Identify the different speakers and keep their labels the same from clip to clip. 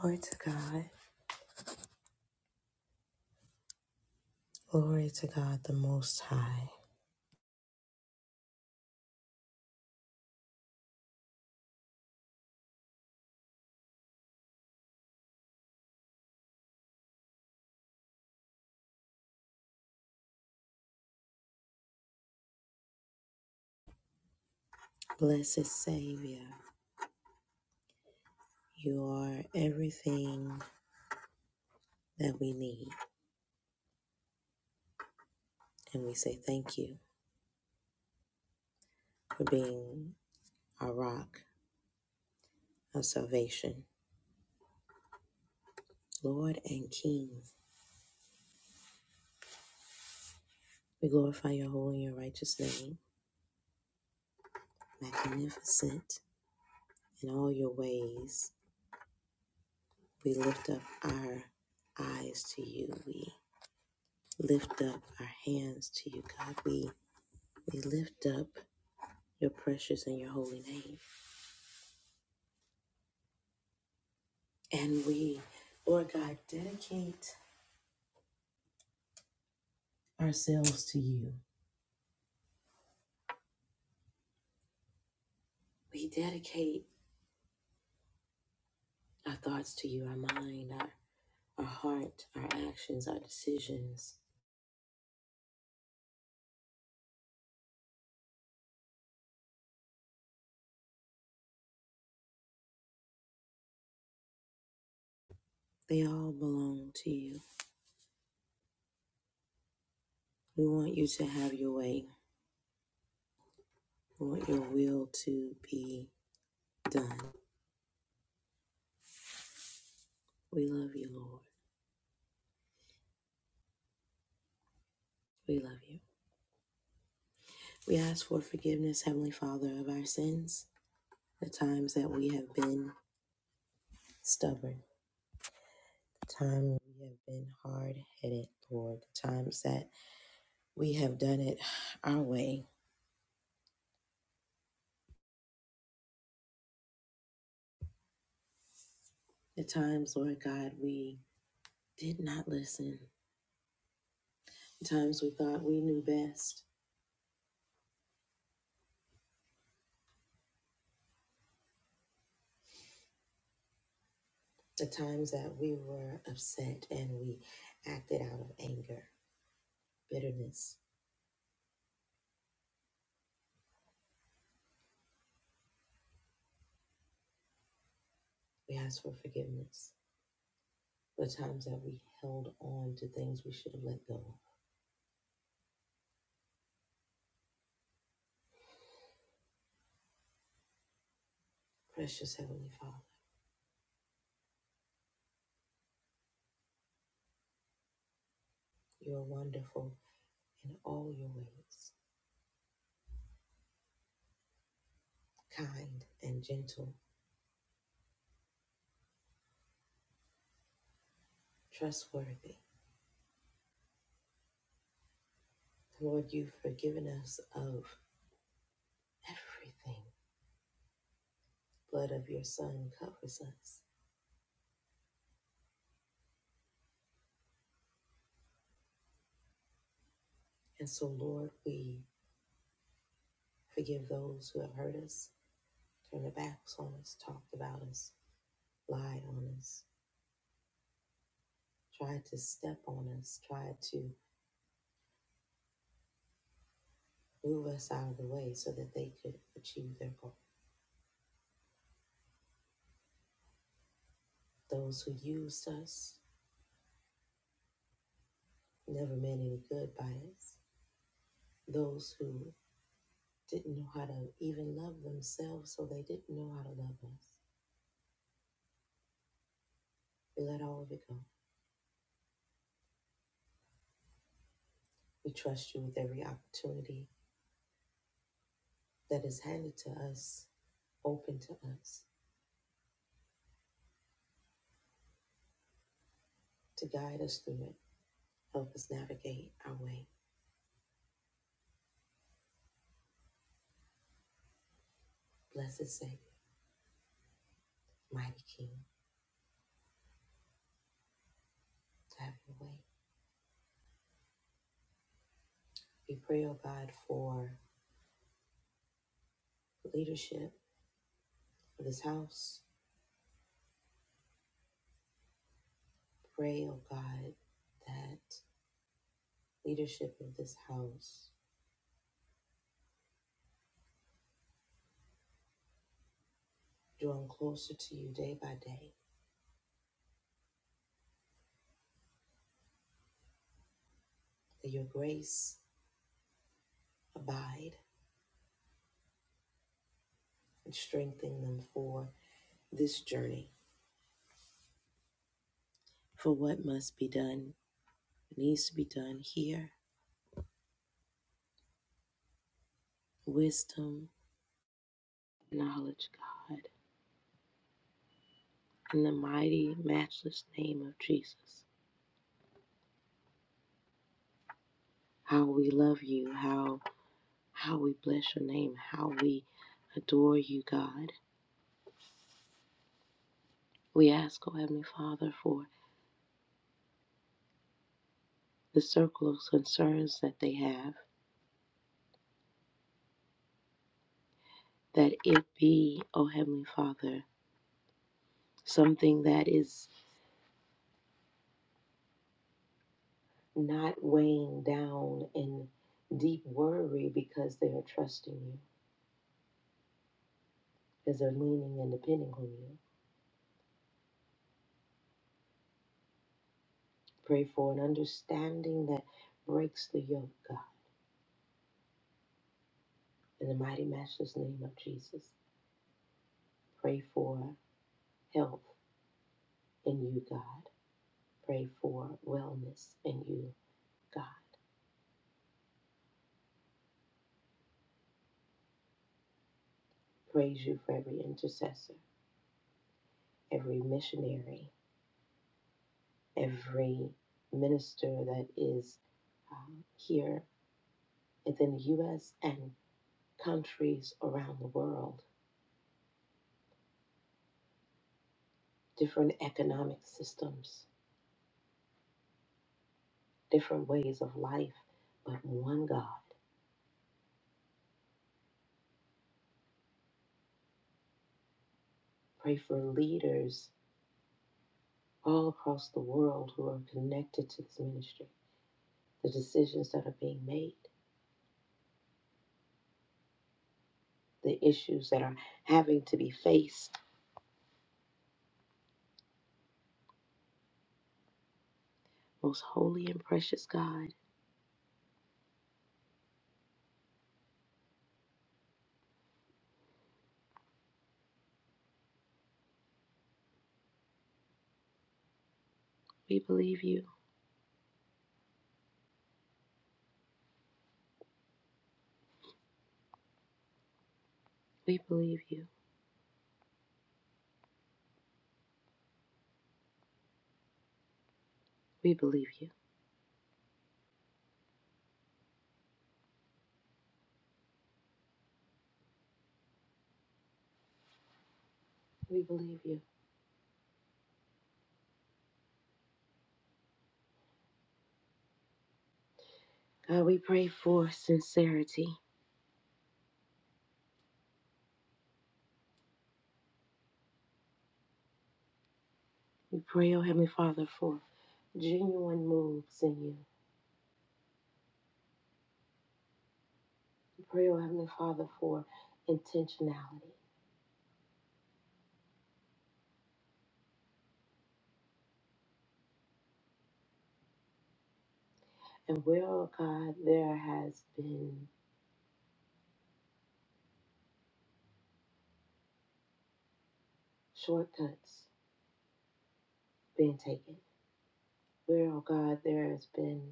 Speaker 1: Glory to God. Glory to God the Most High. Blessed Savior, you are everything that we need. And we say thank you for being our rock of salvation, Lord and King. We glorify your holy and righteous name, magnificent in all your ways. We lift up our eyes to you. We lift up our hands to you, God. We, we lift up your precious and your holy name. And we, Lord God, dedicate ourselves to you. We dedicate our thoughts to you, our mind, our, our heart, our actions, our decisions. They all belong to you. We want you to have your way. We want your will to be done. We love you, Lord. We love you. We ask for forgiveness, Heavenly Father, of our sins, the times that we have been stubborn, the time we have been hard headed, Lord, the times that We have done it our way. At times, Lord God, we did not listen. At times, we thought we knew best. At times, that we were upset and we acted out of anger, bitterness. We asked for forgiveness. The times that we held on to things we should have let go of. Precious Heavenly Father, you are wonderful in all your ways, kind and gentle, trustworthy. Lord, you've forgiven us of everything blood of your Son covers us. And so, Lord, we forgive those who have hurt us, turned their backs on us, talked about us, lied on us, tried to step on us, tried to move us out of the way so that they could achieve their goal. Those who used us never meant any good by us. Those who didn't know how to even love themselves, so they didn't know how to love us. We let all of it go. We trust you with every opportunity that is handed to us open to us to guide us through it. Help us navigate our way. Blessed Savior, mighty King, have your way. We pray, O God, for leadership of this house. Pray, O God, that leadership of this house drawn closer to you day by day, that your grace abide and strengthen them for this journey, for what must be done, needs to be done here. Wisdom, knowledge, God in the mighty, matchless name of Jesus. How we love you, how how we bless your name, how we adore you, God. We ask, O Heavenly Father, for the circle of concerns that they have, that it be, O Heavenly Father, something that is not weighing down in deep worry because they are trusting you, because they're leaning and depending on you. Pray for an understanding that breaks the yoke, God In the mighty matchless name of Jesus, pray for health in you, God. Pray for wellness in you, God. Praise you for every intercessor, every missionary, every minister that is um, here within the U.S. and countries around the world, different economic systems, different ways of life, but one God. Pray for leaders all across the world who are connected to this ministry, the decisions that are being made, the issues that are having to be faced. Most holy and precious God, we believe you. We believe you. We believe you. We believe you. God, we pray for sincerity. We pray, O Heavenly Father, for genuine moves in you. We pray, O Heavenly Father, for intentionality. And where, oh God, there has been shortcuts being taken. Where, oh God, there has been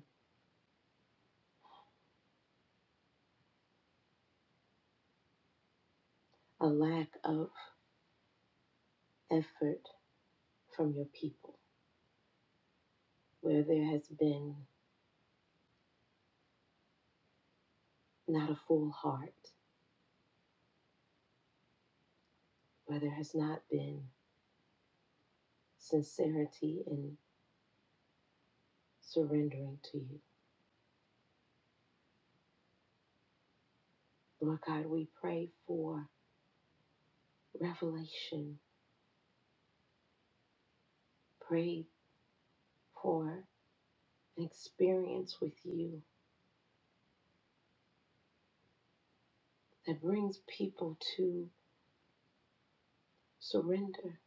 Speaker 1: a lack of effort from your people, where there has been not a full heart, where there has not been sincerity in surrendering to you. Lord God, we pray for revelation, pray for an experience with you that brings people to surrender.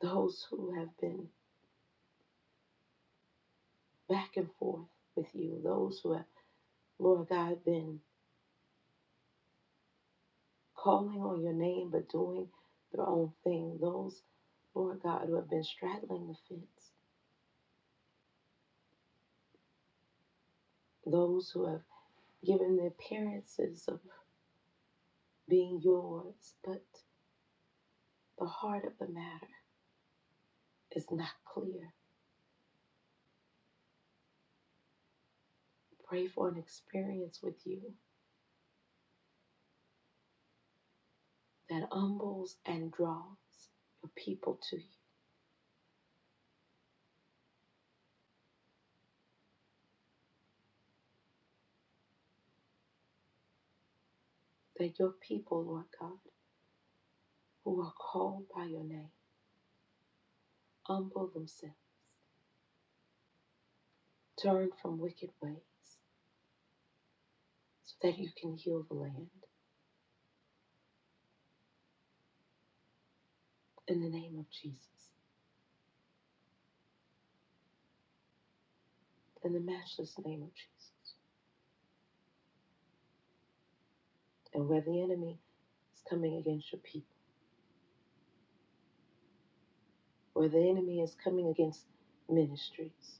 Speaker 1: Those who have been back and forth with you, those who have, Lord God, been calling on your name but doing their own thing. Those, Lord God, who have been straddling the fence, those who have given the appearances of being yours, but the heart of the matter is not clear. Pray for an experience with you that humbles and draws your people to you. That your people, Lord God, who are called by your name, humble themselves, turn from wicked ways so that you can heal the land. in the name of Jesus, in the matchless name of Jesus. And where the enemy is coming against your people, where the enemy is coming against ministries,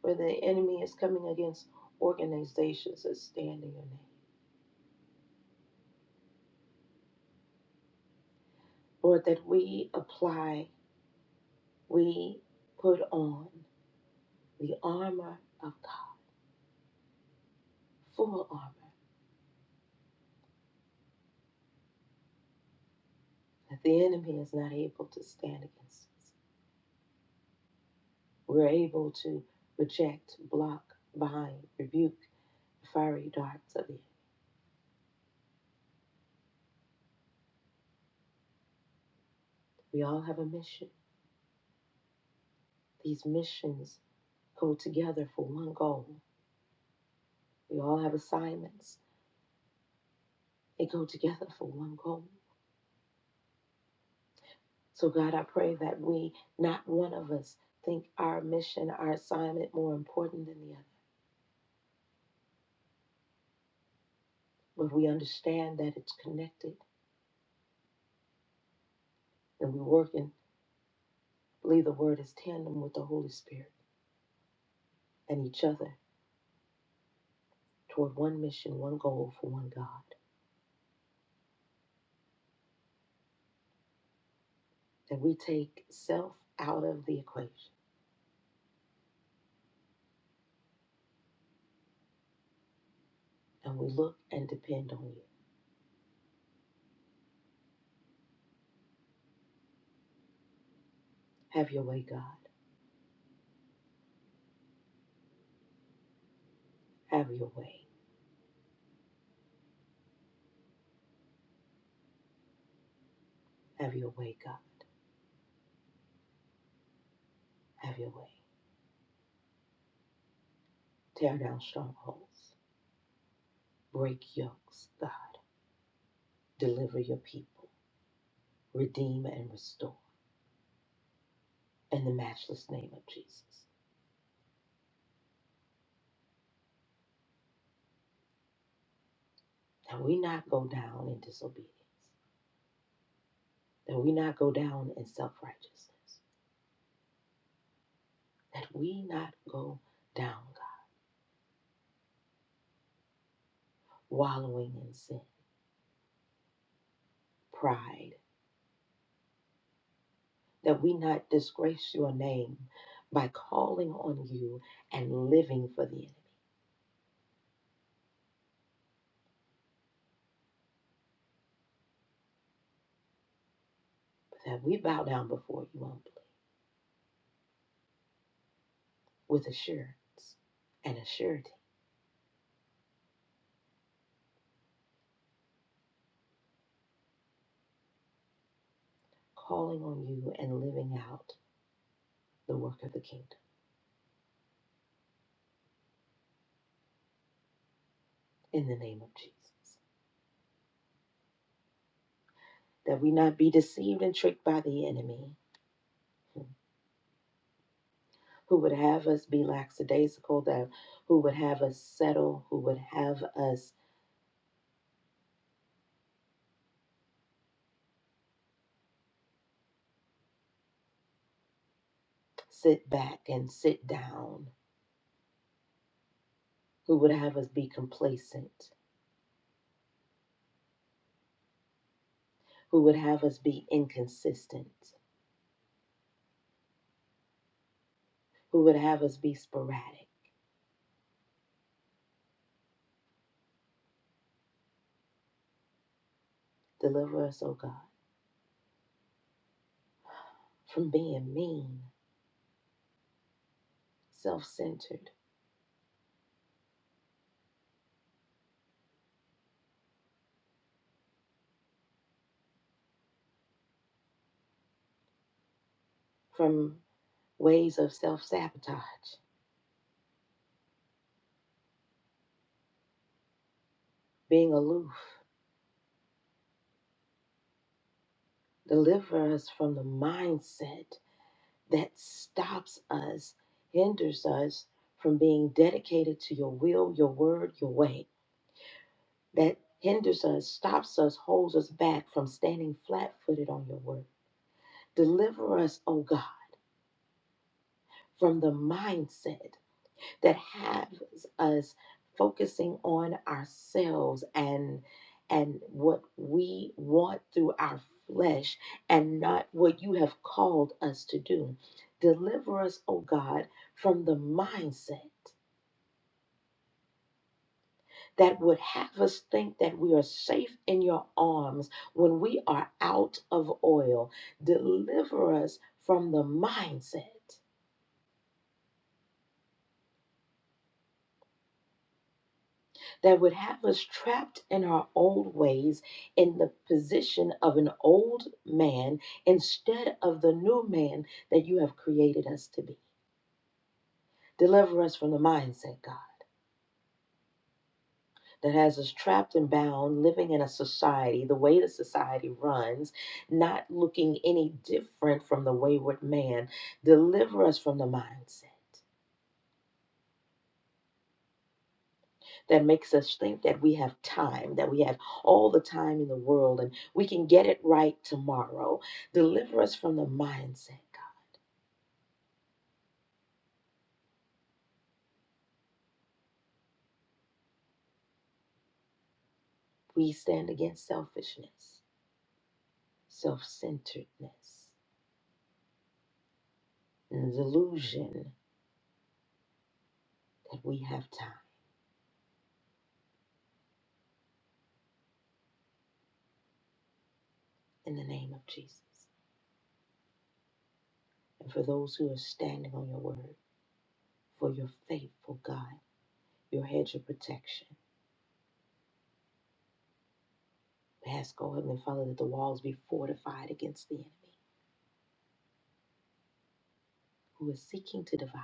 Speaker 1: where the enemy is coming against organizations that stand in your name. Lord, that we apply, we put on the armor of God, full armor, that the enemy is not able to stand against us. We're able to reject, block, bind, rebuke the fiery darts of the enemy. We all have a mission. These missions go together for one goal. We all have assignments. They go together for one goal. So, God, I pray that we, not one of us, think our mission, our assignment more important than the other, but we understand that it's connected and we work and believe the word is tandem with the Holy Spirit and each other toward one mission, one goal for one God. That we take self out of the equation and we look and depend on you. Have your way, God. Have your way. Have your way, God. Have your way. Tear down strongholds. Break yokes, God. Deliver your people. Redeem and restore. In the matchless name of Jesus. That we not go down in disobedience. That we not go down in self righteousness. That we not go down, God, wallowing in sin, pride. That we not disgrace your name by calling on you and living for the enemy. But that we bow down before you on with assurance and a surety, calling on you and living out the work of the kingdom in the name of Jesus. That we not be deceived and tricked by the enemy who would have us be lackadaisical, that who would have us settle, who would have us sit back and sit down, who would have us be complacent, who would have us be inconsistent, who would have us be sporadic. Deliver us, O God, from being mean, self centered, from ways of self sabotage, being aloof. Deliver us from the mindset that stops us, hinders us from being dedicated to your will, your word, your way. That hinders us, stops us, holds us back from standing flat footed on your word. Deliver us, oh God, from the mindset. that has us focusing on ourselves and and what we want through our flesh and not what you have called us to do. Deliver us, O God, from the mindset that would have us think that we are safe in your arms when we are out of oil. Deliver us from the mindset. that would have us trapped in our old ways in the position of an old man instead of the new man that you have created us to be. Deliver us from the mindset, God, that has us trapped and bound, living in a society, the way the society runs, not looking any different from the wayward man. Deliver us from the mindset. that makes us think that we have time, that we have all the time in the world and we can get it right tomorrow. Deliver us from the mindset, God. We stand against selfishness, self centeredness, and the delusion that we have time in the name of Jesus. And for those who are standing on your word, for your faithful God, your hedge of protection. We ask, O Heavenly Father, that the walls be fortified against the enemy who is seeking to devour.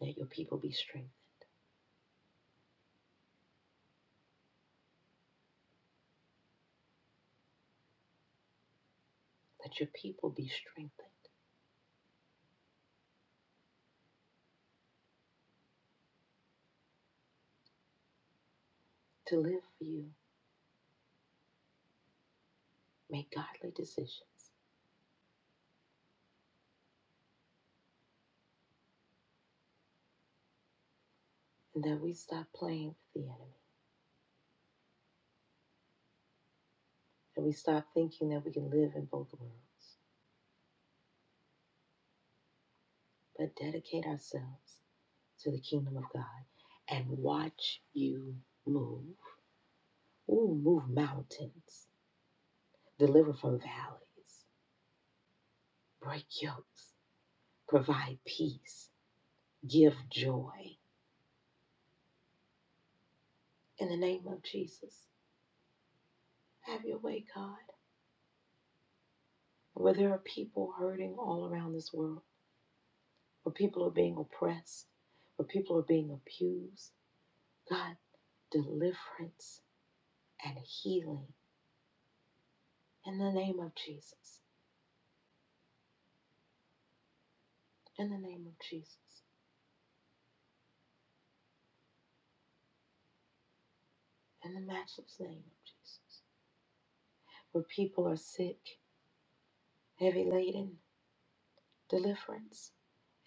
Speaker 1: Let your people be strengthened. that your people be strengthened to live for you, make godly decisions, and that we stop playing with the enemy, and we stop thinking that we can live in both worlds, but dedicate ourselves to the kingdom of God and watch you move. Ooh, move mountains, deliver from valleys, break yokes, provide peace, give joy. In the name of Jesus, have your way, God. Where there are people hurting all around this world, where people are being oppressed, where people are being abused. God, deliverance and healing in the name of Jesus, in the name of Jesus, in the matchless name of Jesus. Where people are sick, heavy laden, deliverance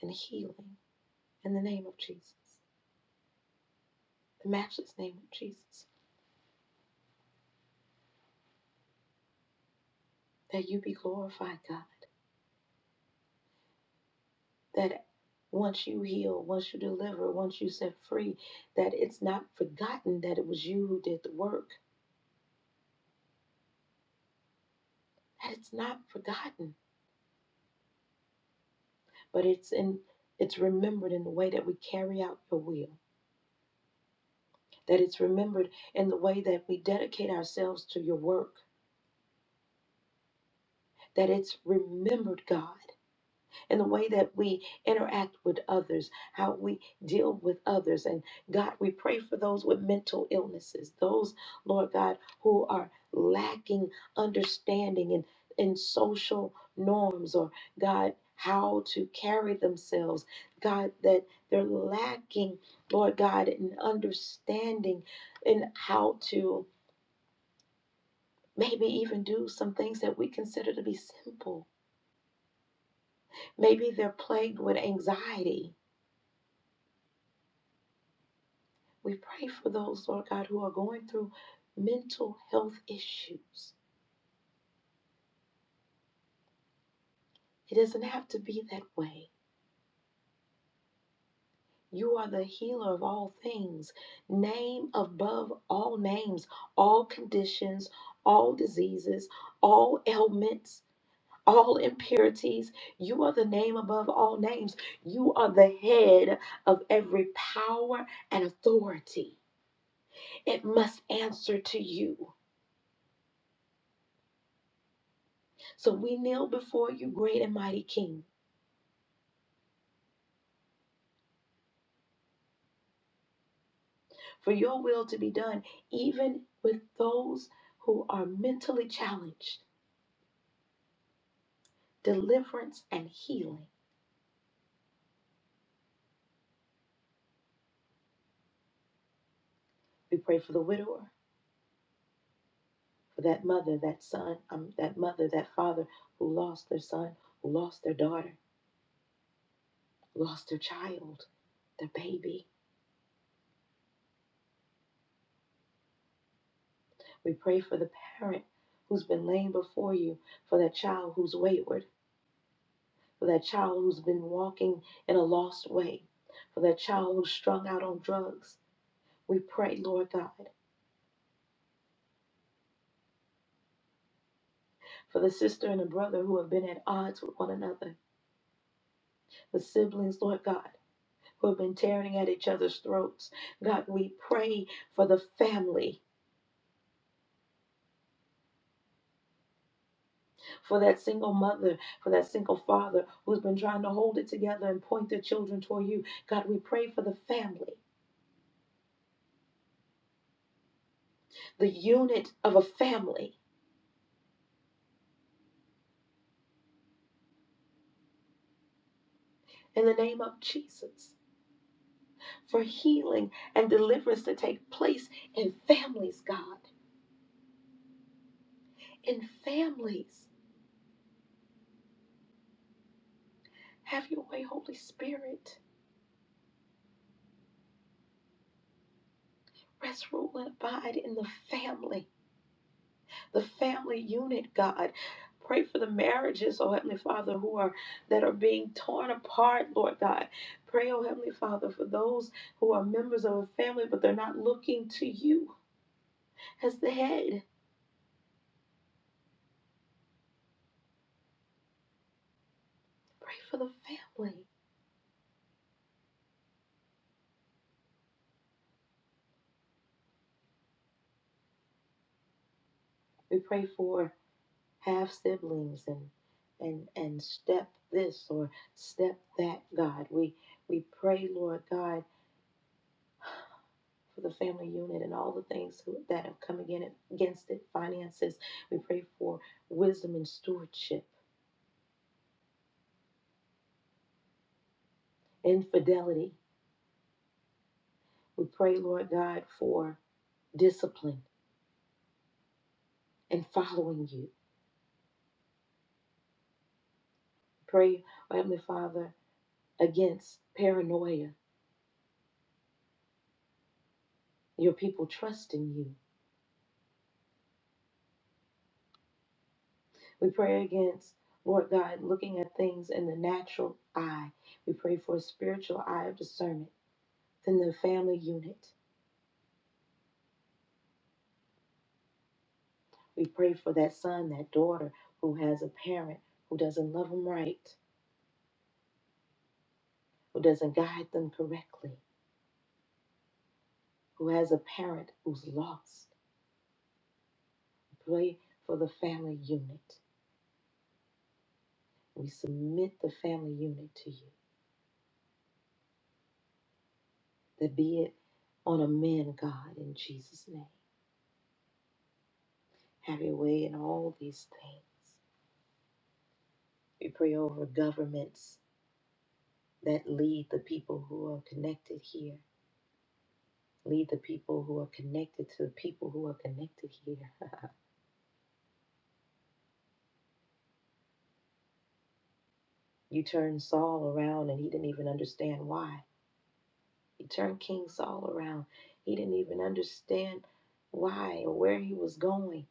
Speaker 1: and healing in the name of Jesus, the matchless name of Jesus. That you be glorified, God. That once you heal, once you deliver, once you set free, that it's not forgotten that it was you who did the work It's not forgotten, but it's in it's remembered in the way that we carry out your will. That it's remembered in the way that we dedicate ourselves to your work. That it's remembered, God. in the way that we interact with others, how we deal with others. And God, we pray for those with mental illnesses, those, Lord God, who are lacking understanding in in social norms or God, how to carry themselves. God, that they're lacking, Lord God, in understanding in how to maybe even do some things that we consider to be simple. Maybe they're plagued with anxiety We pray for those, Lord God, who are going through mental health issues. It doesn't have to be that way. You are the healer of all things, name above all names, all conditions, all diseases, all ailments, all impurities. You are the name above all names. You are the head of every power and authority. It must answer to you. So we kneel before you, great and mighty King. for your will to be done, even with those who are mentally challenged, deliverance and healing. We pray for the widower, for that mother, that son, um, that mother, that father who lost their son, who lost their daughter, lost their child, their baby. We pray for the parent who's been laying before you, for that child who's wayward, for that child who's been walking in a lost way, for that child who's strung out on drugs. We pray, Lord God. for the sister and the brother who have been at odds with one another, the siblings, Lord God, who have been tearing at each other's throats. God, we pray for the family, for that single mother, for that single father who's been trying to hold it together and point their children toward you. God, we pray for the family, the unit of a family. In the name of Jesus, for healing and deliverance to take place in families, God, in families. Have your way, Holy Spirit. Rest, rule, and abide in the family, the family unit, God. Pray for the marriages, oh Heavenly Father, who are that are being torn apart, Lord God. Pray, oh Heavenly Father, for those who are members of a family, but they're not looking to you as the head. Pray for the family. We pray for half siblings and and and step this or step that, God. We we pray, Lord God for the family unit and all the things who, that have come again against it, finances. We pray for wisdom and stewardship, infidelity. We pray, Lord God, for discipline and following you. Pray, oh Heavenly Father, against paranoia, your people trusting you. We pray against, Lord God, looking at things in the natural eye. We pray for a spiritual eye of discernment in the family unit. We pray for that son, that daughter who has a parent who doesn't love them right, who doesn't guide them correctly, who has a parent who's lost. We pray for the family unit. We submit the family unit to you, that be it on a man, God, in Jesus' name. Have your way in all these things. We pray over governments that lead the people who are connected here. Lead the people who are connected to the people who are connected here. You turned Saul around and he didn't even understand why. You turned King Saul around. He didn't even understand why or where he was going,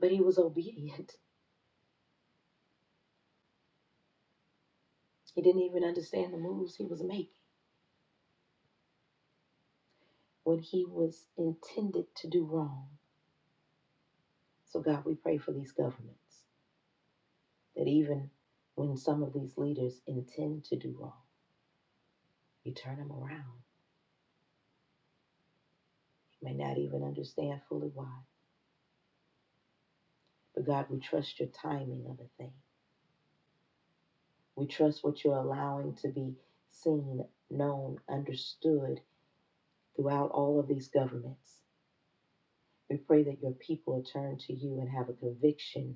Speaker 1: but he was obedient. He didn't even understand the moves he was making when he was intended to do wrong. So, God, we pray for these governments that even when some of these leaders intend to do wrong, you turn them around. You may not even understand fully why, but God, we trust your timing of a thing. We trust what you're allowing to be seen, known, understood throughout all of these governments. We pray that your people turn to you and have a conviction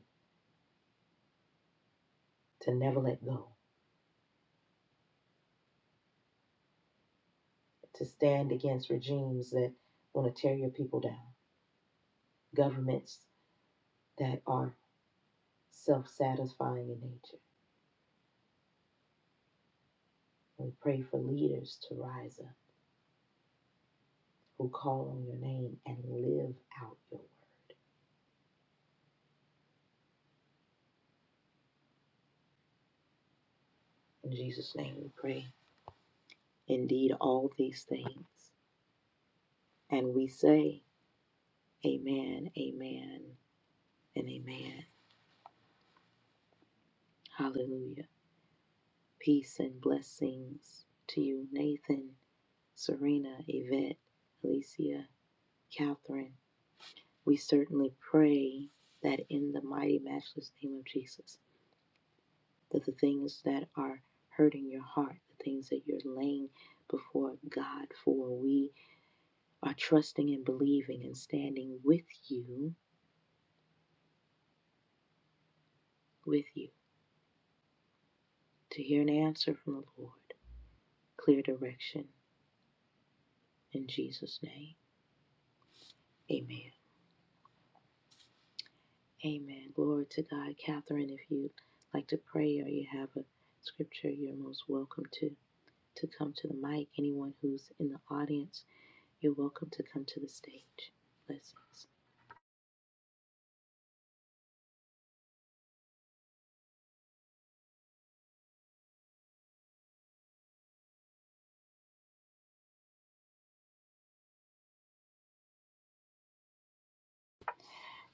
Speaker 1: to never let go, to stand against regimes that want to tear your people down, governments that are self satisfying in nature. We pray for leaders to rise up who call on your name and live out your word. In Jesus' name we pray. Indeed, all these things. And we say, Amen, amen, and amen. Hallelujah. Peace and blessings to you, Nathan, Serena, Yvette, Alicia, Catherine. We certainly pray that in the mighty, matchless name of Jesus, that the things that are hurting your heart, the things that you're laying before God for, we are trusting and believing and standing with you, with you, to hear an answer from the Lord, clear direction In Jesus' name, amen. Amen. Glory to God. Catherine, if you'd like to pray or you have a scripture, you're most welcome to, to come to the mic. Anyone who's in the audience, you're welcome to come to the stage. Blessings.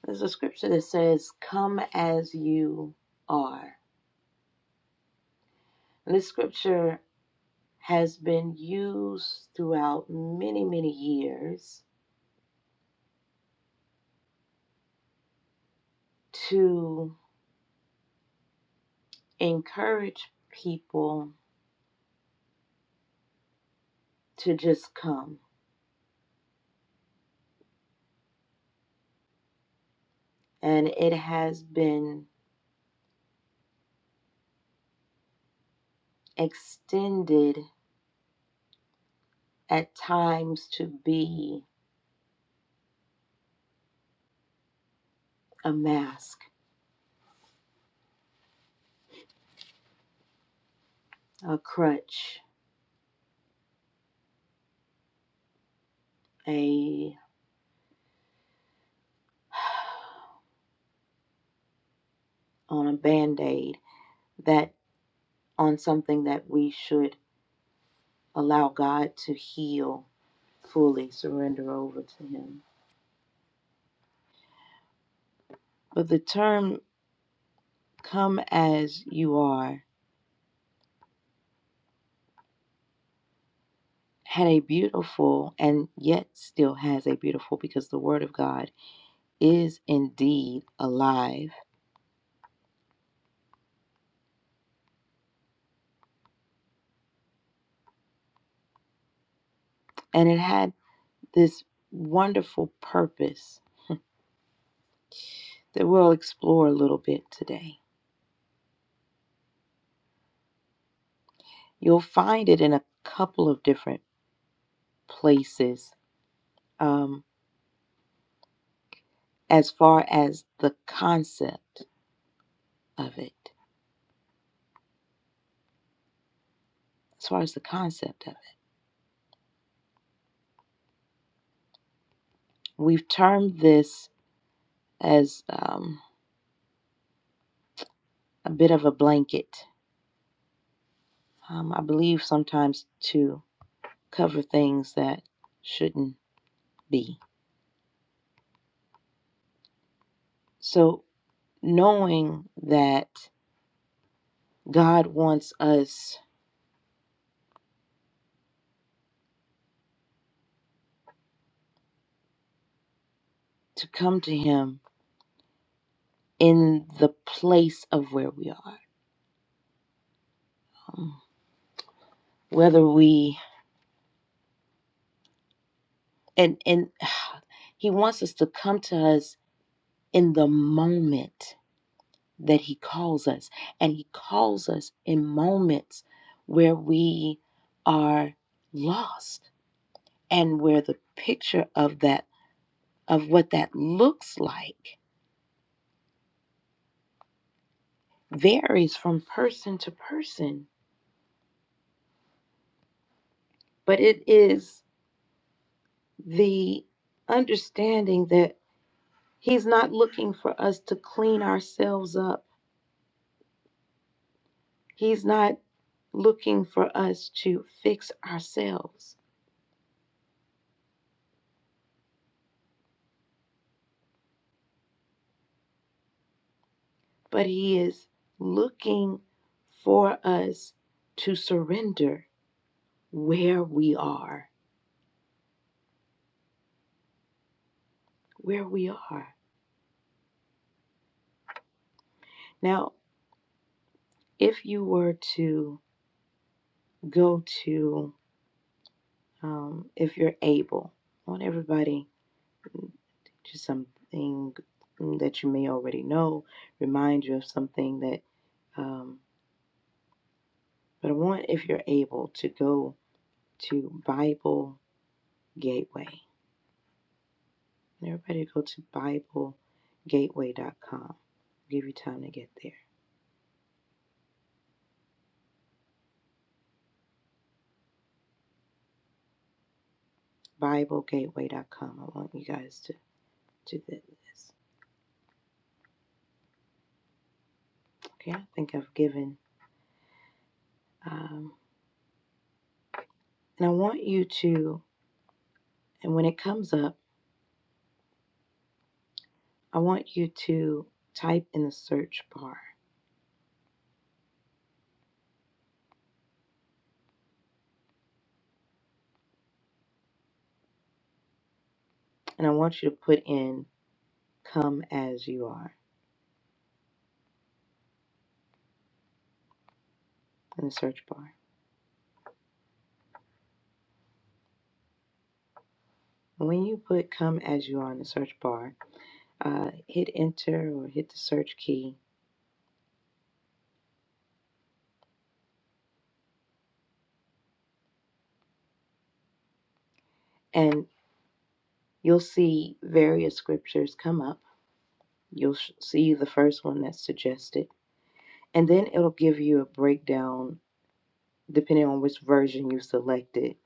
Speaker 1: There's a scripture that says, Come as you are. And this scripture has been used throughout many, many years to encourage people to just come and it has been extended at times to be a mask, a crutch, a on a band-aid that on something that we should allow God to heal fully, surrender over to him. But the term come as you are had a beautiful and yet still has a beautiful because the word of God is indeed alive and it had this wonderful purpose that we'll explore a little bit today. You'll find it in a couple of different places um, as far as the concept of it. As far as the concept of it, we've termed this as um, a bit of a blanket. Um, I believe sometimes to cover things that shouldn't be. So, knowing that God wants us to come to Him in the place of where we are. Um, Whether we and and he wants us to come to us in the moment that he calls us and he calls us in moments where we are lost and where the picture of that of what that looks like varies from person to person but it is the understanding that. He's not looking for us to clean ourselves up. He's not looking for us to fix ourselves, but He is looking for us to surrender where we are. Where we are. Now, if you were to go to, um, if you're able, I want everybody to something that you may already know, remind you of something that. um, But I want, if you're able, to go to Bible Gateway. Everybody go to BibleGateway.com. Give you time to get there. BibleGateway.com. I want you guys to, to do this. Okay, I think I've given. Um, and I want you to, and when it comes up, I want you to type in the search bar. And I want you to put in come as you are in the search bar. And when you put come as you are in the search bar, uh, hit enter or hit the search key, and you'll see various scriptures come up. You'll see the first one that's suggested, and then it'll give you a breakdown, depending on which version you selected,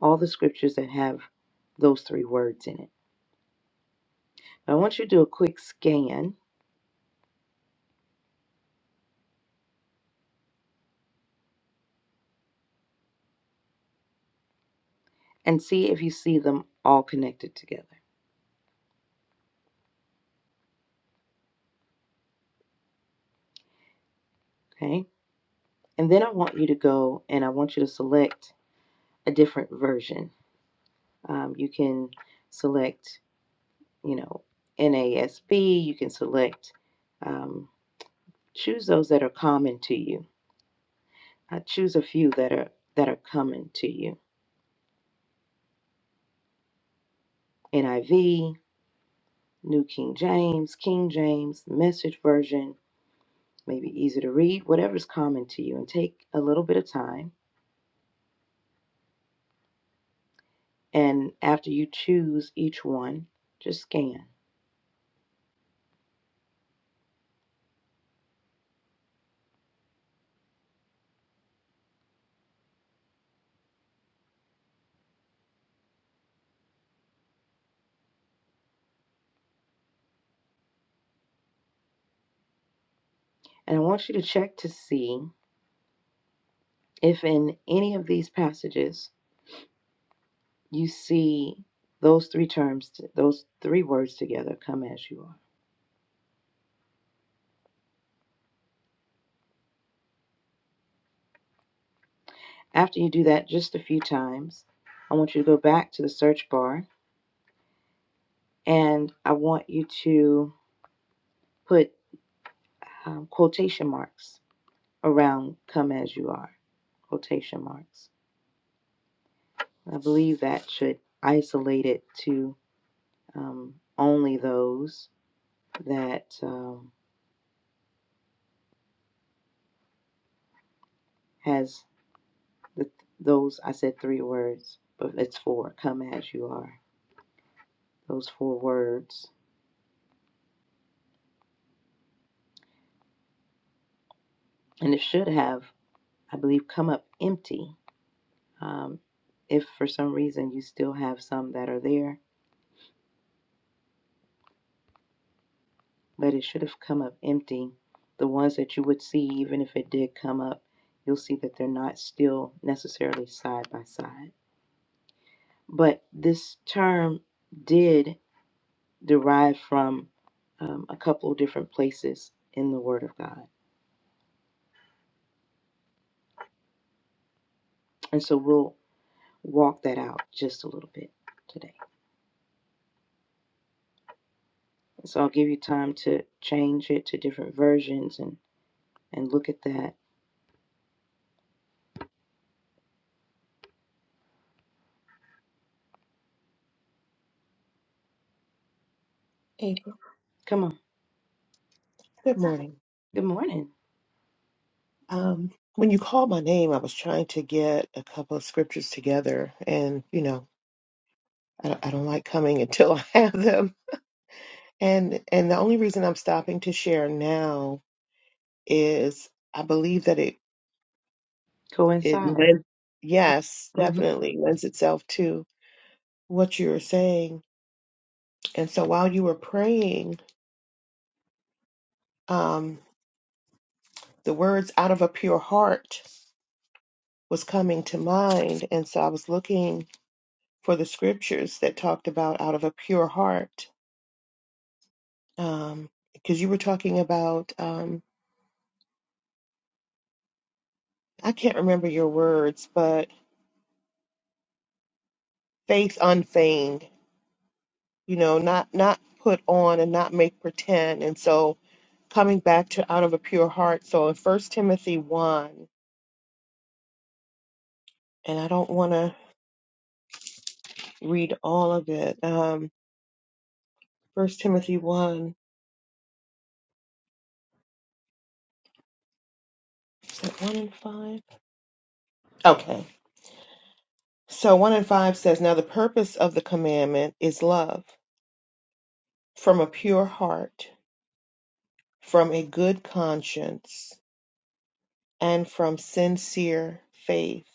Speaker 1: all the scriptures that have those three words in it. Now, I want you to do a quick scan and see if you see them all connected together, okay? And then I want you to go and I want you to select a different version. Um, you can select you know, NASB. You can select, um, choose those that are common to you. I choose a few that are that are common to you. NIV, New King James, King James, Message Version, maybe easy to read, whatever's common to you, and take a little bit of time. And after you choose each one, just scan. And I want you to check to see if in any of these passages you see those three terms, those three words together, come as you are. After you do that just a few times, I want you to go back to the search bar and I want you to put um, quotation marks around come as you are, quotation marks. I believe that should isolate it to um, only those that um, has the, those, I said three words, but it's four, come as you are, those four words. And it should have, I believe, come up empty. Um, if for some reason you still have some that are there, but it should have come up empty. The ones that you would see, even if it did come up, you'll see that they're not still necessarily side by side. But this term did derive from um, a couple of different places in the Word of God. And so we'll walk that out just a little bit today. So I'll give you time to change it to different versions and, and look at that.
Speaker 2: April,
Speaker 1: Come on.
Speaker 2: good morning.
Speaker 1: Good morning.
Speaker 2: Um, when you called my name, I was trying to get a couple of scriptures together, and you know, I, I don't like coming until I have them. And and the only reason I'm stopping to share now is I believe that it it
Speaker 1: Coincide.
Speaker 2: lends, yes,
Speaker 1: Mm-hmm.
Speaker 2: definitely lends itself to what you were saying. And so while you were praying, um, the words "out of a pure heart" was coming to mind, and so I was looking for the scriptures that talked about out of a pure heart. Um, because you were talking about, um, I can't remember your words, but faith unfeigned, you know, not, not put on and not make pretend. And so coming back to out of a pure heart. So in first Timothy one, and I don't want to read all of it. Um, first Timothy one, is that one and five? Okay. So 1 and 5 says, Now the purpose of the commandment is love from a pure heart from a good conscience and from sincere faith.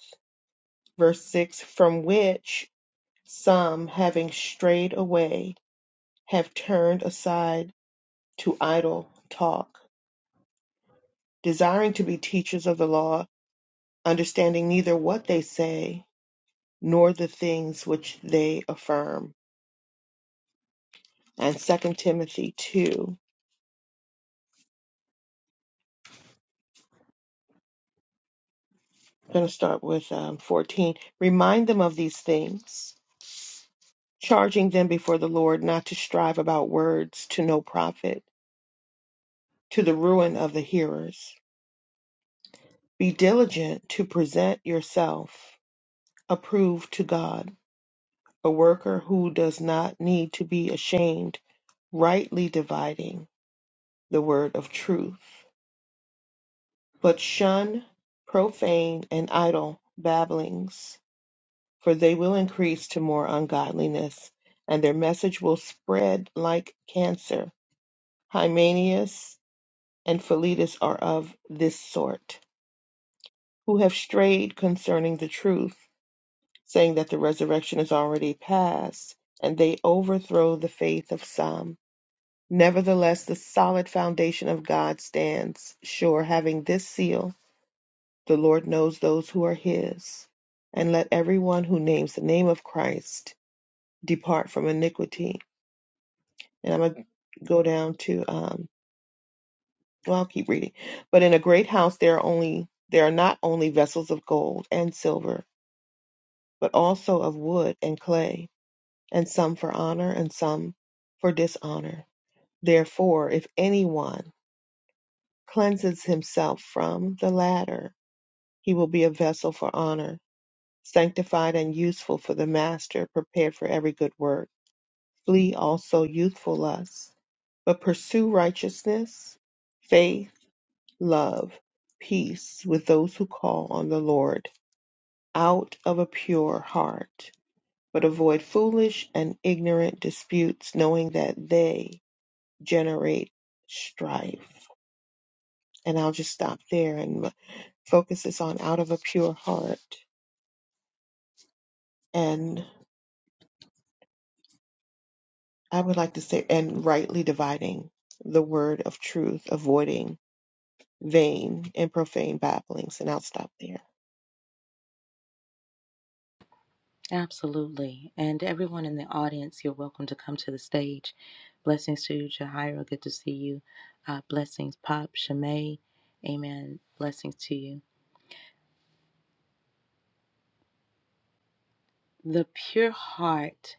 Speaker 2: Verse 6 From which some, having strayed away, have turned aside to idle talk, desiring to be teachers of the law, understanding neither what they say nor the things which they affirm. And Second Timothy 2, I'm going to start with um, 14. Remind them of these things charging them before the Lord not to strive about words to no profit, to the ruin of the hearers. Be diligent to present yourself approved to God, a worker who does not need to be ashamed, rightly dividing the word of truth. But shun profane and idle babblings, for they will increase to more ungodliness, and their message will spread like cancer. Hymenius and Philetus are of this sort, who have strayed concerning the truth, saying that the resurrection is already past, and they overthrow the faith of some. Nevertheless, the solid foundation of God stands sure, having this seal the Lord knows those who are his. And let everyone who names the name of Christ depart from iniquity. And I'm going to go down to um. well i'll keep reading but in a great house there are only there are not only vessels of gold and silver but also of wood and clay and some for honor and some for dishonor therefore if anyone cleanses himself from the latter he will be a vessel for honor sanctified and useful for the master prepared for every good work flee also youthful lusts but pursue righteousness faith love, peace with those who call on the Lord out of a pure heart, but avoid foolish and ignorant disputes, knowing that they generate strife. And I'll just stop there and focus this on out of a pure heart. And I would like to say, and rightly dividing the word of truth, avoiding vain and profane babblings. And I'll stop there.
Speaker 1: Absolutely. And everyone in the audience, you're welcome to come to the stage. Blessings to you, Jahira. Good to see you. Uh, blessings, Pop, Shimei. Amen. Blessings to you. The pure heart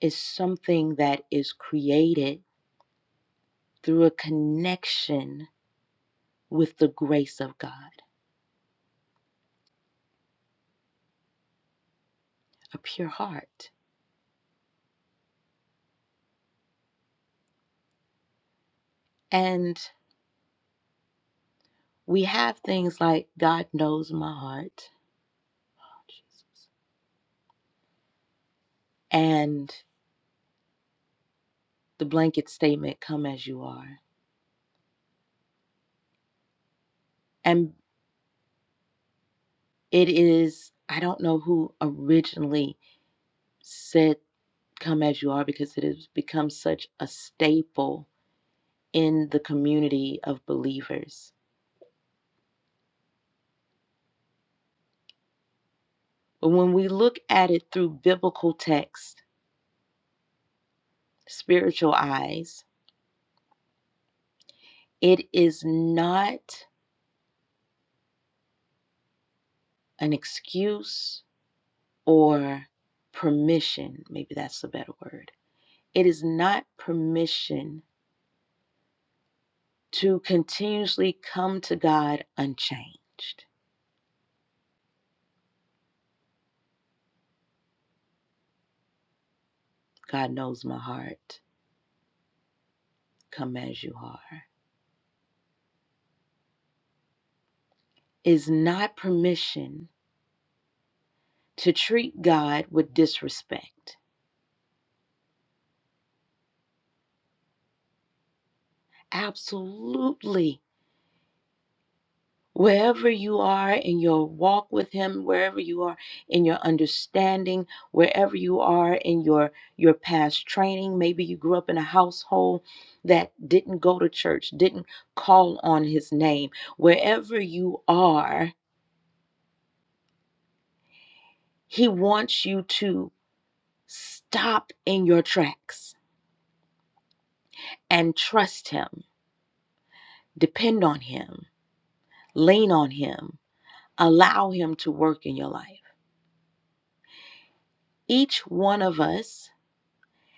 Speaker 1: is something that is created through a connection with the grace of God, a pure heart. And we have things like, God knows my heart. And the blanket statement, come as you are. and. It is, I don't know who originally said come as you are because it has become such a staple in the community of believers. But when we look at it through biblical text, spiritual eyes, it is not an excuse or permission. Maybe that's a better word. It is not permission to continuously come to God unchanged. God knows my heart. come as you are, is not permission to treat God with disrespect. Absolutely. Wherever you are in your walk with him, wherever you are in your understanding, wherever you are in your your past training, maybe you grew up in a household that didn't go to church, didn't call on his name. Wherever you are, he wants you to stop in your tracks and trust him Depend on Him, lean on Him, allow Him to work in your life. Each one of us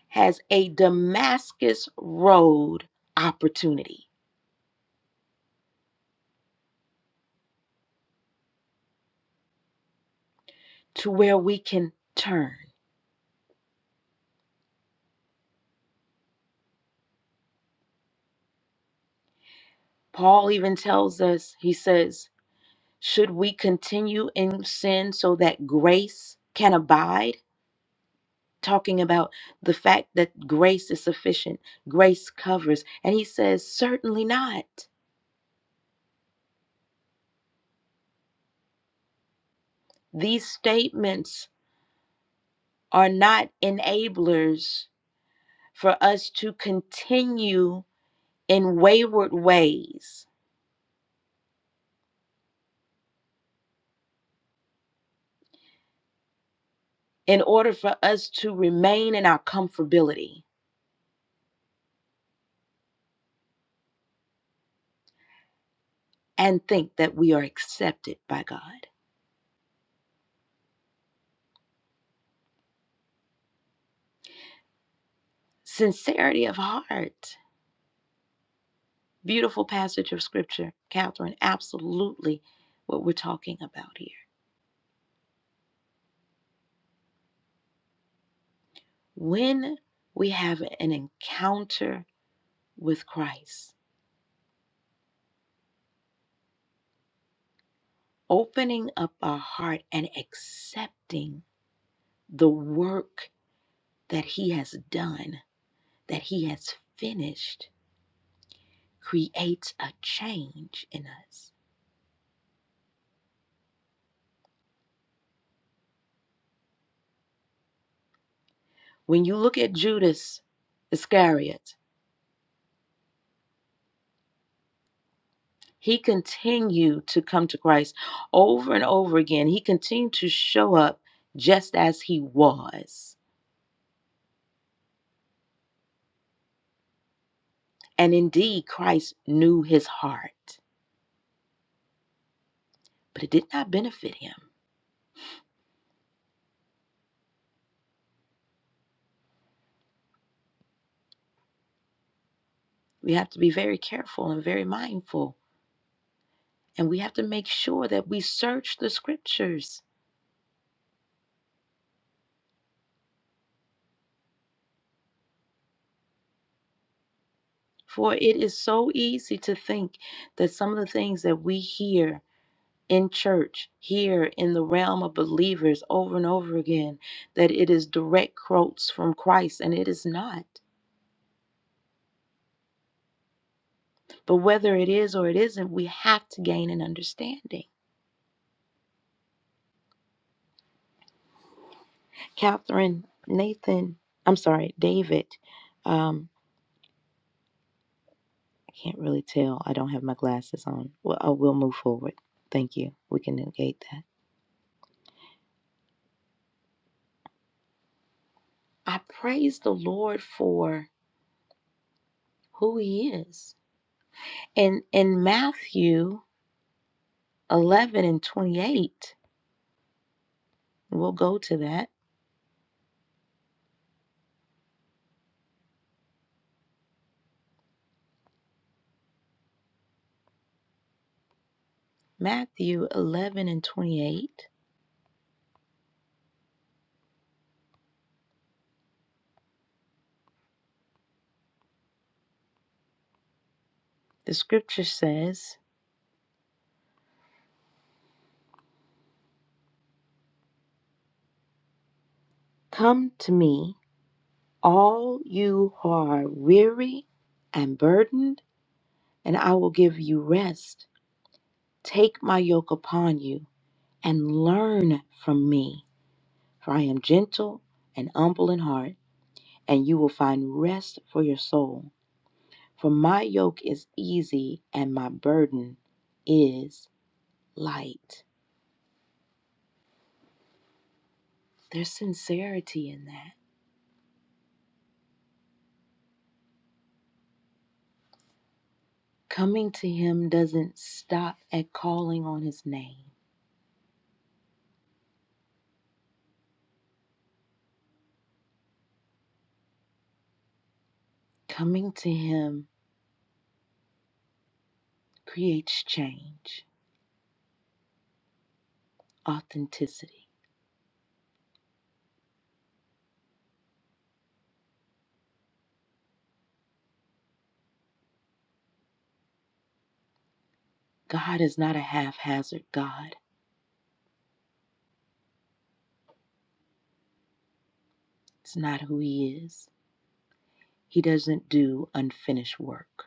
Speaker 1: has a Damascus Road opportunity to where we can turn. Paul even tells us, he says, should we continue in sin so that grace can abide? Talking about the fact that grace is sufficient, grace covers. And he says, certainly not. These statements are not enablers for us to continue in wayward ways in order for us to remain in our comfortability and think that we are accepted by God. Sincerity of heart. Beautiful passage of scripture, Catherine. Absolutely what we're talking about here. When we have an encounter with Christ, opening up our heart and accepting the work that He has done, that He has finished, creates a change in us. When you look at Judas Iscariot, he continued to come to Christ over and over again. He continued to show up just as he was. And indeed, Christ knew his heart, but it did not benefit him. We have to be very careful and very mindful, and we have to make sure that we search the scriptures For it is so easy to think that some of the things that we hear in church, here in the realm of believers over and over again, that it is direct quotes from Christ, and it is not. But whether it is or it isn't, we have to gain an understanding. Catherine, Nathan, I'm sorry, David, um, I can't really tell. I don't have my glasses on. Well, I will move forward. Thank you. We can negate that. I praise the Lord for who He is In in Matthew 11 and 28, we'll go to that. Matthew 11 and 28, the scripture says, "Come to me, all you who are weary and burdened, and I will give you rest. Take my yoke upon you and learn from me, for I am gentle and humble in heart, and you will find rest for your soul." For my yoke is easy and my burden is light. There's sincerity in that. Coming to Him doesn't stop at calling on His name, coming to Him creates change, authenticity. God is not a haphazard God, it's not who He is. He doesn't do unfinished work.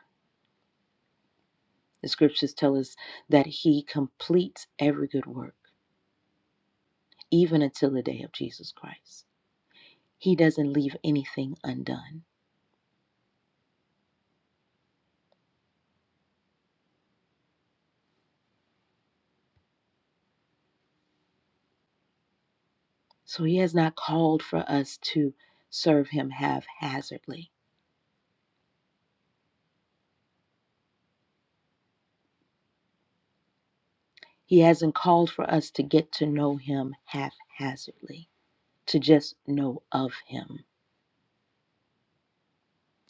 Speaker 1: The scriptures tell us that He completes every good work, even until the day of Jesus Christ. He doesn't leave anything undone. So he has not called for us to serve him haphazardly. He hasn't called for us to get to know him haphazardly, to just know of him.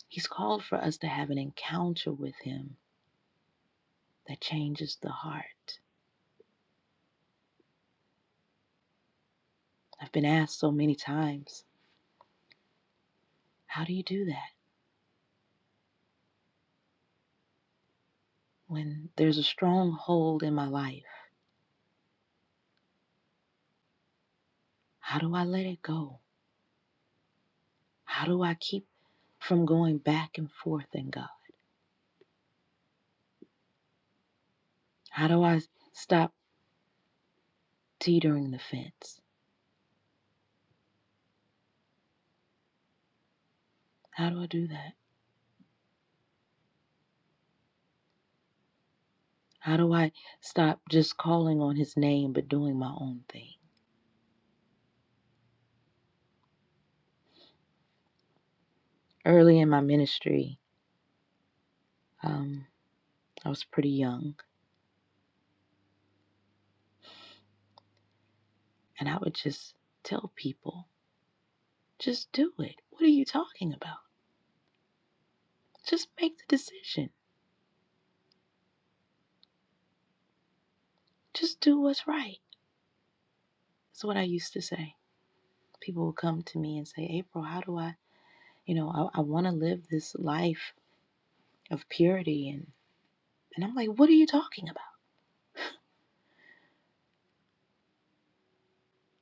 Speaker 1: He's called for us to have an encounter with him that changes the heart. I've been asked so many times, how do you do that? When there's a stronghold in my life, how do I let it go? How do I keep from going back and forth in God? How do I stop? teetering the fence. How do I do that? How do I stop just calling on his name but doing my own thing? Early in my ministry, um, I was pretty young, and I would just tell people, just do it. What are you talking about? Just make the decision. Just do what's right. That's what I used to say. People would come to me and say, April, how do I, you know, I, I want to live this life of purity. And, and I'm like, what are you talking about?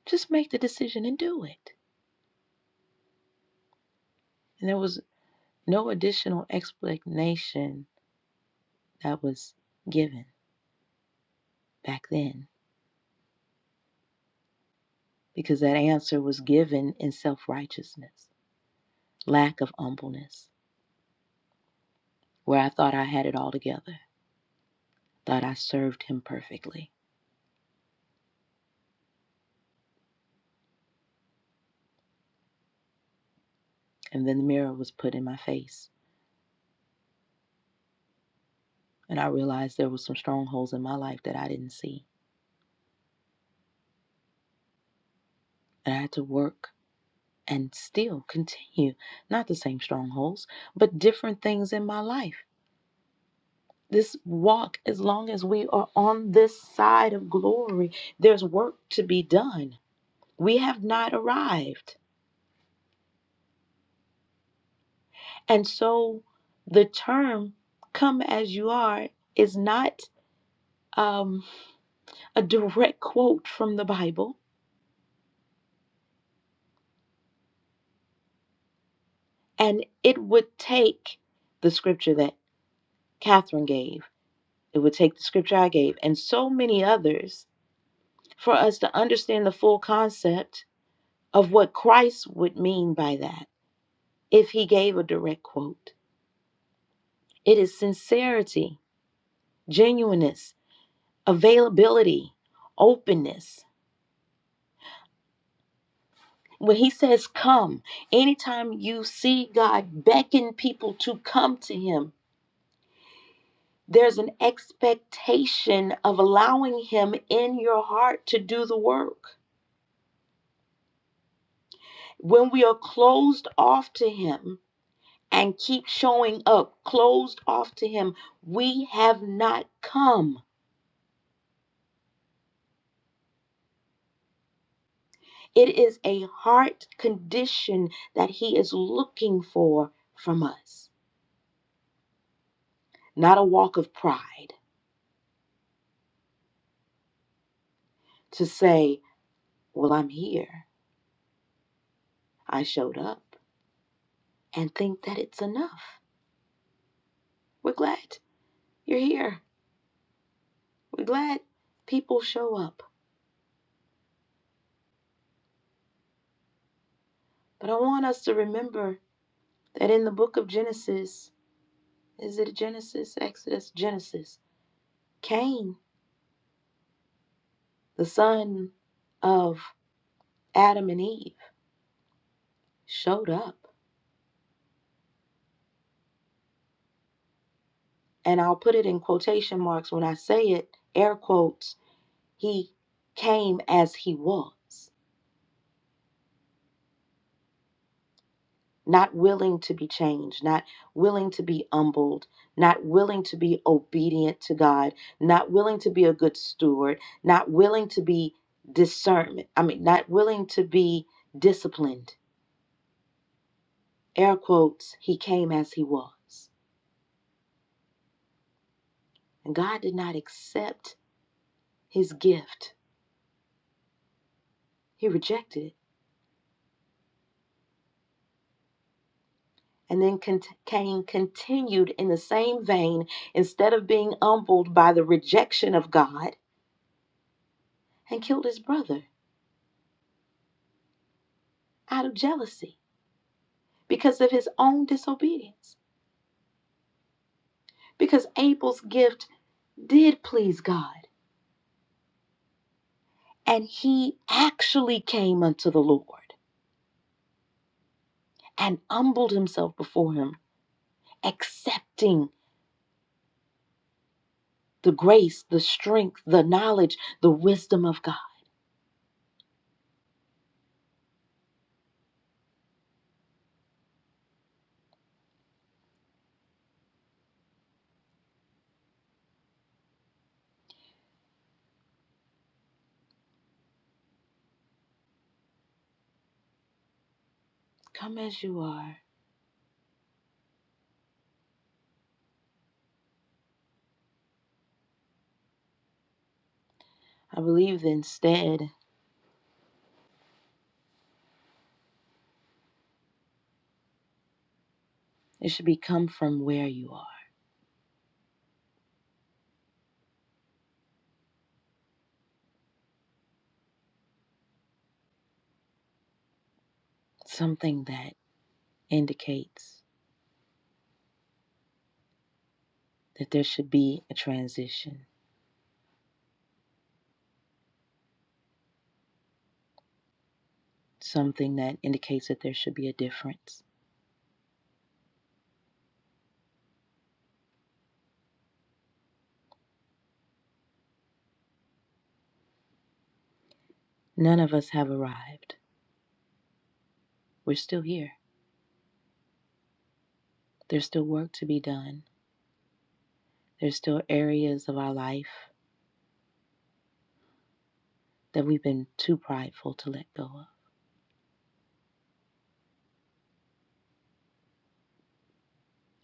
Speaker 1: Just make the decision and do it. And there was No additional explanation that was given back then because that answer was given in self righteousness, lack of humbleness, where I thought I had it all together, thought I served him perfectly. And then the mirror was put in my face, and I realized there were some strongholds in my life that I didn't see. And I had to work and still continue, not the same strongholds, but different things in my life this walk, as long as we are on this side of glory, there's work to be done. We have not arrived. And so the term come as you are is not um, a direct quote from the Bible. And it would take the scripture that Catherine gave, it would take the scripture I gave, and so many others for us to understand the full concept of what Christ would mean by that if he gave a direct quote. It is sincerity, genuineness, availability, openness. When he says come, anytime you see God beckon people to come to him, there's an expectation of allowing him in your heart to do the work. When we are closed off to him and keep showing up, closed off to him, we have not come. It is a heart condition that He is looking for from us, not a walk of pride to say, Well, I'm here. I showed up and think that it's enough. We're glad you're here. We're glad people show up. But I want us to remember that in the book of Genesis, is it Genesis, Exodus, Genesis? Cain, the son of Adam and Eve, showed up and I'll put it in quotation marks when I say it, air quotes, he came as he was, not willing to be changed, not willing to be humbled, not willing to be obedient to God, not willing to be a good steward, not willing to be discernment, I mean, not willing to be disciplined. Air quotes, he came as he was. And God did not accept his gift, he rejected it. And then Cain continued in the same vein instead of being humbled by the rejection of God and killed his brother out of jealousy because of his own disobedience. Because Abel's gift did please God and he actually came unto the Lord and humbled himself before him, accepting the grace, the strength, the knowledge, the wisdom of God. Come as you are. I believe that instead it should be come from where you are something that indicates that there should be a transition, something that indicates that there should be a difference. None of us have arrived. We're still here. There's still work to be done. There's still areas of our life that we've been too prideful to let go of.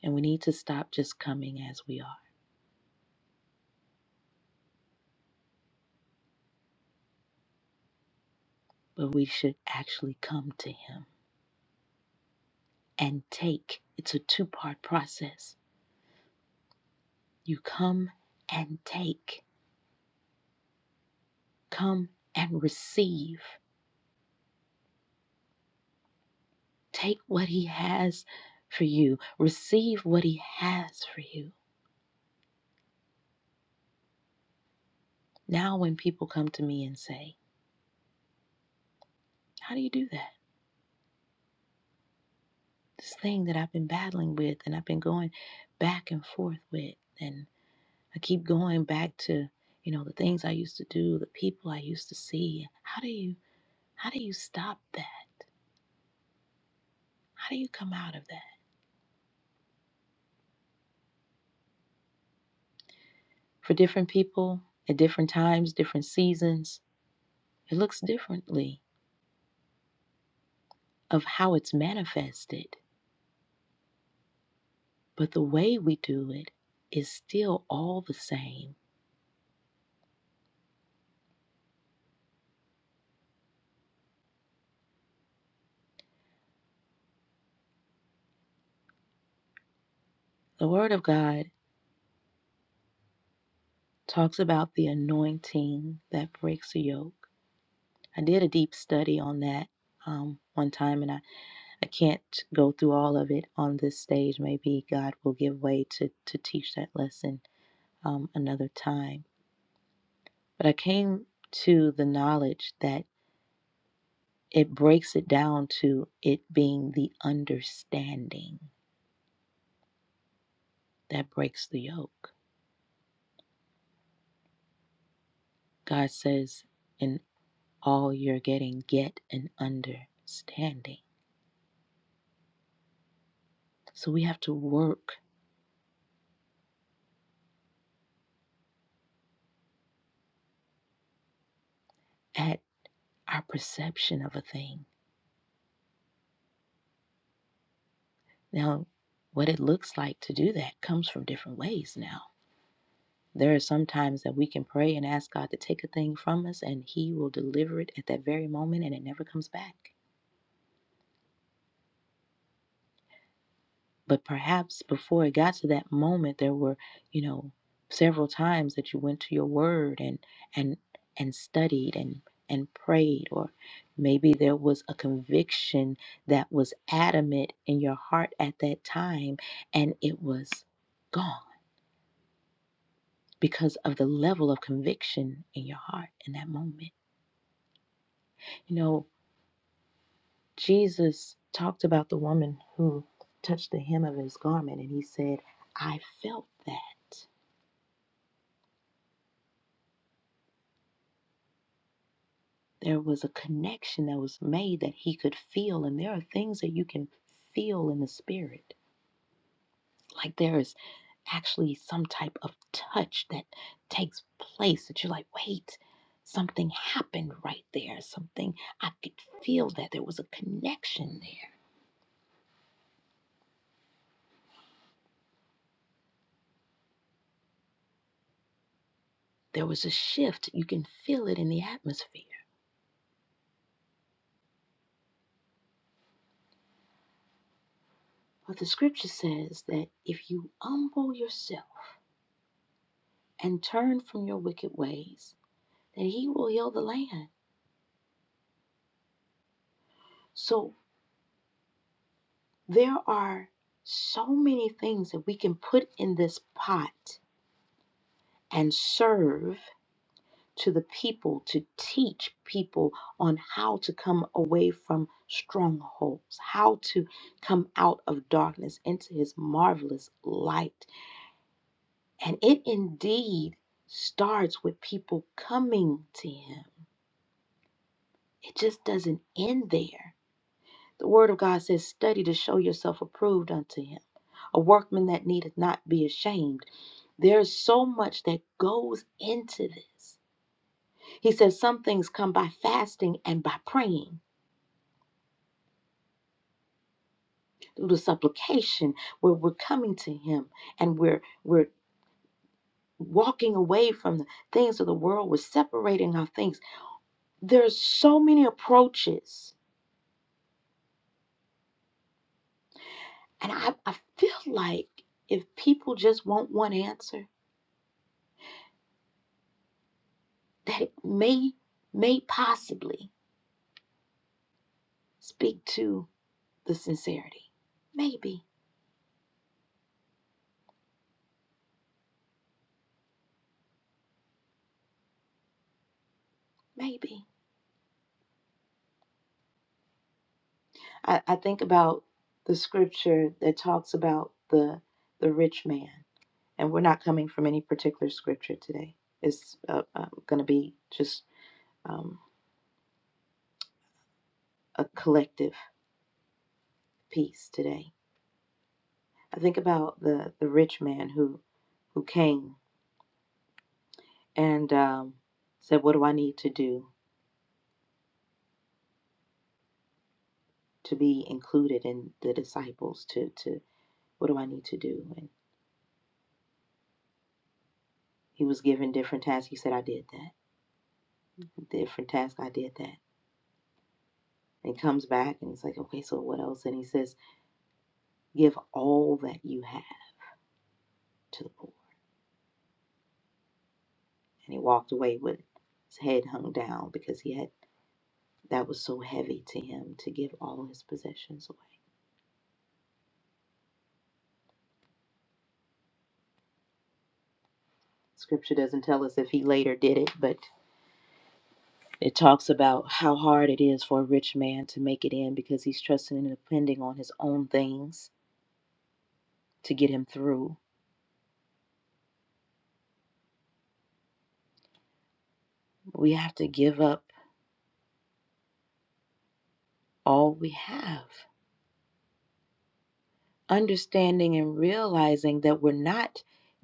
Speaker 1: And we need to stop just coming as we are, but we should actually come to Him and take. It's a two part process. You come and take, come and receive. Take what He has for you, receive what He has for you. Now, when people come to me and say, How do you do that? This thing that I've been battling with and I've been going back and forth with, and I keep going back to you know the things i used to do the people i used to see how do you how do you stop that how do you come out of that for different people at different times different seasons it looks differently of how it's manifested but the way we do it is still all the same. The Word of God talks about the anointing that breaks the yoke. I did a deep study on that um, one time, and I, I can't go through all of it on this stage. Maybe God will give way to, to teach that lesson um, another time. But I came to the knowledge that it breaks it down to it being the understanding that breaks the yoke. God says, in all you're getting, get an understanding. So we have to work at our perception of a thing. Now, what it looks like to do that comes from different ways now. There are some times that we can pray and ask God to take a thing from us, and He will deliver it at that very moment, and it never comes back. but perhaps before it got to that moment there were you know several times that you went to your word and and and studied and and prayed or maybe there was a conviction that was adamant in your heart at that time and it was gone because of the level of conviction in your heart in that moment you know Jesus talked about the woman who touched the hem of his garment and he said I felt that there was a connection that was made that he could feel. And there are things that you can feel in the spirit. Like there is actually some type of touch that takes place that you're like, wait, something happened right there. Something I could feel that there was a connection there. There was a shift. You can feel it in the atmosphere. But the scripture says that if you humble yourself and turn from your wicked ways, that he will heal the land. So There are so many things that we can put in this pot and serve to the people to teach people on how to come away from strongholds, how to come out of darkness into his marvelous light. And it indeed starts with people coming to him, it just doesn't end there. The word of God says, Study to show yourself approved unto him, a workman that needeth not be ashamed There's so much that goes into this. He says some things come by fasting and by praying through the supplication where we're coming to him and we're we're walking away from the things of the world, we're separating our things. There's so many approaches. And I, I feel like if people just want one answer, that it may may possibly speak to the sincerity. Maybe, maybe. I, I think about the scripture that talks about the the rich man, and we're not coming from any particular scripture today. It's uh, um, going to be just um, a collective piece today. I think about the the rich man who who came and um, said, "What do I need to do to be included in the disciples? To to what do I need to do?" And he was given different tasks. He said, "I did that. Different task. I did that." And he comes back and he's like, okay, so what else? And he says, give all that you have to the poor. And he walked away with his head hung down because he had that was so heavy to him to give all his possessions away. Scripture doesn't tell us if he later did it, but it talks about how hard it is for a rich man to make it in because he's trusting and depending on his own things to get him through. We have to give up all we have understanding and realizing that we're not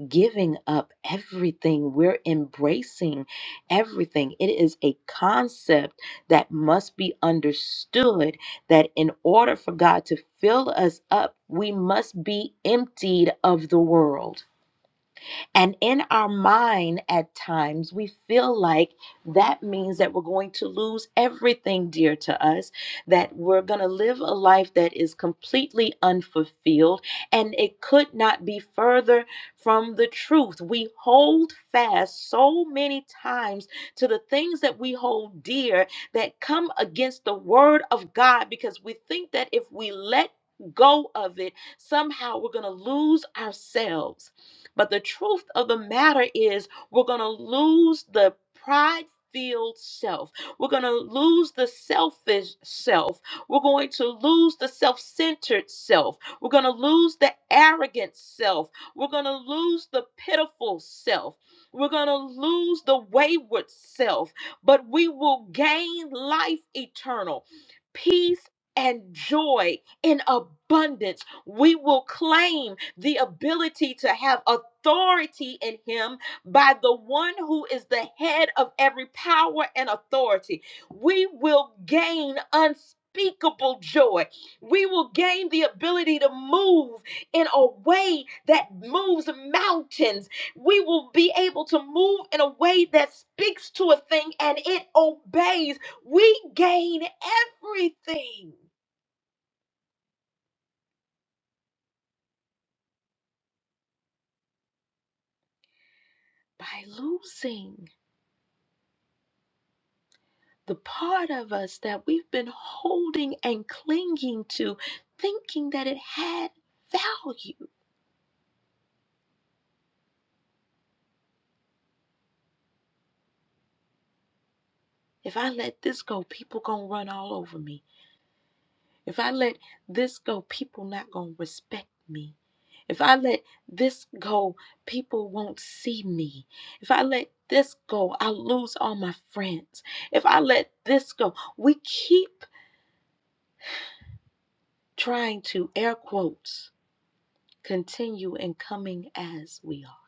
Speaker 1: giving up everything, we're embracing everything. It is a concept that must be understood that in order for God to fill us up, we must be emptied of the world. And in our mind, at times, we feel like that means that we're going to lose everything dear to us, that we're going to live a life that is completely unfulfilled, and it could not be further from the truth. We hold fast so many times to the things that we hold dear that come against the word of God because we think that if we let go of it, somehow we're going to lose ourselves. But the truth of the matter is, we're going to lose the pride filled self. We're going to lose the selfish self. We're going to lose the self centered self. We're going to lose the arrogant self. We're going to lose the pitiful self. We're going to lose the wayward self, but we will gain life eternal, peace, and joy in abundance we will claim the ability to have authority in Him by the one who is the head of every power and authority. We will gain unspeakable joy. We will gain the ability to move in a way that moves mountains. We will be able to move in a way that speaks to a thing and it obeys. We gain everything by losing. the part of us that we've been holding and clinging to, thinking that it had value. If I let this go, people gonna run all over me. If I let this go, people not gonna respect me. If I let this go, people won't see me. If I let this go, I lose all my friends. If I let this go, we keep trying to air quotes continue in coming as we are.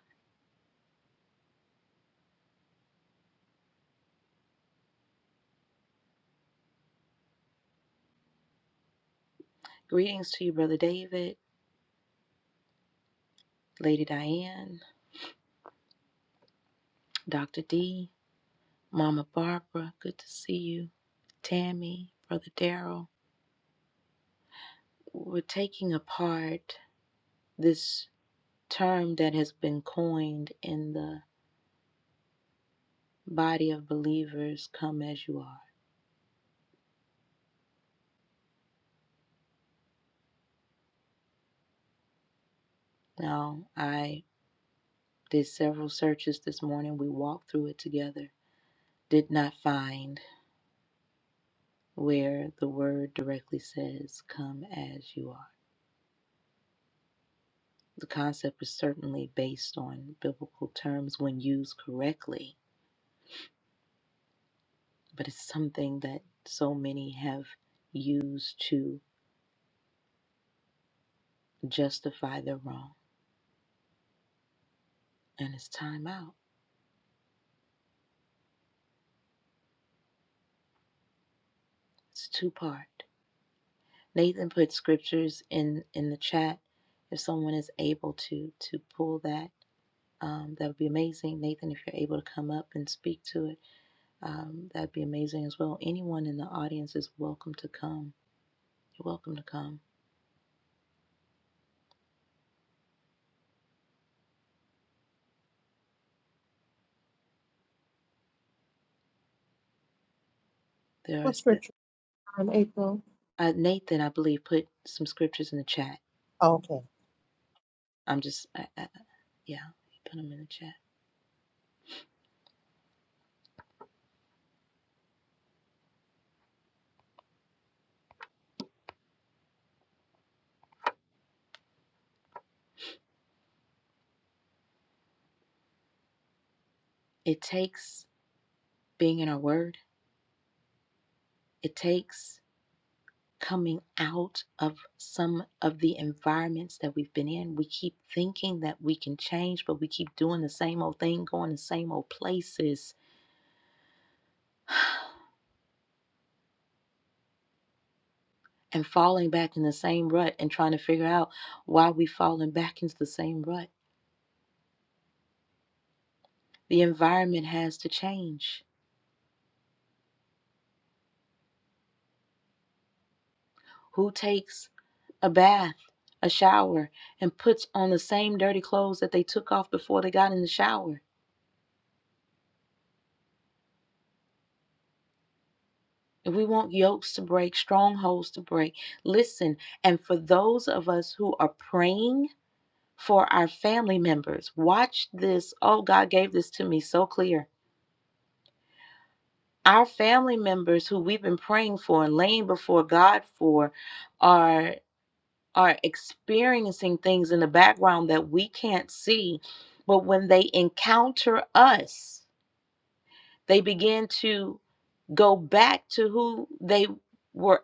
Speaker 1: Greetings to you, Brother David. Lady Diane, Dr. D, Mama Barbara, good to see you, Tammy, Brother Daryl. We're taking apart this term that has been coined in the body of believers come as you are. Now, I did several searches this morning. We walked through it together. Did not find where the word directly says come as you are. The concept is certainly based on biblical terms when used correctly but it's something that so many have used to justify their wrong. And it's time out. It's two part. Nathan put scriptures in in the chat. If someone is able to to pull that, um, that would be amazing. Nathan, if you're able to come up and speak to it, um, that'd be amazing as well. Anyone in the audience is welcome to come. You're welcome to come. There are
Speaker 2: What
Speaker 1: s-
Speaker 2: scripture? Um, April.
Speaker 1: uh, Nathan, I believe, put some scriptures in the chat.
Speaker 2: Oh, okay.
Speaker 1: I'm just, I, I, yeah, he put them in the chat. It takes being in our word, it takes coming out of some of the environments that we've been in. We keep thinking that we can change, but we keep doing the same old thing, going the same old places. And falling back in the same rut and trying to figure out why we are falling back into the same rut. The environment has to change. Who takes a bath, a shower, and puts on the same dirty clothes that they took off before they got in the shower? And we want yokes to break, strongholds to break. Listen, and for those of us who are praying for our family members, watch this. Oh, God gave this to me so clear. Our family members who we've been praying for and laying before God for are are experiencing things in the background that we can't see. But when they encounter us, they begin to go back to who they were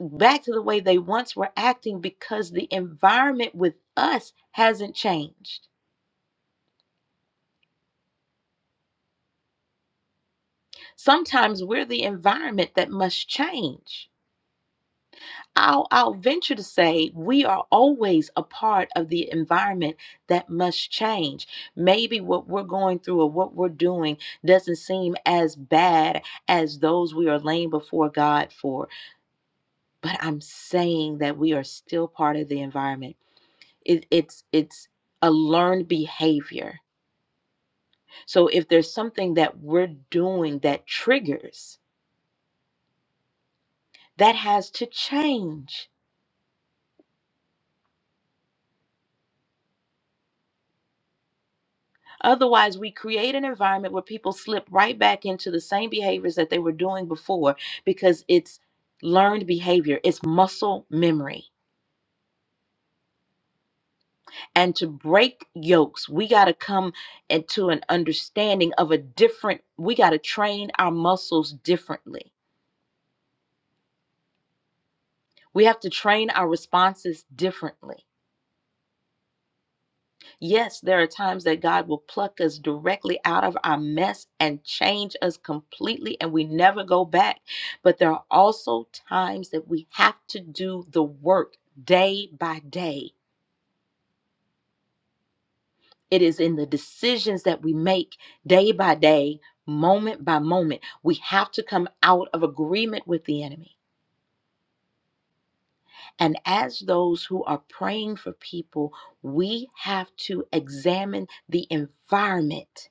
Speaker 1: back to the way they once were acting because the environment with us hasn't changed. Sometimes we're the environment that must change. I'll, I'll venture to say we are always a part of the environment that must change. Maybe what we're going through or what we're doing doesn't seem as bad as those we are laying before God for, but I'm saying that we are still part of the environment. It, it's it's a learned behavior So if there's something that we're doing that triggers, that has to change. Otherwise, we create an environment where people slip right back into the same behaviors that they were doing before because it's learned behavior, it's muscle memory. And to break yokes, we got to come into an understanding of a different, we got to train our muscles differently. We have to train our responses differently Yes, there are times that God will pluck us directly out of our mess and change us completely, and we never go back. But there are also times that we have to do the work day by day. It is in the decisions that we make day by day, moment by moment. We have to come out of agreement with the enemy. And as those who are praying for people, we have to examine the environment.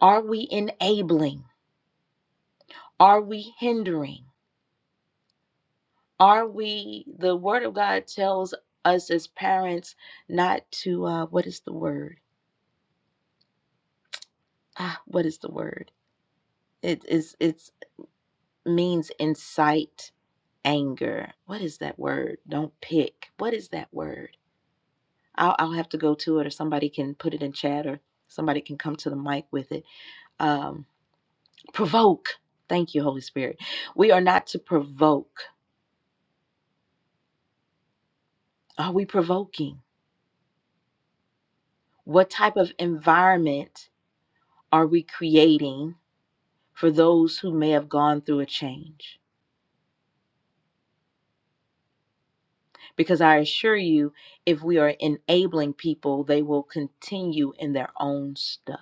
Speaker 1: Are we enabling? Are we hindering? Are we, the Word of God tells us as parents not to, uh, what is the word? Ah, what is the word? It is, it's means incite anger. What is that word? Don't pick. What is that word? I'll, I'll have to go to it or somebody can put it in chat or somebody can come to the mic with it. Um, provoke. Thank you, Holy Spirit. We are not to provoke. Are we provoking? What type of environment are we creating for those who may have gone through a change? Because I assure you, if we are enabling people, they will continue in their own stuff.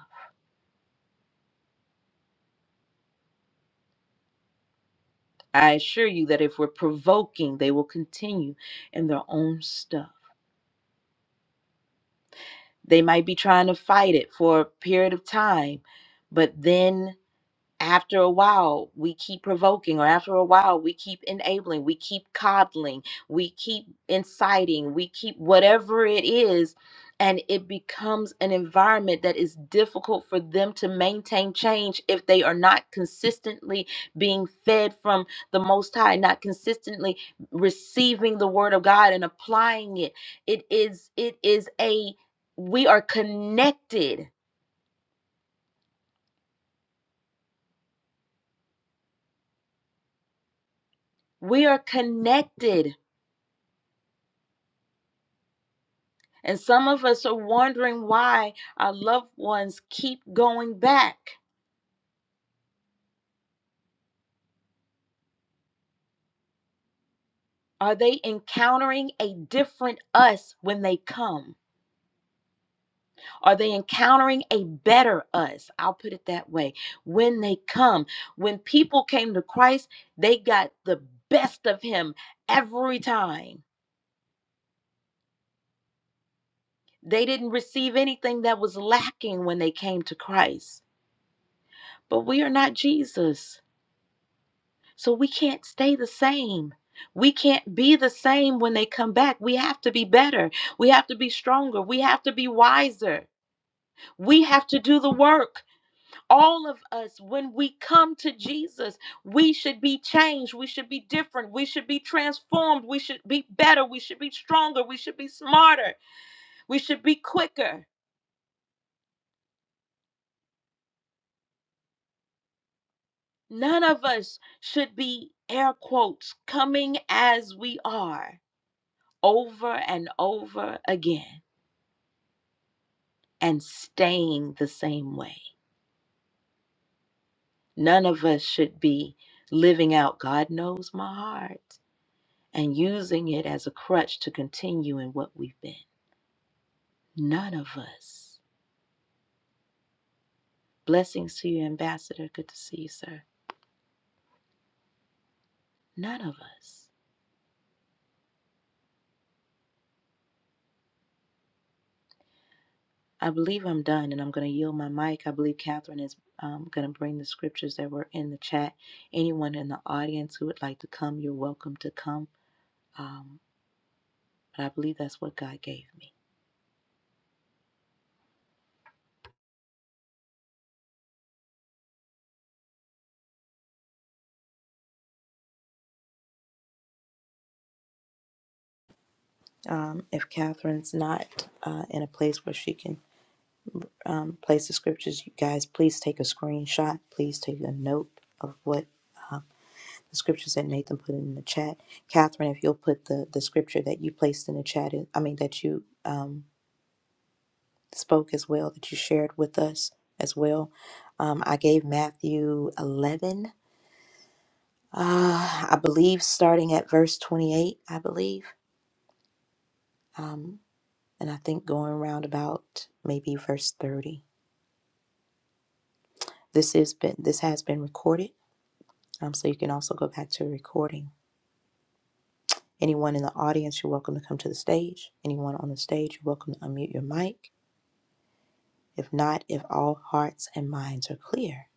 Speaker 1: I assure you that if we're provoking, they will continue in their own stuff. They might be trying to fight it for a period of time, but then after a while we keep provoking or after a while we keep enabling we keep coddling we keep inciting we keep whatever it is and it becomes an environment that is difficult for them to maintain change if they are not consistently being fed from the most high not consistently receiving the word of god and applying it it is it is a we are connected we are connected And some of us are wondering why our loved ones keep going back. Are they encountering a different us when they come? Are they encountering a better us? I'll put it that way. When they come, when people came to Christ, they got the best of Him every time. They didn't receive anything that was lacking when they came to Christ. But we are not Jesus. So we can't stay the same. We can't be the same when they come back. We have to be better. We have to be stronger. We have to be wiser. We have to do the work. All of us, when we come to Jesus, we should be changed. We should be different. We should be transformed. We should be better. We should be stronger. We should be smarter. We should be quicker. None of us should be, air quotes, coming as we are over and over again. and staying the same way. None of us should be living out God knows my heart and using it as a crutch to continue in what we've been. None of us. Blessings to you, Ambassador. Good to see you, sir. None of us. I believe I'm done and I'm going to yield my mic. I believe Catherine is um, going to bring the scriptures that were in the chat. Anyone in the audience who would like to come, you're welcome to come. Um, but I believe that's what God gave me. Um, if Catherine's not uh, in a place where she can um, place the scriptures, you guys, please take a screenshot. Please take a note of what uh, the scriptures that Nathan put in the chat. Catherine, if you'll put the, the scripture that you placed in the chat, I mean, that you um, spoke as well, that you shared with us as well. Um, I gave Matthew 11, uh, I believe, starting at verse 28, I believe. Um, and I think going around about maybe verse 30. This is been this has been recorded, um, so you can also go back to the recording. Anyone in the audience, you're welcome to come to the stage. Anyone on the stage, you're welcome to unmute your mic. If not, if all hearts and minds are clear,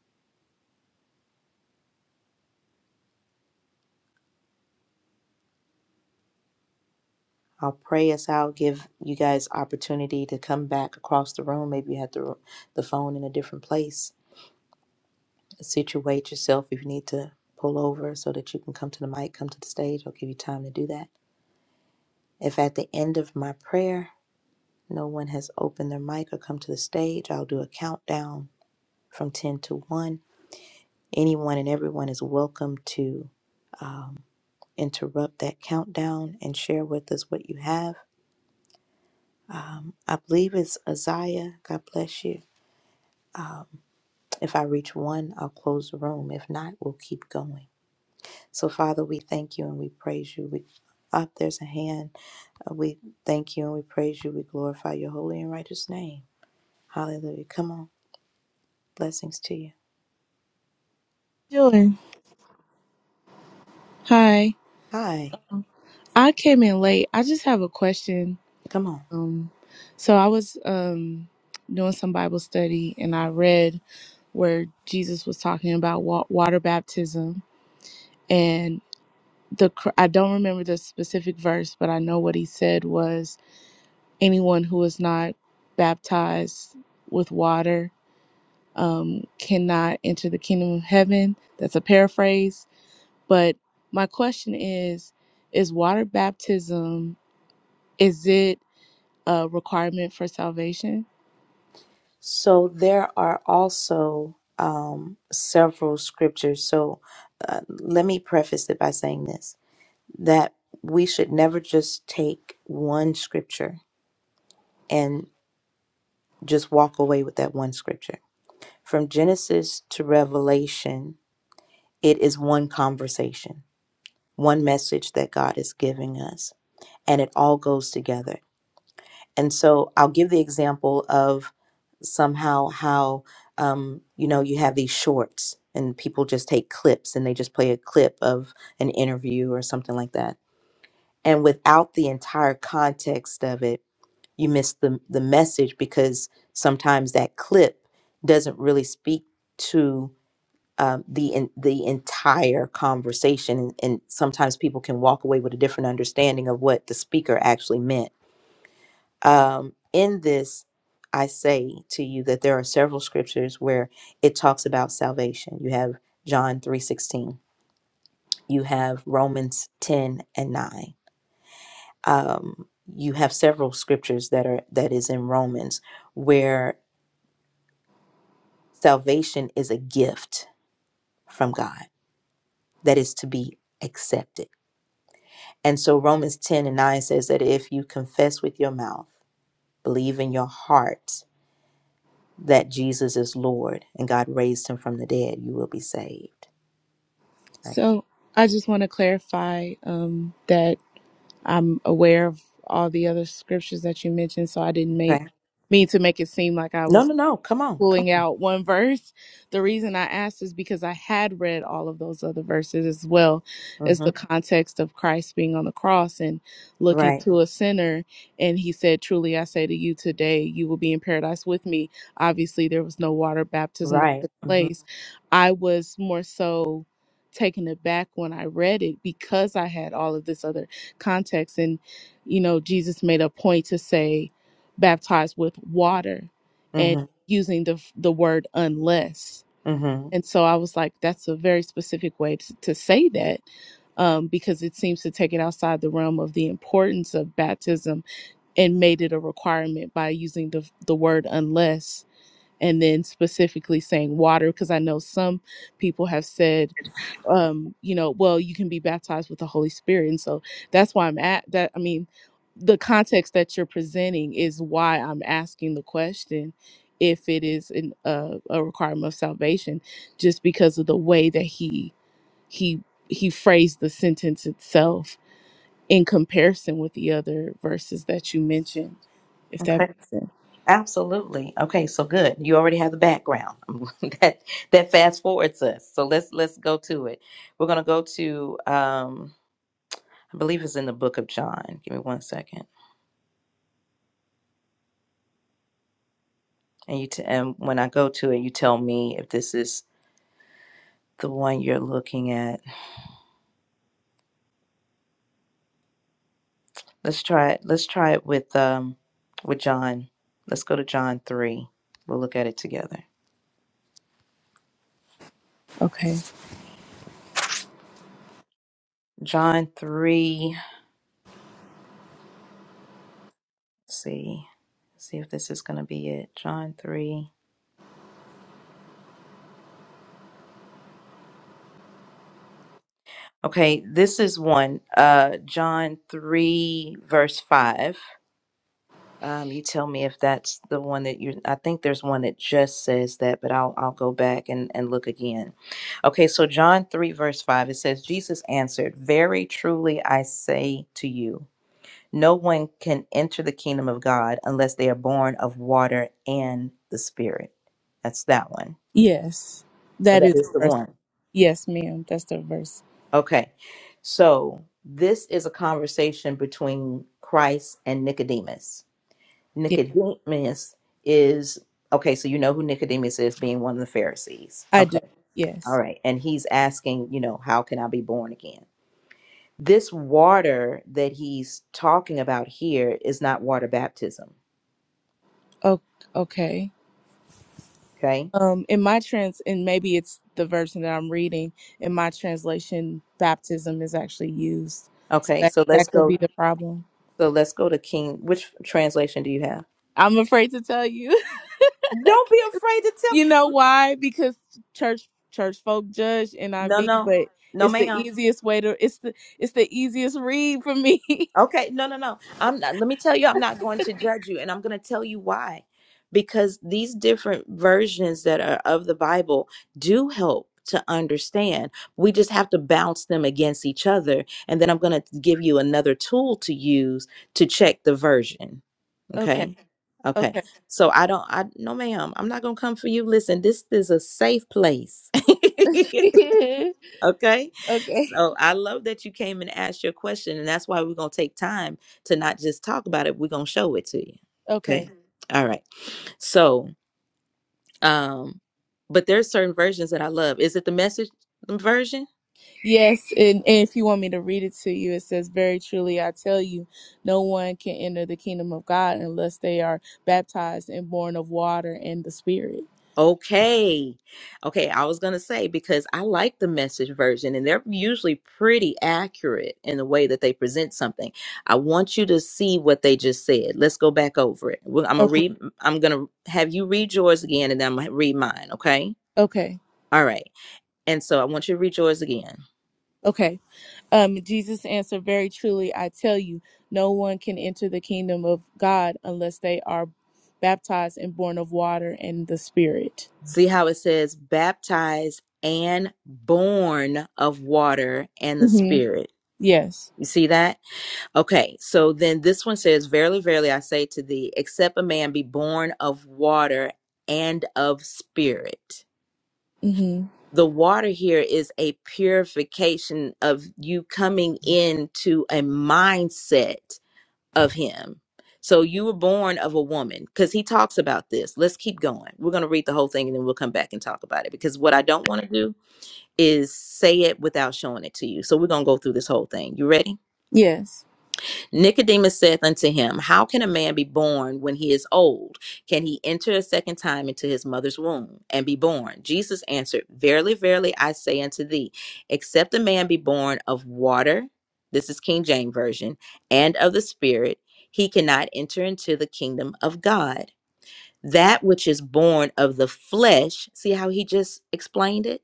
Speaker 1: I'll pray us out. Give you guys opportunity to come back across the room. Maybe you have the the phone in a different place. Situate yourself if you need to pull over so that you can come to the mic, come to the stage. I'll give you time to do that. If at the end of my prayer No one has opened their mic or come to the stage. I'll do a countdown from 10 to 1. Anyone and everyone is welcome to um, interrupt that countdown and share with us what you have. Um, I believe it's Isaiah. God bless you. Um, if I reach one, I'll close the room. If not, we'll keep going. So, Father, we thank you and we praise you. We up there's a hand. Uh, We thank you and we praise you. We glorify your holy and righteous name. Hallelujah. Come on. Blessings to you.
Speaker 3: Dylan, hi.
Speaker 1: Hi,
Speaker 3: I came in late. I just have a question.
Speaker 1: come on.
Speaker 3: Um, so I was um doing some Bible study and I read where Jesus was talking about wa- water baptism and the cr- I don't remember the specific verse, but I know what he said was anyone who is not baptized with water um cannot enter the kingdom of heaven. That's a paraphrase, but my question is is water baptism Is it a requirement for salvation?
Speaker 1: So there are also um, several scriptures. So uh, let me preface it by saying this that we should never just take one scripture and just walk away with that one scripture. From Genesis to Revelation, it is one conversation, one message that God is giving us, and it all goes together. And so I'll give the example of somehow how, um, you know, you have these shorts and people just take clips and they just play a clip of an interview or something like that. And without the entire context of it, you miss the, the message because sometimes that clip doesn't really speak to um, the in, the entire conversation, and and sometimes people can walk away with a different understanding of what the speaker actually meant um, in this, I say to you that there are several scriptures where it talks about salvation. You have John three sixteen. You have Romans ten and nine. Um, you have several scriptures that are that is in Romans where salvation is a gift from God that is to be accepted. And so Romans ten and nine says that if you confess with your mouth, believe in your heart that Jesus is Lord and God raised him from the dead, you will be saved. Right.
Speaker 3: So I just want to clarify um, that I'm aware of all the other scriptures that you mentioned, so I didn't make
Speaker 1: Okay.
Speaker 3: mean to make it seem like I
Speaker 1: No,
Speaker 3: was
Speaker 1: no, no. Come on. Come
Speaker 3: pulling out one verse. The reason I asked is because I had read all of those other verses as well
Speaker 1: on.
Speaker 3: as
Speaker 1: hmm
Speaker 3: the context of Christ being on the cross and looking
Speaker 1: Right.
Speaker 3: to a sinner. And he said, Truly, I say to you today, you will be in paradise with me. Obviously, there was no water baptism that
Speaker 1: Right.
Speaker 3: took
Speaker 1: hmm
Speaker 3: place. I was more so taken aback when I read it because I had all of this other context. And, you know, Jesus made a point to say, baptized with water
Speaker 1: hmm
Speaker 3: using the the word unless.
Speaker 1: hmm
Speaker 3: And so I was like, that's a very specific way to, to say that um, because it seems to take it outside the realm of the importance of baptism and made it a requirement by using the, the word unless and then specifically saying water. Because I know some people have said um you know well you can be baptized with the holy spirit and so that's why i'm at that i mean the context that you're presenting is why i'm asking the question if it is an, uh, a requirement of salvation just because of the way that he he he phrased the sentence itself in comparison with the other verses that you mentioned if that
Speaker 1: Okay.
Speaker 3: makes sense
Speaker 1: Absolutely. Okay. So good. You already have the background that that fast forwards us. So let's let's go to it. We're gonna go to um, I believe it's in the book of John. Give me one second. And you t- and when I go to it, you tell me if this is the one you're looking at. Let's try it. Let's try it with um with John. Let's go to John 3. We'll look at it together.
Speaker 3: okay
Speaker 1: John 3. Let's see. Let's see if this is going to be it. John 3. Okay, this is one. Uh John 3 verse 5. Um you tell me if that's the one that you I think there's one that just says that, but I'll I'll go back and and look again. Okay, so John 3 verse 5 it says Jesus answered, "Very truly I say to you, No one can enter the kingdom of God unless they are born of water and the Spirit. That's that one.
Speaker 3: yes
Speaker 1: Oh,
Speaker 3: that
Speaker 1: that
Speaker 3: is the
Speaker 1: is the
Speaker 3: verse
Speaker 1: one.
Speaker 3: yes ma'am that's the verse
Speaker 1: Okay. So this is a conversation between Christ and Nicodemus.
Speaker 3: yeah
Speaker 1: Nicodemus is, okay, so you know who Nicodemus is, being one of the Pharisees.
Speaker 3: i
Speaker 1: Okay.
Speaker 3: do
Speaker 1: All
Speaker 3: yes
Speaker 1: right. And he's asking, you know, how can I be born again? This water that he's talking about here is not water baptism.
Speaker 3: oh, okay
Speaker 1: Okay.
Speaker 3: Um, in my trans, and maybe it's the version that I'm reading. In my translation, baptism is actually used, so
Speaker 1: Okay,
Speaker 3: that
Speaker 1: so let's
Speaker 3: that could
Speaker 1: go
Speaker 3: be the problem.
Speaker 1: So let's go to King. Which translation do you have?
Speaker 3: I'm afraid to tell you.
Speaker 1: Don't be afraid to
Speaker 3: You know
Speaker 1: tell.
Speaker 3: why? Because church church folk judge
Speaker 1: No,
Speaker 3: NIV,
Speaker 1: no,
Speaker 3: but
Speaker 1: no,
Speaker 3: it's the
Speaker 1: ma'am.
Speaker 3: easiest way to. It's the it's the easiest read for me.
Speaker 1: Okay, no, no, no. I'm not, let me tell you, I'm not going to judge you, and I'm going to tell you why. Because these different versions that are of the Bible do help to understand. We just have to bounce them against each other. And then I'm going to give you another tool to use to check the version.
Speaker 3: okay,
Speaker 1: Okay. Okay.
Speaker 3: okay,
Speaker 1: So I don't, I, no, ma'am, I'm not going to come for you. Listen, this is a safe place. Okay.
Speaker 3: okay,
Speaker 1: So I love that you came and asked your question. And that's why we're going to take time to not just talk about it, we're going to show it to you.
Speaker 3: okay.
Speaker 1: Okay. All right. So, um, but there's certain versions that I love. Is it the message version?
Speaker 3: Yes, and, and if you want me to read it to you, it says, Very truly, I tell you, no one can enter the kingdom of God unless they are baptized and born of water and the Spirit.
Speaker 1: Okay. Okay. I was going to say because I like the message version and they're usually pretty accurate in the way that they present something. I want you to see what they just said. Let's go back over it. Well, I'm going to
Speaker 3: Okay.
Speaker 1: read, I'm going to have you read yours again and then I'm going to read mine. Okay.
Speaker 3: Okay.
Speaker 1: All right. And so I want you to read yours again.
Speaker 3: Okay. Um, Jesus answered, Very truly, I tell you, no one can enter the kingdom of God unless they are baptized and born of water and the Spirit.
Speaker 1: See how it says baptized and born of water and the
Speaker 3: Mm-hmm.
Speaker 1: spirit.
Speaker 3: Yes.
Speaker 1: You see that? Okay, so then this one says, Verily, verily, I say to thee, except a man be born of water and of spirit.
Speaker 3: Mm-hmm.
Speaker 1: The water here is a purification of you coming into a mindset of him. So you were born of a woman because he talks about this. Let's keep going. We're going to read the whole thing and then we'll come back and talk about it because what I don't want to do is say it without showing it to you. So we're going to go through this whole thing. You ready?
Speaker 3: Yes.
Speaker 1: Nicodemus saith unto him, How can a man be born when he is old? Can he enter a second time into his mother's womb and be born? Jesus answered, Verily, verily, I say unto thee, except a man be born of water, this is King James Version, and of the Spirit, he cannot enter into the kingdom of God. That which is born of the flesh, see how he just explained it?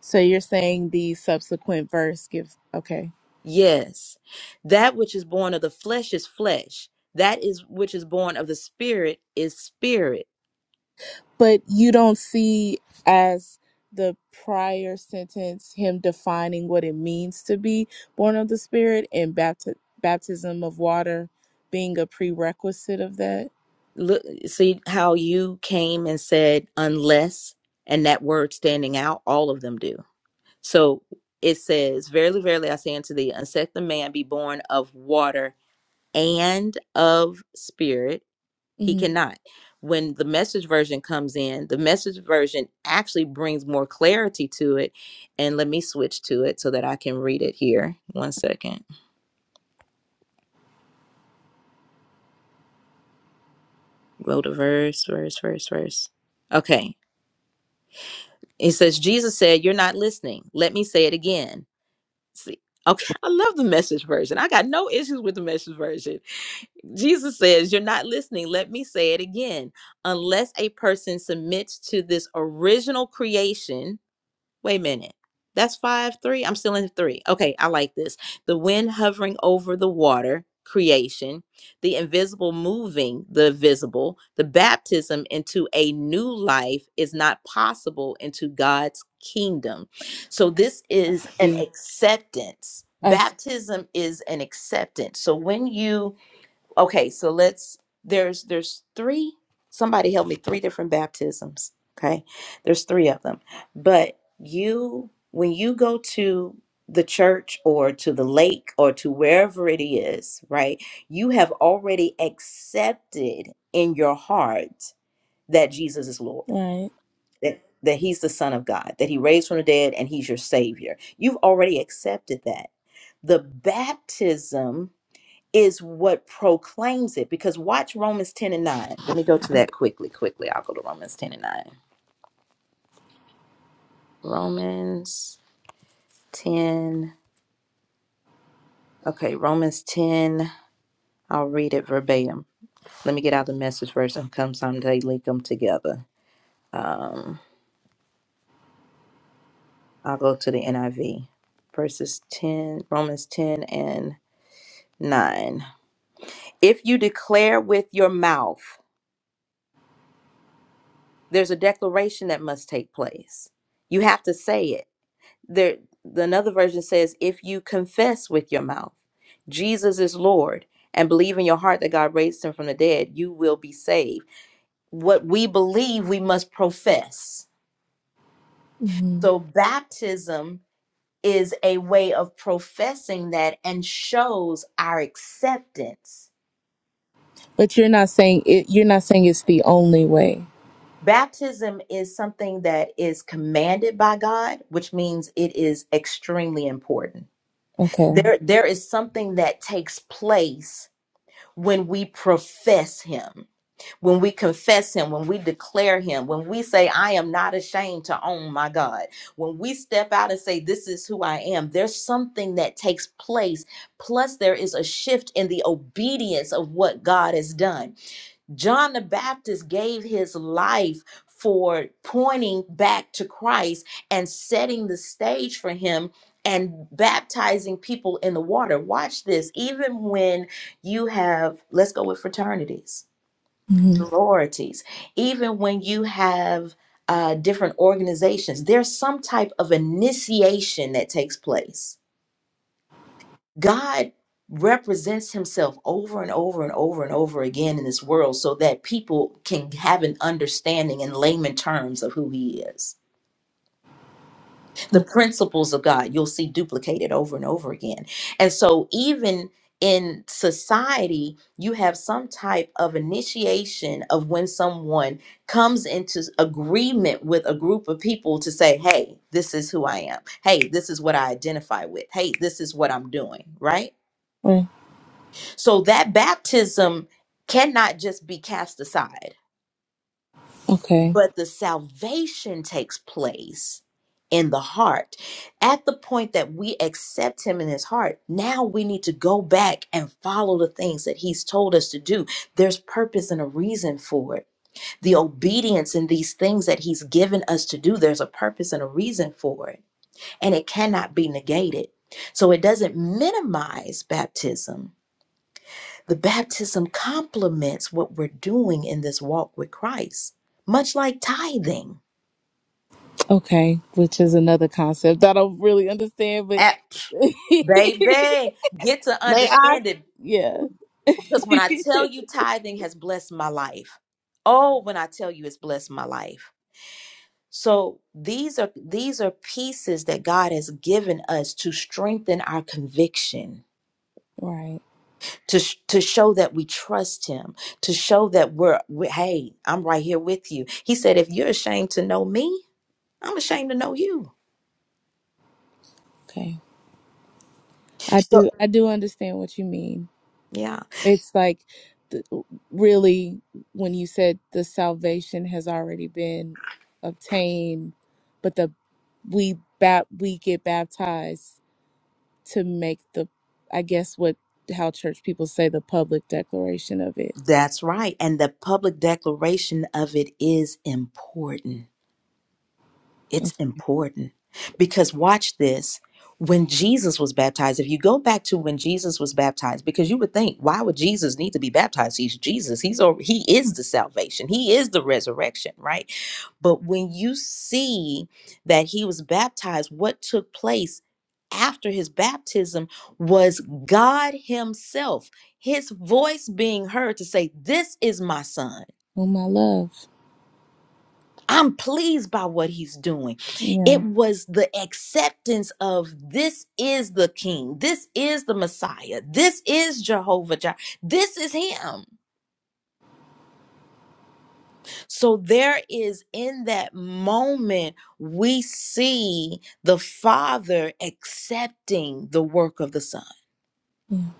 Speaker 3: So you're saying the subsequent verse gives. Okay.
Speaker 1: Yes. That which is born of the flesh is flesh. That is which is born of the spirit is spirit.
Speaker 3: but you don't see as the prior sentence him defining what it means to be born of the spirit and bapti- baptism of water being a prerequisite of that
Speaker 1: Look see how you came and said unless and that word standing out, all of them do. So it says, Verily, verily I say unto thee, unless the man be born of water and of spirit. He
Speaker 3: hmm
Speaker 1: cannot. When the message version comes in, the message version actually brings more clarity to it. And let me switch to it so that I can read it here. One second. Go to verse, verse, verse, verse. Okay. It says, Jesus said, You're not listening. Let me say it again. See, okay. I love the message version. I got no issues with the message version. Jesus says, You're not listening. Let me say it again. Unless a person submits to this original creation, Wait a minute. That's five, three. I'm still in three. Okay, I like this. The wind hovering over the water, creation, the invisible moving the visible, the baptism into a new life is not possible into God's kingdom. So, this is an
Speaker 3: see
Speaker 1: acceptance.
Speaker 3: i see
Speaker 1: Baptism is an acceptance. So, when you okay so let's there's there's three somebody help me three different baptisms okay there's three of them but you when you go to the church or to the lake or to wherever it is right you have already accepted in your heart that jesus is lord
Speaker 3: right
Speaker 1: that, that he's the son of god that he raised from the dead and he's your savior you've already accepted that the baptism is what proclaims it. Because watch Romans 10 and 9. Let me go to that quickly, quickly. I'll go to Romans 10 and 9. Romans 10. Okay, Romans 10. I'll read it verbatim. Let me get out the message verse and come someday link them together. Um, I'll go to the NIV. Verses 10, Romans 10 and 9. If you declare with your mouth, there's a declaration that must take place. You have to say it. There, another version says, if you confess with your mouth Jesus is Lord and believe in your heart that God raised him from the dead, you will be saved. What we believe, we must profess.
Speaker 3: hmm
Speaker 1: So baptism is a way of professing that and shows our acceptance.
Speaker 3: but you're not saying it you're not saying it's the only way
Speaker 1: Baptism is something that is commanded by God, which means it is extremely important.
Speaker 3: okay
Speaker 1: There, there is something that takes place when we profess him, when we confess him, when we declare him, when we say, I am not ashamed to own my God, when we step out and say, This is who I am, there's something that takes place. Plus, there is a shift in the obedience of what God has done. John the Baptist gave his life for pointing back to Christ and setting the stage for him and baptizing people in the water. Watch this. Even when you have, let's go with fraternities,
Speaker 3: hmm
Speaker 1: sororities, even when you have uh, different organizations, there's some type of initiation that takes place God represents himself over and over and over and over again in this world so that people can have an understanding in layman terms of who he is. The
Speaker 3: okay
Speaker 1: principles of God you'll see duplicated over and over again. And so even in society, you have some type of initiation of when someone comes into s- agreement with a group of people to say, hey, this is who I am. Hey, this is what I identify with. Hey, this is what I'm doing, right?
Speaker 3: right.
Speaker 1: So that baptism cannot just be cast aside,
Speaker 3: okay
Speaker 1: but the salvation takes place in the heart. At the point that we accept him in his heart, now we need to go back and follow the things that he's told us to do. There's purpose and a reason for it. The obedience in these things that he's given us to do, there's a purpose and a reason for it, and it cannot be negated. So it doesn't minimize baptism The baptism complements what we're doing in this walk with Christ, much like tithing.
Speaker 3: okay which is another concept that i don't really understand but
Speaker 1: At- Baby, get to understand it.
Speaker 3: yeah
Speaker 1: Because when I tell you tithing has blessed my life, oh, when I tell you it's blessed my life. So these are these are pieces that God has given us to strengthen our conviction,
Speaker 3: right
Speaker 1: to sh- to show that we trust Him, to show that we're we, hey, I'm right here with you. He said, if you're ashamed to know me, I'm ashamed to know you.
Speaker 3: okay I
Speaker 1: So,
Speaker 3: do I do understand what you mean.
Speaker 1: yeah,
Speaker 3: It's like the, really when you said the salvation has already been obtained, but the we bat we get baptized to make the I guess what how church people say the public declaration of it.
Speaker 1: that's right. And the public declaration of it is important. It's important because watch this. When Jesus was baptized, if you go back to when Jesus was baptized, because you would think, why would Jesus need to be baptized? He's Jesus. He's al- he is the salvation. He is the resurrection, right? But when you see that he was baptized, what took place after his baptism was God himself, his voice being heard to say, "This is my son."
Speaker 3: Oh my love.
Speaker 1: I'm pleased by what he's doing.
Speaker 3: Yeah.
Speaker 1: It was the acceptance of this is the king, this is the Messiah, this is Jehovah Jireh, this is him. So there is in that moment, we see the Father accepting the work of the Son.
Speaker 3: Yeah.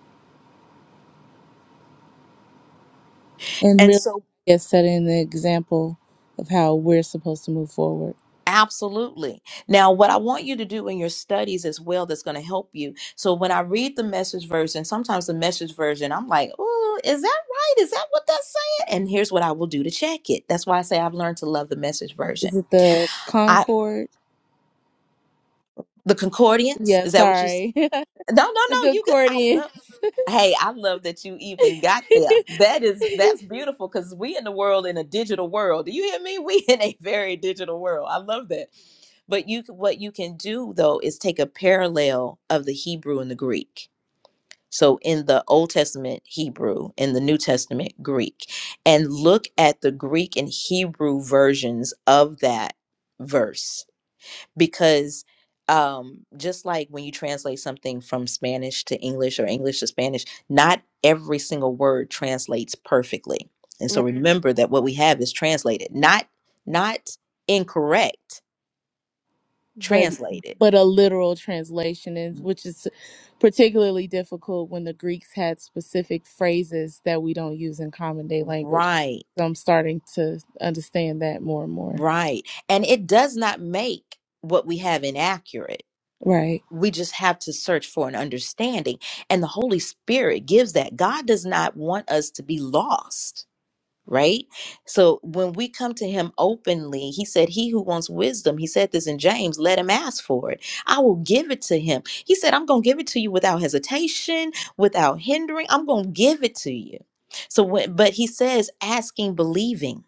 Speaker 3: And
Speaker 1: and
Speaker 3: really
Speaker 1: so.
Speaker 3: I guess setting the example of how we're supposed to move forward.
Speaker 1: Absolutely. Now, what I want you to do in your studies as well that's going to help you. So, when I read the message version, sometimes the message version, I'm like, oh, is that right? Is that what that's saying? And here's what I will do to check it. That's why I say I've learned to love the message version.
Speaker 3: Is it the
Speaker 1: I,
Speaker 3: Concord?
Speaker 1: the concordance,
Speaker 3: Yeah,
Speaker 1: is that what you, s-
Speaker 3: sorry. the
Speaker 1: no, no, no, you good. I
Speaker 3: Concordian.
Speaker 1: love. Hey, I love that you even got there. That is that's beautiful because we in the world in a digital world. Do you hear me? We in a very digital world. I love that. But you c- what you can do though is take a parallel of the Hebrew and the Greek. So in the Old Testament Hebrew, in the New Testament Greek, and look at the Greek and Hebrew versions of that verse because um just like when you translate something from Spanish to English or English to Spanish, not every single word translates perfectly. And so
Speaker 3: right.
Speaker 1: Mhm. remember that what we have is translated, not not incorrect,
Speaker 3: But
Speaker 1: translated.
Speaker 3: but a literal translation is
Speaker 1: Mhm.
Speaker 3: which is particularly difficult when the Greeks had specific phrases that we don't use in common day language.
Speaker 1: Right.
Speaker 3: So I'm starting to understand that more and more.
Speaker 1: Right. And it does not make what we have inaccurate.
Speaker 3: Right.
Speaker 1: We just have to search for an understanding. And the Holy Spirit gives that. God does not want us to be lost. right? So when we come to him openly, he said, He who wants wisdom, he said this in James, let him ask for it. I will give it to him. He said, I'm going to give it to you without hesitation, without hindering. I'm going to give it to you. So, when, but he says, asking, believing.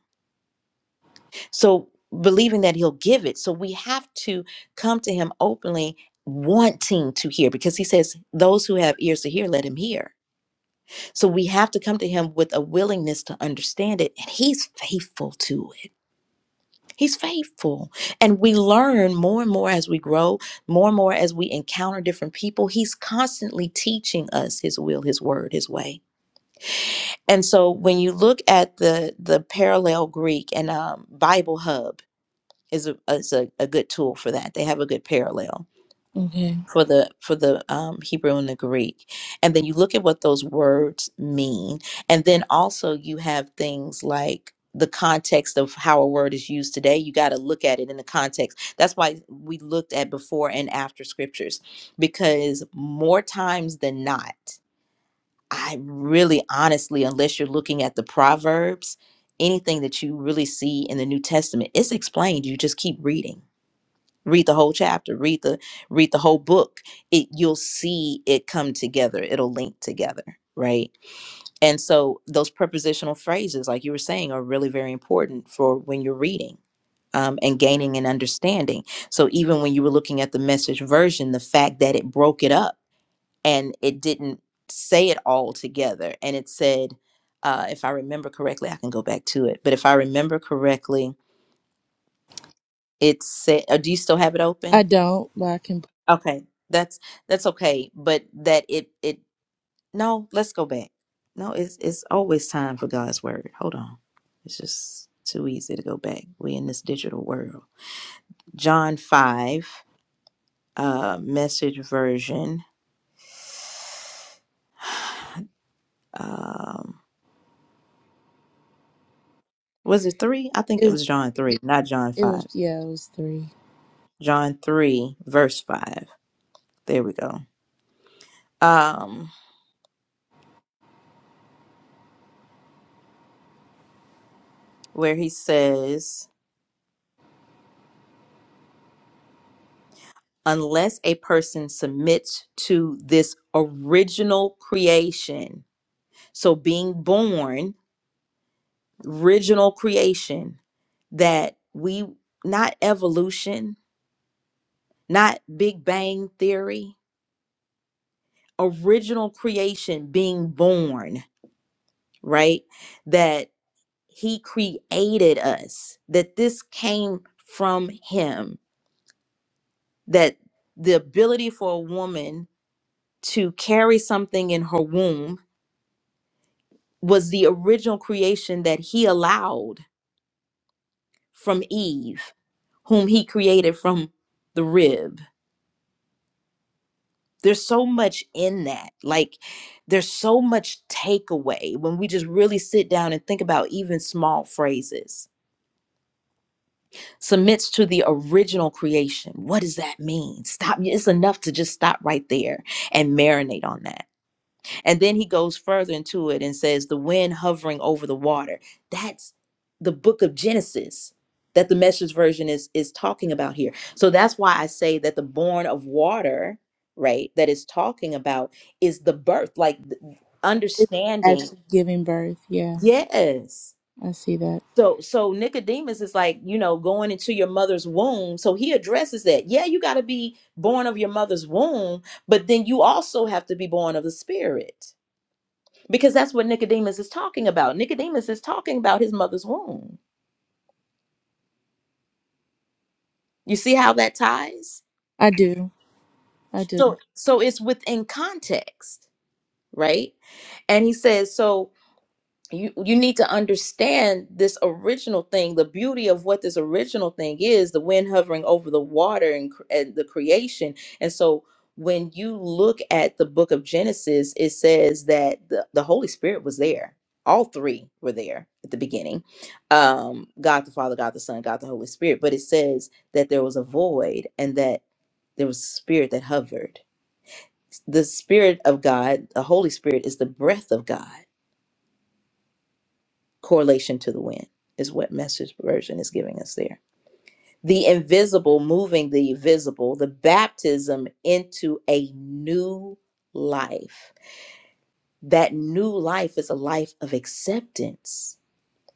Speaker 1: So, believing that he'll give it. So, we have to come to him openly, wanting to hear, because he says, Those who have ears to hear, let him hear so we have to come to him with a willingness to understand it, and he's faithful to it. He's faithful. And we learn more and more as we grow, more and more as we encounter different people. He's constantly teaching us his will, his word, his way. And so when you look at the the parallel Greek and um, Bible Hub is a, is a, a good tool for that. They have a good parallel
Speaker 3: Okay.
Speaker 1: for the for the um, Hebrew and the Greek, and then you look at what those words mean, and then also you have things like the context of how a word is used today. You got to look at it in the context. That's why we looked at before and after scriptures, because more times than not, I really honestly, unless you're looking at the proverbs, anything that you really see in the New Testament, is explained. You just keep reading read the whole chapter read the read the whole book it you'll see it come together it'll link together right and so those prepositional phrases like you were saying are really very important for when you're reading um, and gaining an understanding so even when you were looking at the message version the fact that it broke it up and it didn't say it all together and it said uh, if i remember correctly i can go back to it but if i remember correctly it said oh, do you still have it open
Speaker 3: I don't, but I can
Speaker 1: Okay, that's that's okay, but that it it no, let's go back. No, it's it's always time for God's word. Hold on. It's just too easy to go back. We in this digital world. John 5 uh message version. Um was it 3? I think it
Speaker 3: it,
Speaker 1: was John 3, not John
Speaker 3: it was
Speaker 1: 5.
Speaker 3: yeah, it was three.
Speaker 1: John 3 verse 5. There we go. Um where he says unless a person submits to this original creation So being born, original creation, that we not evolution, not Big Bang theory, original creation being born, right? That he created us, that this came from him, that the ability for a woman to carry something in her womb was the original creation that he allowed from Eve, whom he created from the rib. There's so much in that. Like, there's so much takeaway when we just really sit down and think about even small phrases. Submits to the original creation. What does that mean? Stop. It's enough to just stop right there and marinate on that. And then he goes further into it and says, the wind hovering over the water. That's the book of Genesis that the message version is is talking about here. So that's why I say that the born of water, right, that is talking about is the birth, like th-
Speaker 3: It's
Speaker 1: understanding.
Speaker 3: actually giving birth, yeah.
Speaker 1: Yes.
Speaker 3: I see that.
Speaker 1: So so Nicodemus is like, you know, going into your mother's womb. So he addresses that. Yeah, you got to be born of your mother's womb, but then you also have to be born of the spirit because that's what Nicodemus is talking about. Nicodemus is talking about his mother's womb. You see how that ties?
Speaker 3: I do. I do.
Speaker 1: So so it's within context, right? And he says so you you need to understand this original thing the beauty of what this original thing is the wind hovering over the water and, cr- and the creation and so when you look at the book of genesis it says that the, the holy spirit was there all three were there at the beginning um god the father god the son god the holy spirit but it says that there was a void and that there was a spirit that hovered the spirit of god the holy spirit is the breath of god correlation to the wind is what message version is giving us there the invisible moving the visible the baptism into a new life that new life is a life of acceptance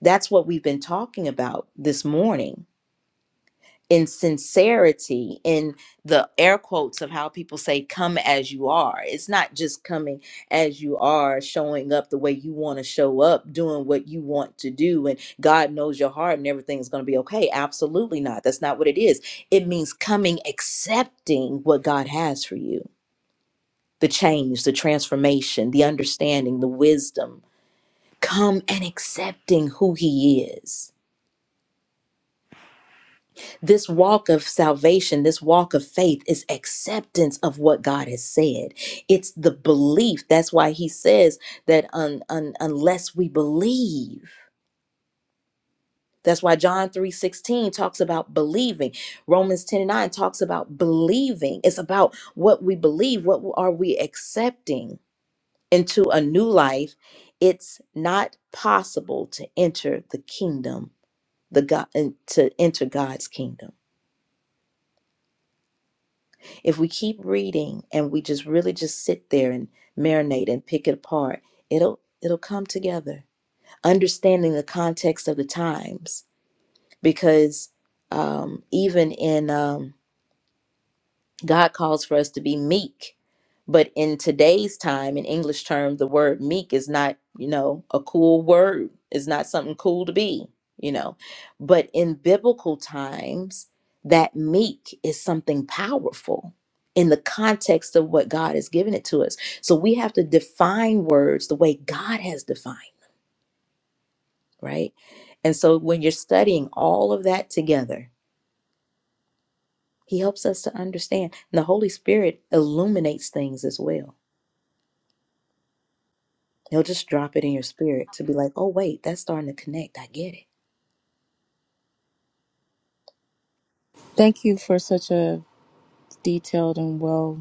Speaker 1: that's what we've been talking about this morning in sincerity in the air quotes of how people say come as you are it's not just coming as you are showing up the way you want to show up doing what you want to do and god knows your heart and everything's going to be okay absolutely not that's not what it is it means coming accepting what god has for you the change the transformation the understanding the wisdom come and accepting who he is This walk of salvation, this walk of faith is acceptance of what God has said. It's the belief. That's why he says that un, un, unless we believe. That's why John 3:16 talks about believing. Romans 10 and 9 talks about believing. It's about what we believe, what are we accepting into a new life. It's not possible to enter the kingdom, the God to enter God's kingdom If we keep reading and we just really just sit there and marinate and pick it apart, it'll it'll come together. Understanding the context of the times, because um, even in um, God calls for us to be meek. But in today's time, in English term, the word meek is not, you know, a cool word. It's not something cool to be, you know. But in biblical times, that meek is something powerful in the context of what God has given it to us. So we have to define words the way God has defined, right? And so when you're studying all of that together, he helps us to understand. And the Holy Spirit illuminates things as well He'll just drop it in your spirit to be like, oh, wait, that's starting to connect. I get it.
Speaker 3: Thank you for such a detailed and well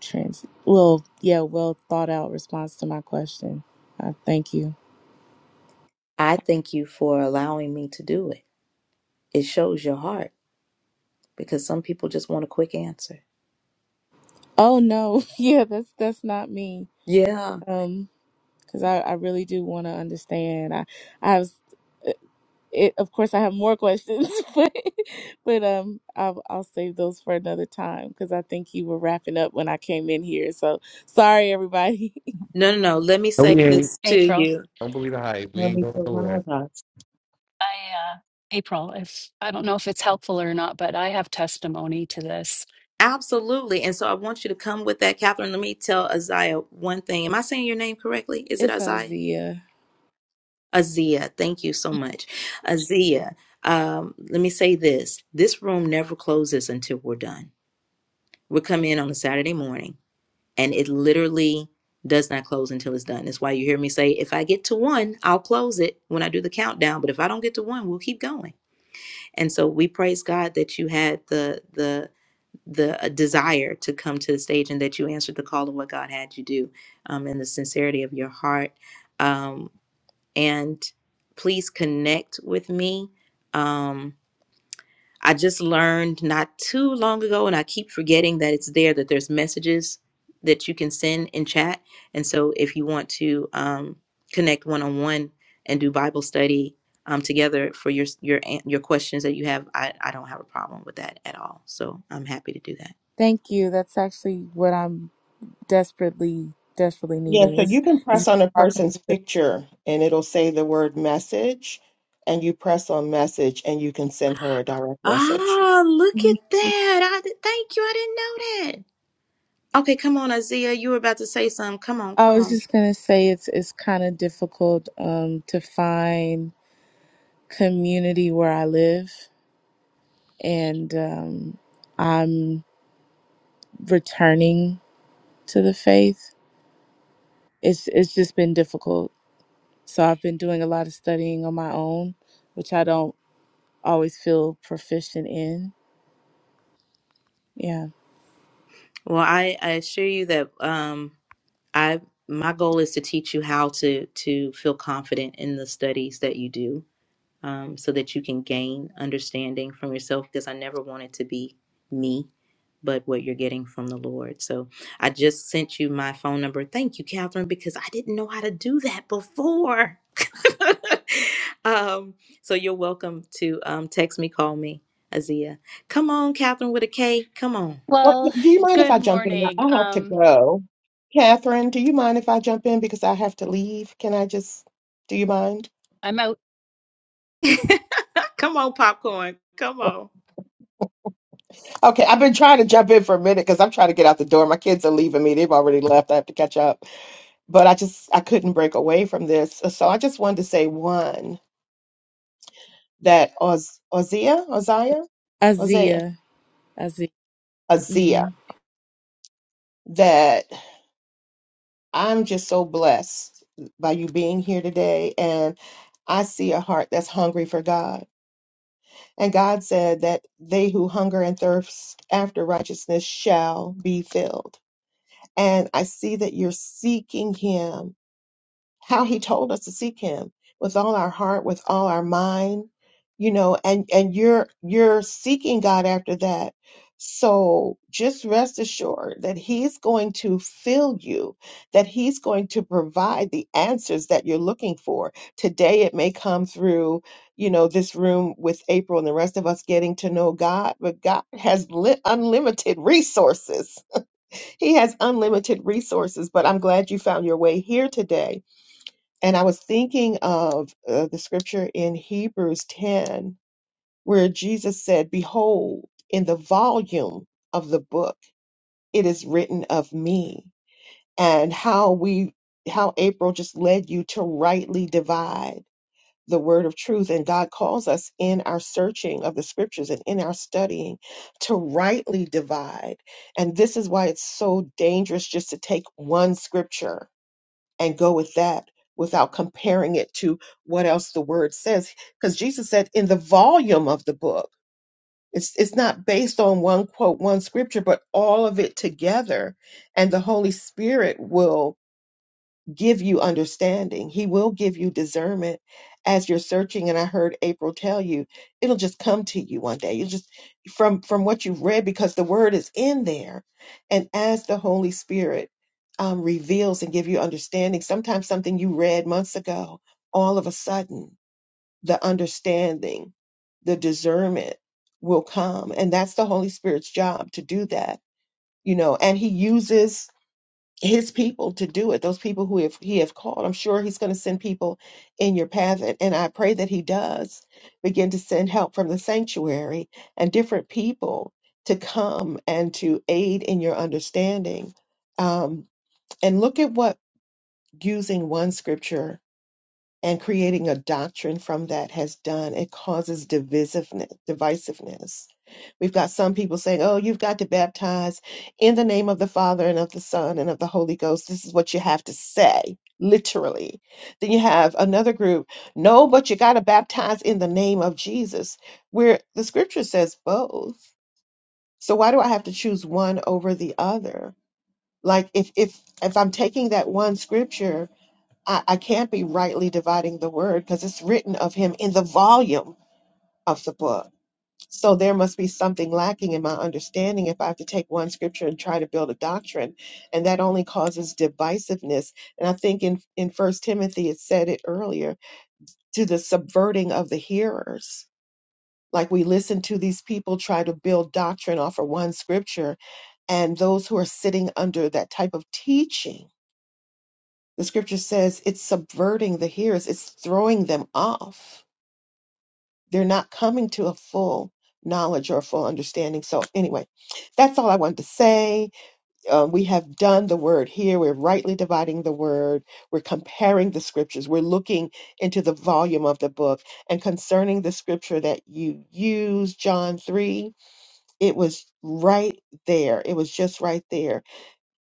Speaker 3: trans well yeah well thought out response to my question uh, thank you
Speaker 1: I thank you for allowing me to do it. It shows your heart because some people just want a quick answer.
Speaker 3: oh no yeah that's that's not me
Speaker 1: Yeah.
Speaker 3: um because I, I really do want to understand i i was eh, it, of course i have more questions but but um I'll, I'll save those for another time because i think you were wrapping up when i came in here so sorry everybody
Speaker 1: No, no, no. Let me
Speaker 4: No, we
Speaker 1: say
Speaker 4: ain't.
Speaker 1: this to
Speaker 5: April.
Speaker 1: you.
Speaker 4: Don't believe the hype. We
Speaker 2: No
Speaker 4: ain't
Speaker 2: need
Speaker 4: going nowhere.
Speaker 5: I uh April, if I don't know if it's helpful or not, but I have testimony to this.
Speaker 1: Absolutely. And so I want you to come with that, Catherine. Let me tell Isaiah one thing. Am I saying your name correctly? Is it
Speaker 3: it's
Speaker 1: Isaiah?
Speaker 3: Azia.
Speaker 1: Azia. Thank you so much. Azia. Um, let me say this. This room never closes until we're done. We come in on a Saturday morning. and it literally does not close until it's done. That's why you hear me say, if I get to one, I'll close it when I do the countdown. But if I don't get to one, we'll keep going. And so we praise God that you had the the the uh, desire to come to the stage and that you answered the call of what God had you do, um, and the sincerity of your heart. Um, and please connect with me. Um, I just learned not too long ago, and I keep forgetting that it's there that there's messages that you can send in chat. And so, if you want to um, connect one on one and do Bible study um, together for your your an- your questions that you have, I, I don't have a problem with that at all. So I'm happy to do that.
Speaker 3: thank you that's actually what i'm desperately desperately
Speaker 2: Yeah,
Speaker 3: needing
Speaker 2: so
Speaker 3: It's
Speaker 2: you can
Speaker 3: it's
Speaker 2: press on a
Speaker 3: hard for
Speaker 2: person's
Speaker 3: me
Speaker 2: picture and it'll say the word message, and you press on message and you can send her a direct message.
Speaker 1: Ah, look
Speaker 3: to
Speaker 1: at that! I did, thank you. I didn't know that. Okay, come on, Isaiah. You were about to say something. Come on,
Speaker 3: I
Speaker 1: come
Speaker 3: was
Speaker 1: on.
Speaker 3: just gonna say it's it's kind of difficult um, to find community where I live, and um, I'm returning to the faith. It's it's just been difficult. So I've been doing a lot of studying on my own, which I don't always feel proficient in. Yeah,
Speaker 1: Well, I, I assure you that um, I my goal is to teach you how to to feel confident in the studies that you do, um, so that you can gain understanding from yourself. Because I never want it to be me, but what you're getting from the Lord. So I just sent you my phone number. Thank you, Catherine, because I didn't know how to do that before. um, so you're welcome to um, text me, call me, Azia. Come on, Catherine with a K. Come on,
Speaker 2: Well,
Speaker 5: Well,
Speaker 2: do you mind if I
Speaker 5: good
Speaker 2: jump in?
Speaker 5: morning.
Speaker 2: I have to
Speaker 5: Um
Speaker 2: go. Catherine, do you mind if I jump in because I have to leave? Can I just, do you mind?
Speaker 5: I'm out
Speaker 1: come on, popcorn. Come on.
Speaker 2: Okay, I've been trying to jump in for a minute because I'm trying to get out the door. My kids are leaving me. They've already left. I have to catch up. But I just, I couldn't break away from this. So I just wanted to say one, that Oz, Ozia, Oziah, Ozia.
Speaker 3: Azia, Azia.
Speaker 2: Ozia.
Speaker 3: hmm
Speaker 2: that I'm just so blessed by you being here today. And I see a heart that's hungry for God. And God said that they who hunger and thirst after righteousness shall be filled. And I see that you're seeking Him how he told us to seek him with all our heart with all our mind you know and and you're you're seeking god after that so just rest assured that he's going to fill you that he's going to provide the answers that you're looking for today it may come through you know this room with april and the rest of us getting to know god but god has li- unlimited resources he has unlimited resources but i'm glad you found your way here today and I was thinking of uh, the scripture in Hebrews 10, where Jesus said, Behold, in the volume of the book, it is written of me, and how we, how April just led you to rightly divide the word of truth. And God calls us in our searching of the scriptures and in our studying to rightly divide. And this is why it's so dangerous just to take one scripture and go with that without comparing it to what else the word says because jesus said in the volume of the book it's, it's not based on one quote one scripture but all of it together and the holy spirit will give you understanding. He will give you discernment as you're searching. And I heard April tell you, it'll just come to you one day. You just from from what you've read because the word is in there. And as the Holy Spirit um, reveals and give you understanding, sometimes something you read months ago, all of a sudden the understanding, the discernment will come, and that's the Holy Spirit's job to do that. You know, and He uses his people to do it those people who have, he have called i'm sure he's going to send people in your path and, and i pray that he does begin to send help from the sanctuary and different people to come and to aid in your understanding um, and look at what using one scripture and creating a doctrine from that has done it causes divisiveness divisiveness we've got some people saying oh you've got to baptize in the name of the father and of the son and of the holy ghost this is what you have to say literally then you have another group no but you got to baptize in the name of jesus where the scripture says both so why do i have to choose one over the other like if if if i'm taking that one scripture I, I can't be rightly dividing the word because it's written of him in the volume of the book. So there must be something lacking in my understanding if I have to take one scripture and try to build a doctrine. And that only causes divisiveness. And I think in, in First Timothy it said it earlier to the subverting of the hearers. Like we listen to these people try to build doctrine off of one scripture, and those who are sitting under that type of teaching The scripture says it's subverting the hearers, it's throwing them off. They're not coming to a full knowledge or a full understanding. So, anyway, that's all I wanted to say. Uh, we have done the word here. We're rightly dividing the word. We're comparing the scriptures. We're looking into the volume of the book. And concerning the scripture that you used, John 3, it was right there. It was just right there.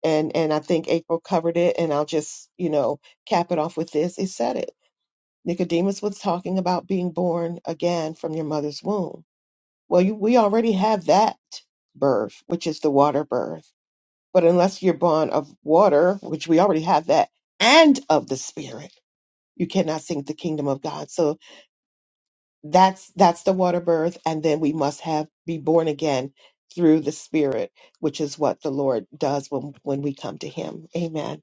Speaker 2: And and I think April covered it. And I'll just, you know, cap it off with this. It said it. Nicodemus was talking about being born again from your mother's womb. Well, you, we already have that birth, which is the water birth. But unless you're born of water, which we already have that, and of the spirit, you cannot see the kingdom of God. So that's that's the water birth, and then we must have be born again through the spirit, which is what the Lord does when when we come to Him. Amen.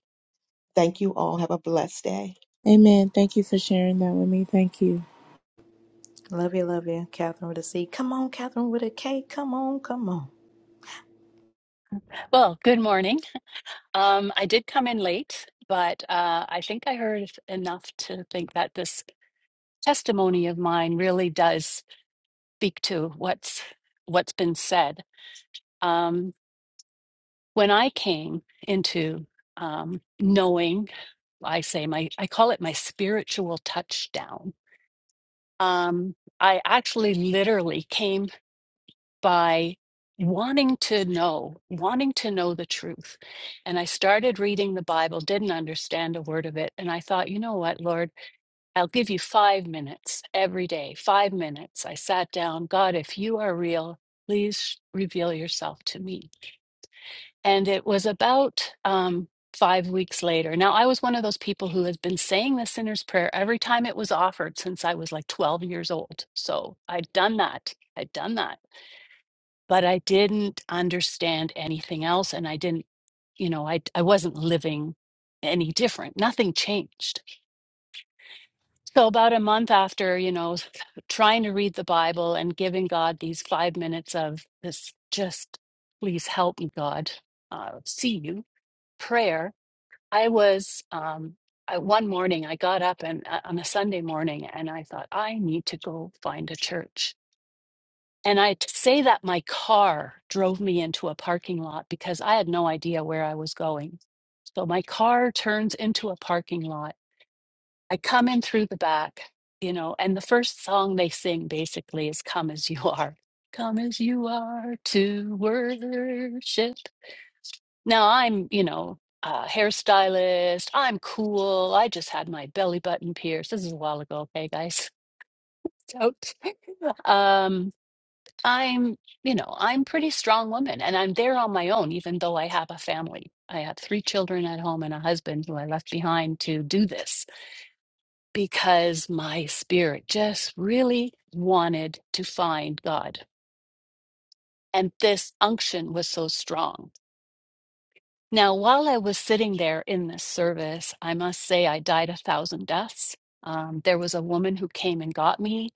Speaker 2: Thank you all. Have a blessed day.
Speaker 3: Amen. Thank you for sharing that with me. Thank you.
Speaker 1: Love you, love you, Catherine with a C. Come on, Catherine with a K. Come on, come on.
Speaker 5: well, good morning. Um I did come in late, but uh I think I heard enough to think that this testimony of mine really does speak to what's what's been said. Um when I came into um knowing I say my I call it my spiritual touchdown Um, I actually literally came by wanting to know, wanting to know the truth. And I started reading the Bible, didn't understand a word of it. And I thought, you know what, Lord, I'll give you five minutes every day, five minutes. I sat down, God, if you are real, please reveal yourself to me. And it was about um, five weeks later. Now, I was one of those people who has been saying the sinner's prayer every time it was offered since I was like 12 years old. So I'd done that. I'd done that. But I didn't understand anything else. And I didn't, you know, I, I wasn't living any different. Nothing changed. So about a month after, you know, trying to read the Bible and giving God these five minutes of this just, please help me, God, uh, see you prayer I was um I, one morning I got up and uh, on a Sunday morning and I thought I need to go find a church. And I t- say that my car drove me into a parking lot because I had no idea where I was going. So my car turns into a parking lot. I come in through the back, you know, and the first song they sing basically is Come As You Are. Come as you are to worship. Now I'm, you know, a hairstylist. I'm cool. I just had my belly button pierced. This is a while ago, okay, guys. It's out. Um, I'm, you know, I'm pretty strong woman and I'm there on my own, even though I have a family. I have three children at home and a husband who I left behind to do this because my spirit just really wanted to find God. And this unction was so strong. Now, while I was sitting there in this service, I must say I died a thousand deaths. Um, there was a woman who came and got me,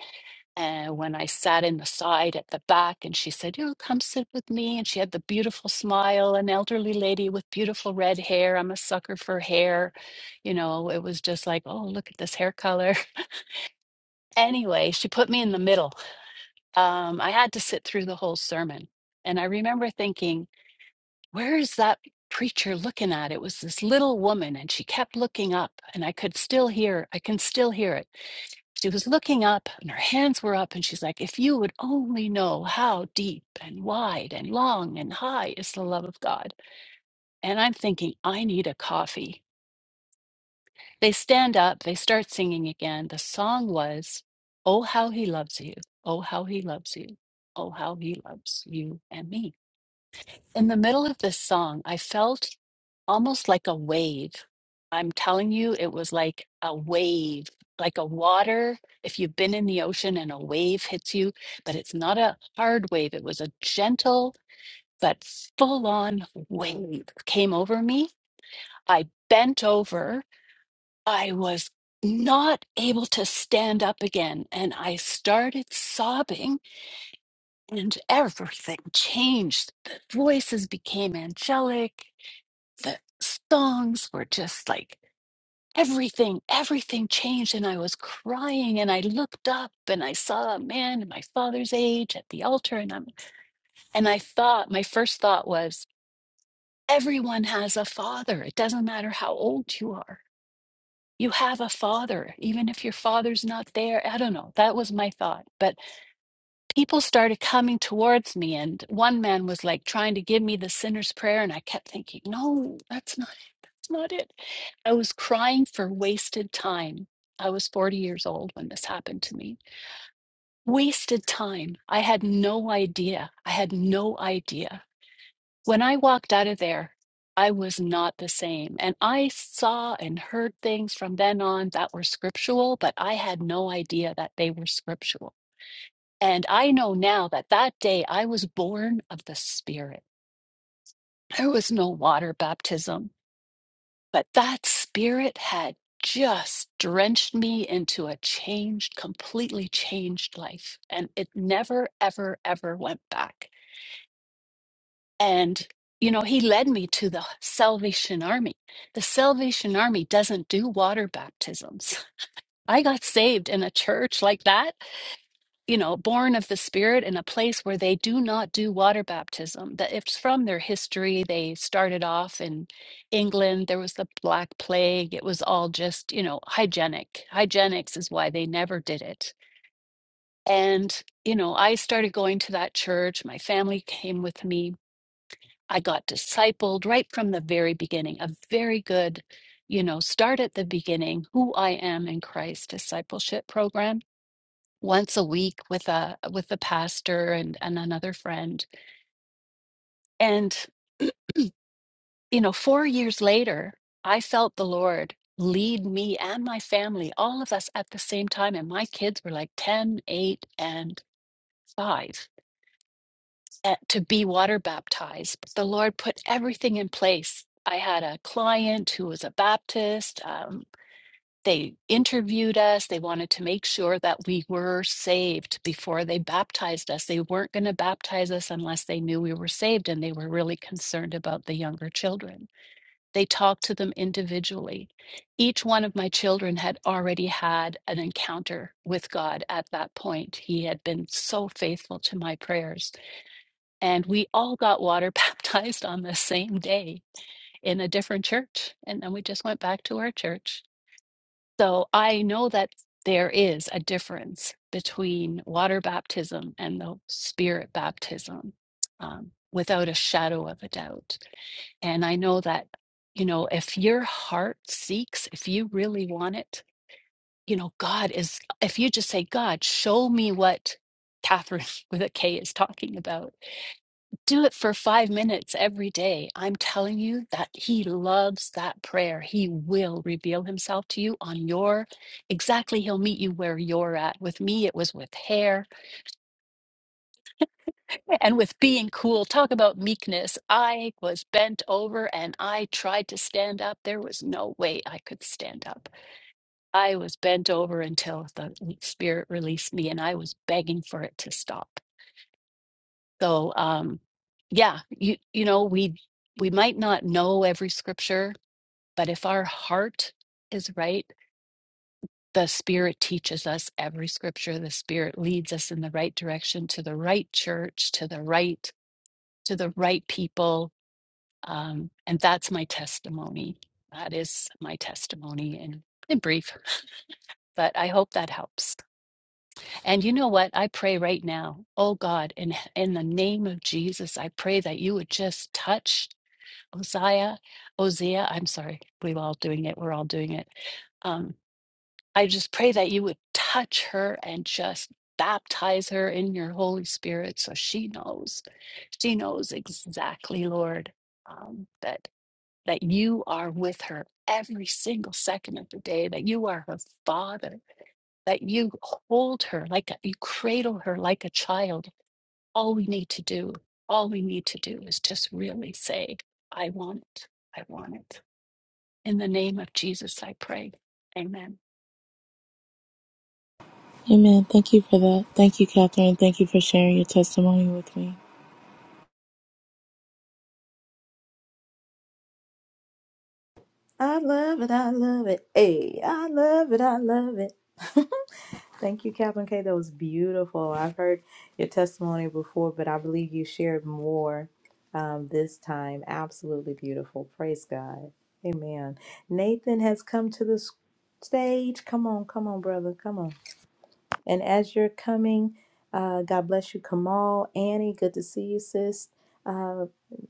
Speaker 5: and when I sat in the side at the back, and she said, "You come sit with me," and she had the beautiful smile, an elderly lady with beautiful red hair. I'm a sucker for hair, you know. It was just like, "Oh, look at this hair color." Anyway, she put me in the middle. Um, I had to sit through the whole sermon, and I remember thinking where is that preacher looking at? It was this little woman, and she kept looking up, and I could still hear, I can still hear it. She was looking up, and her hands were up, and she's like, If you would only know how deep and wide and long and high is the love of God. And I'm thinking, I need a coffee. They stand up, they start singing again. The song was, Oh, how he loves you. Oh, how he loves you. Oh, how he loves you and me. In the middle of this song, I felt almost like a wave. I'm telling you, it was like a wave, like a water. If you've been in the ocean and a wave hits you, but it's not a hard wave, it was a gentle but full on wave came over me. I bent over. I was not able to stand up again and I started sobbing and everything changed. The voices became angelic the songs were just like everything, everything changed. And I was crying and I looked up and I saw a man my father's age at the altar. And I'm, and I thought, my first thought was, everyone has a father. It doesn't matter how old you are. You have a father, even if your father's not there. I don't know. That was my thought. But people started coming towards me and one man was like trying to give me the sinner's prayer and i kept thinking no that's not it that's not it i was crying for wasted time i was 40 years old when this happened to me wasted time i had no idea i had no idea when i walked out of there i was not the same and i saw and heard things from then on that were scriptural but i had no idea that they were scriptural and I know now that that day I was born of the Spirit. There was no water baptism, but that Spirit had just drenched me into a changed, completely changed life. And it never, ever, ever went back. And, you know, He led me to the Salvation Army. The Salvation Army doesn't do water baptisms. I got saved in a church like that you know, born of the Spirit in a place where they do not do water baptism. That it's from their history. They started off in England. There was the Black Plague. It was all just, you know, hygienic. Hygienics is why they never did it. And, you know, I started going to that church. My family came with me. I got discipled right from the very beginning. A very good, you know, start at the beginning, who I am in Christ discipleship program once a week with a with the pastor and and another friend and you know 4 years later i felt the lord lead me and my family all of us at the same time and my kids were like 10, 8, and 5 uh, to be water baptized But the lord put everything in place i had a client who was a baptist um, They interviewed us. They wanted to make sure that we were saved before they baptized us. They weren't going to baptize us unless they knew we were saved, and they were really concerned about the younger children. They talked to them individually. Each one of my children had already had an encounter with God at that point. He had been so faithful to my prayers. And we all got water baptized on the same day in a different church. And then we just went back to our church so I know that there is a difference between water baptism and the spirit baptism, um, without a shadow of a doubt. And I know that, you know, if your heart seeks, if you really want it, you know, God is, if you just say, God, show me what Catherine with a K is talking about, do it for five minutes every day. I'm telling you that He loves that prayer. He will reveal Himself to you on your exactly. He'll meet you where you're at. With me, it was with hair and with being cool. Talk about meekness. I was bent over and I tried to stand up. There was no way I could stand up. I was bent over until the Spirit released me and I was begging for it to stop. So um yeah, you you know, we we might not know every scripture, but if our heart is right, the spirit teaches us every scripture. The spirit leads us in the right direction to the right church, to the right to the right people. Um and that's my testimony. That is my testimony in in brief, but I hope that helps. And you know what? I pray right now, oh God, in in the name of Jesus, I pray that you would just touch Uzziah, Hosea, I'm sorry, we're all doing it. We're all doing it. Um, I just pray that you would touch her and just baptize her in your Holy Spirit so she knows. She knows exactly, Lord, um, that that you are with her every single second of the day, that you are her father, that you hold her like a, you cradle her like a child. All we need to do, all we need to do is just really say, I want it. I want it. In the name of Jesus, I pray. Amen.
Speaker 3: Amen. Thank you for that. Thank you, Catherine. Thank you for sharing your testimony with me.
Speaker 1: I love it, I love it. Hey, I love it, I love it. Thank you, Catherine K. That was beautiful. I've heard your testimony before, but I believe you shared more um, this time. Absolutely beautiful. Praise God. Amen. Nathan has come to the s- stage. Come on, come on, brother. Come on. And as you're coming, uh, God bless you, Kamal, Annie. Good to see you, sis. Uh,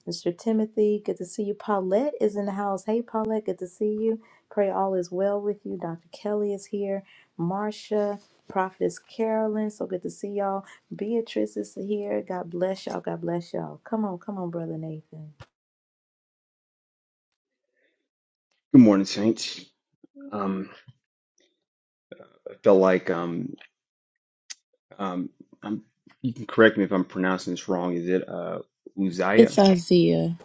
Speaker 1: Mr. Timothy, good to see you. Paulette is in the house. Hey, Paulette, good to see you. Pray all is well with you. Dr. Kelly is here. Marcia, Prophetess Carolyn, so good to see y'all. Beatrice is here. God bless y'all. God bless y'all. Come on, come on, Brother Nathan.
Speaker 6: Good morning, Saints. Um, I felt like um, um, I'm correct me if I'm pronouncing this wrong. Is it uh, Uzziah?
Speaker 3: It's Isaiah.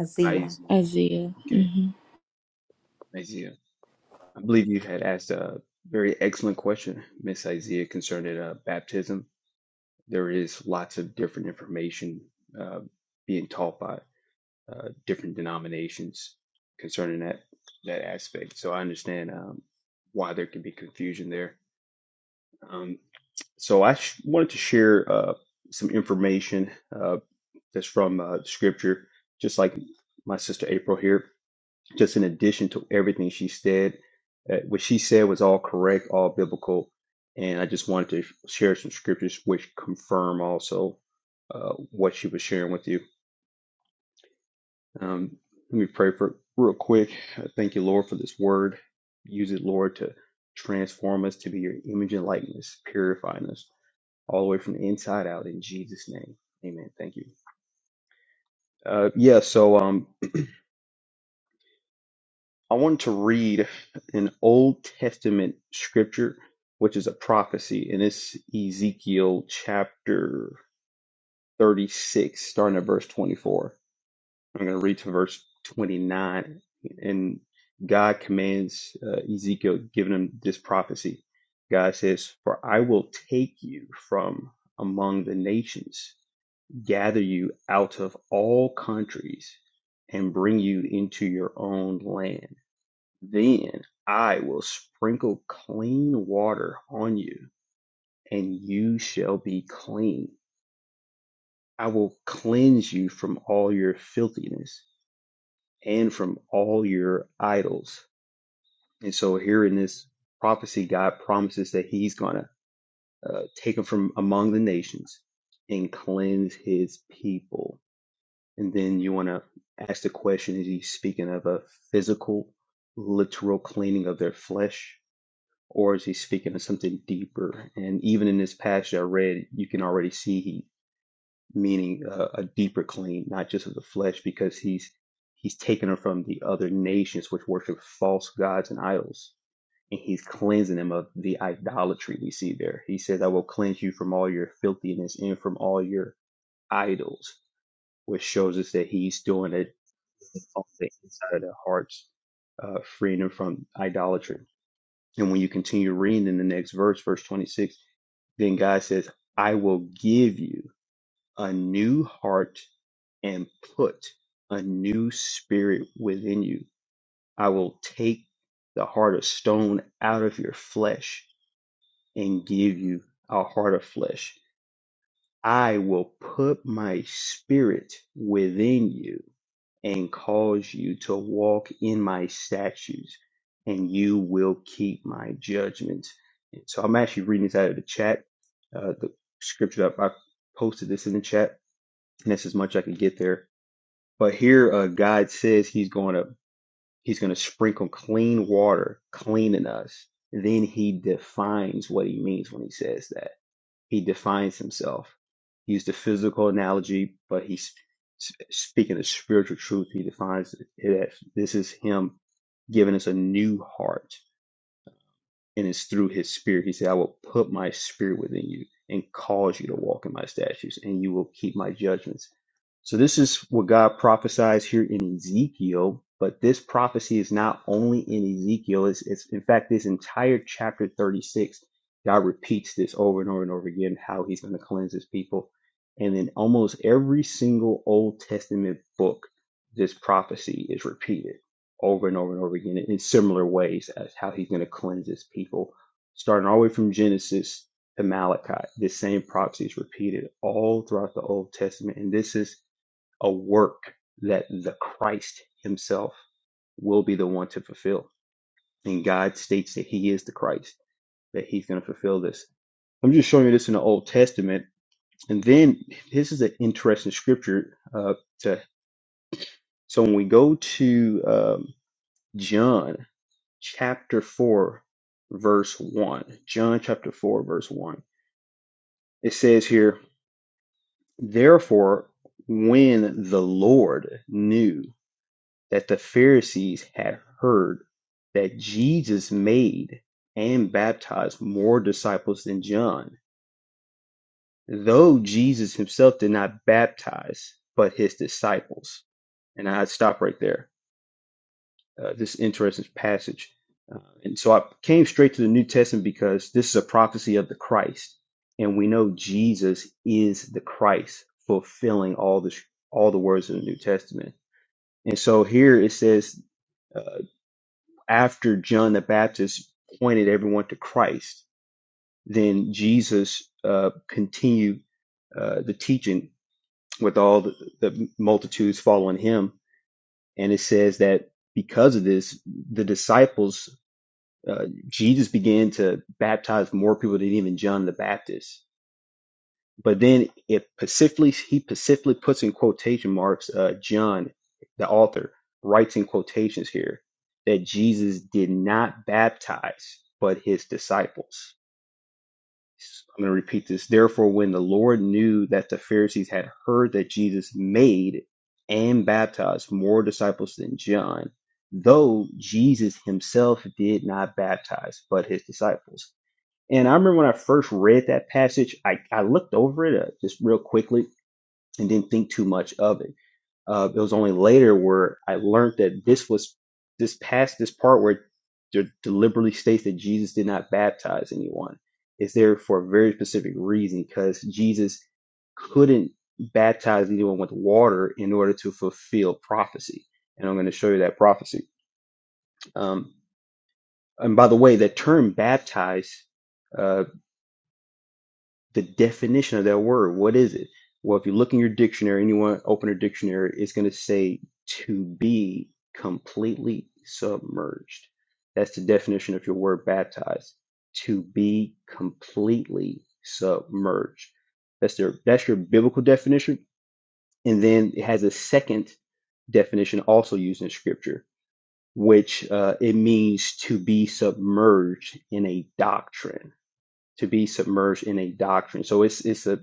Speaker 1: Isaiah.
Speaker 6: Isaiah.
Speaker 3: Isaiah.
Speaker 6: Okay,
Speaker 3: hmm
Speaker 6: Isaiah. I believe you had asked a very excellent question, Miss Isaiah, concerning uh, baptism. There is lots of different information uh, being taught by uh, different denominations concerning that that aspect. So I understand um, why there can be confusion there Um, so I sh- wanted to share uh, some information uh, that's from uh, scripture, just like my sister April here. Just in addition to everything she said, uh, what she said was all correct, all biblical, and I just wanted to sh- share some scriptures which confirm also uh, what she was sharing with you. Um, let me pray for real quick. Uh, Thank you, Lord, for this word. Use it, Lord, to transform us to be your image and likeness, purifying us all the way from the inside out in Jesus' name. Amen. Thank you. Uh, yeah, so um, I wanted to read an Old Testament scripture, which is a prophecy, and it's Ezekiel chapter 36, starting at verse 24. I'm going to read to verse 29, and God commands uh, Ezekiel, giving him this prophecy. God says, For I will take you from among the nations gather you out of all countries and bring you into your own land. Then I will sprinkle clean water on you, and you shall be clean. I will cleanse you from all your filthiness and from all your idols. And so, here in this prophecy, God promises that He's going to uh, take them from among the nations and cleanse His people And then you want to ask the question is he speaking of a physical, literal cleaning of their flesh, or is he speaking of something deeper? And even in this passage I read, you can already see he meaning uh, a deeper clean, not just of the flesh, because he's he's taken them from the other nations which worship false gods and idols. And he's cleansing them of the idolatry we see there. He says, I will cleanse you from all your filthiness and from all your idols which shows us that he's doing it on the inside of their hearts, uh, freeing them from idolatry. And when you continue reading in the next verse, verse 26, then God says, I will give you a new heart and put a new spirit within you. I will take the heart of stone out of your flesh and give you a heart of flesh. I will put my spirit within you and cause you to walk in my statutes, and you will keep my judgments. And so I'm actually reading this out of the chat, uh, the scripture that I posted this in the chat, and that's as much I could get there. But here, uh, God says He's going to He's going to sprinkle clean water, cleaning us. Then He defines what He means when He says that. He defines himself. He used the physical analogy, but he's sp- speaking of spiritual truth. He defines it as this is him giving us a new heart and it's through his spirit. He said, I will put my spirit within you and cause you to walk in my statutes, and you will keep my judgments. So, this is what God prophesies here in Ezekiel, but this prophecy is not only in Ezekiel, it's, it's in fact, this entire chapter 36. God repeats this over and over and over again how he's going to cleanse his people. And in almost every single Old Testament book, this prophecy is repeated over and over and over again in similar ways as how he's going to cleanse his people. Starting all the way from Genesis to Malachi, this same prophecy is repeated all throughout the Old Testament. And this is a work that the Christ himself will be the one to fulfill. And God states that he is the Christ, that he's going to fulfill this. I'm just showing you this in the Old Testament. And then this is an interesting scripture. Uh, to, so when we go to um, John, chapter 4, verse 1. John chapter 4, verse 1. It says here, Therefore, when the Lord knew that the Pharisees had heard that Jesus made and baptized more disciples than John, though Jesus himself did not baptize, but his disciples. And I stop right there. uh, this interesting passage. Uh, and so I came straight to the New Testament because this is a prophecy of the Christ, and we know Jesus is the Christ, fulfilling all the all the words of the New Testament. And so here it says, uh, after John the Baptist pointed everyone to Christ, then Jesus uh, continued uh, the teaching with all the, the multitudes following him, and it says that because of this, the disciples uh, Jesus began to baptize more people than even John the Baptist. But then it specifically, he specifically puts in quotation marks, uh, John, the author, writes in quotations here that Jesus did not baptize, but his disciples. I'm going to repeat this. Therefore, when the Lord knew that the Pharisees had heard that Jesus made and baptized more disciples than John, though Jesus himself did not baptize, but his disciples and I remember when I first read that passage, I, I looked over it uh, just real quickly and didn't think too much of it. Uh, it was only later where I learned that this was this past this part where it deliberately states that Jesus did not baptize anyone. It's there for a very specific reason because Jesus couldn't baptize anyone with water in order to fulfill prophecy. And I'm going to show you that prophecy. Um, and by the way, that term baptize uh, the definition of that word. What is it? Well, if you look in your dictionary, anyone open a dictionary, it's going to say to be completely submerged. That's the definition of your word baptized. To be completely submerged. That's their that's your biblical definition, and then it has a second definition also used in Scripture, which uh, it means to be submerged in a doctrine to be submerged in a doctrine. So it's it's a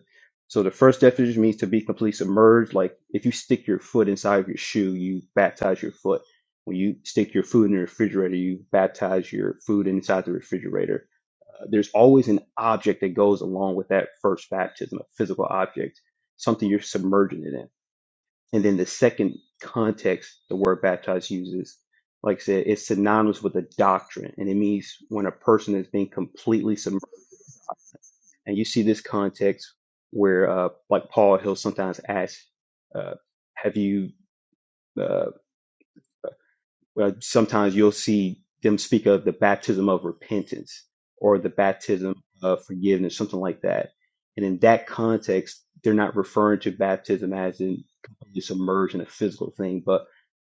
Speaker 6: so the first definition means to be completely submerged. Like if you stick your foot inside of your shoe, you baptize your foot. When you stick your food in the refrigerator, you baptize your food inside the refrigerator. Uh, there's always an object that goes along with that first baptism, a physical object, something you're submerging it in. And then the second context the word baptize uses, like I said, it's synonymous with a doctrine. And it means when a person is being completely submerged and you see this context where, uh, like Paul, he'll sometimes ask, uh, "Have you?" Uh, well, sometimes you'll see them speak of the baptism of repentance or the baptism of forgiveness, something like that. And in that context, they're not referring to baptism as in complete submersion, a physical thing, but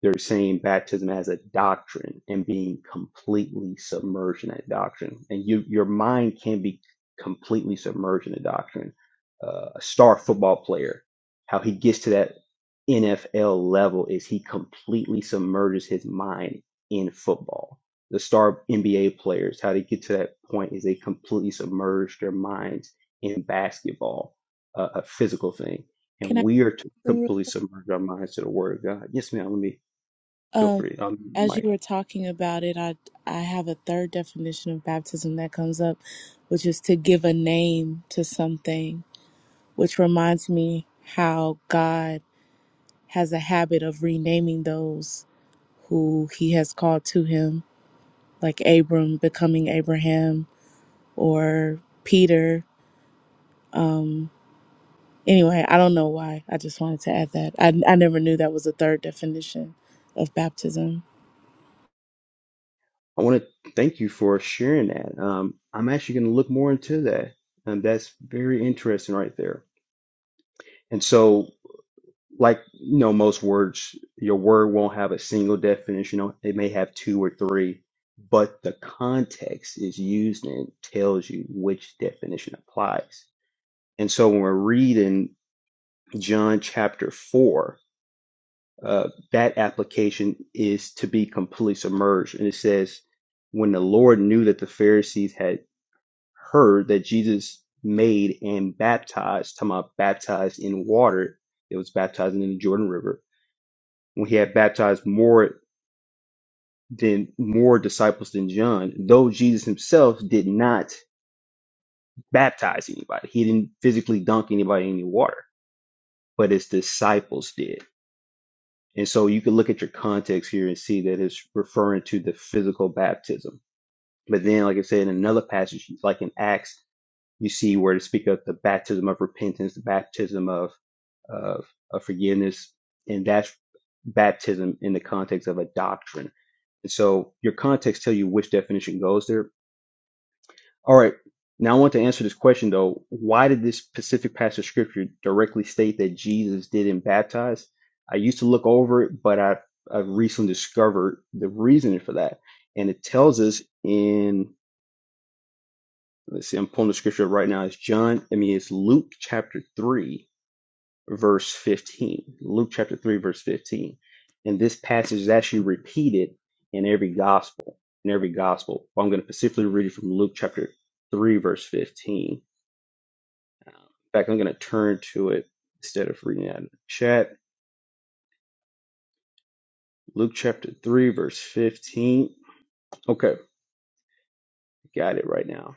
Speaker 6: they're saying baptism as a doctrine and being completely submerged in that doctrine. And you, your mind can be completely submerged in a doctrine. Uh, a star football player, how he gets to that NFL level is he completely submerges his mind in football. The star NBA players, how they get to that point is they completely submerge their minds in basketball, uh, a physical thing.
Speaker 3: Can
Speaker 6: And
Speaker 3: I?
Speaker 6: we are to completely submerge our minds to the word of God. Yes, ma'am. Let me feel
Speaker 3: Um,
Speaker 6: free. Um,
Speaker 3: as
Speaker 6: Mike,
Speaker 3: you were talking about it, I I have a third definition of baptism that comes up, which is to give a name to something, which reminds me how God has a habit of renaming those who He has called to Him, like Abram becoming Abraham or Peter. Um, Anyway, I don't know why. I just wanted to add that. I, I never knew that was a third definition of baptism.
Speaker 6: I want to thank you for sharing that. Um, I'm actually going to look more into that. And that's very interesting right there. And so like you know most words your word won't have a single definition on- it may have two or three but the context is used and it tells you which definition applies and so when we're reading john chapter 4 uh, that application is to be completely submerged and it says when the lord knew that the pharisees had heard that jesus made and baptized talking about baptized in water it was baptized in the jordan river when he had baptized more than more disciples than John, though Jesus himself did not baptize anybody. He didn't physically dunk anybody in any water, but his disciples did. And so you can look at your context here and see that it's referring to the physical baptism. But then, like I said, in another passage, like in Acts, you see where to speak of the baptism of repentance, the baptism of of, of forgiveness, and that's baptism in the context of a doctrine And so your context tell you which definition goes there. All right. Now I want to answer this question though. Why did this specific passage of scripture directly state that Jesus didn't baptize? I used to look over it, but I I recently discovered the reasoning for that. And it tells us in let's see, I'm pulling the scripture up right now. It's John, I mean it's Luke chapter three verse 15. Luke chapter 3, verse 15. And this passage is actually repeated in every gospel. In every gospel. But I'm going to specifically read it from Luke chapter 3, verse 15. In fact, I'm going to turn to it instead of reading it out of the chat. Luke chapter 3, verse 15. Okay, got it right now.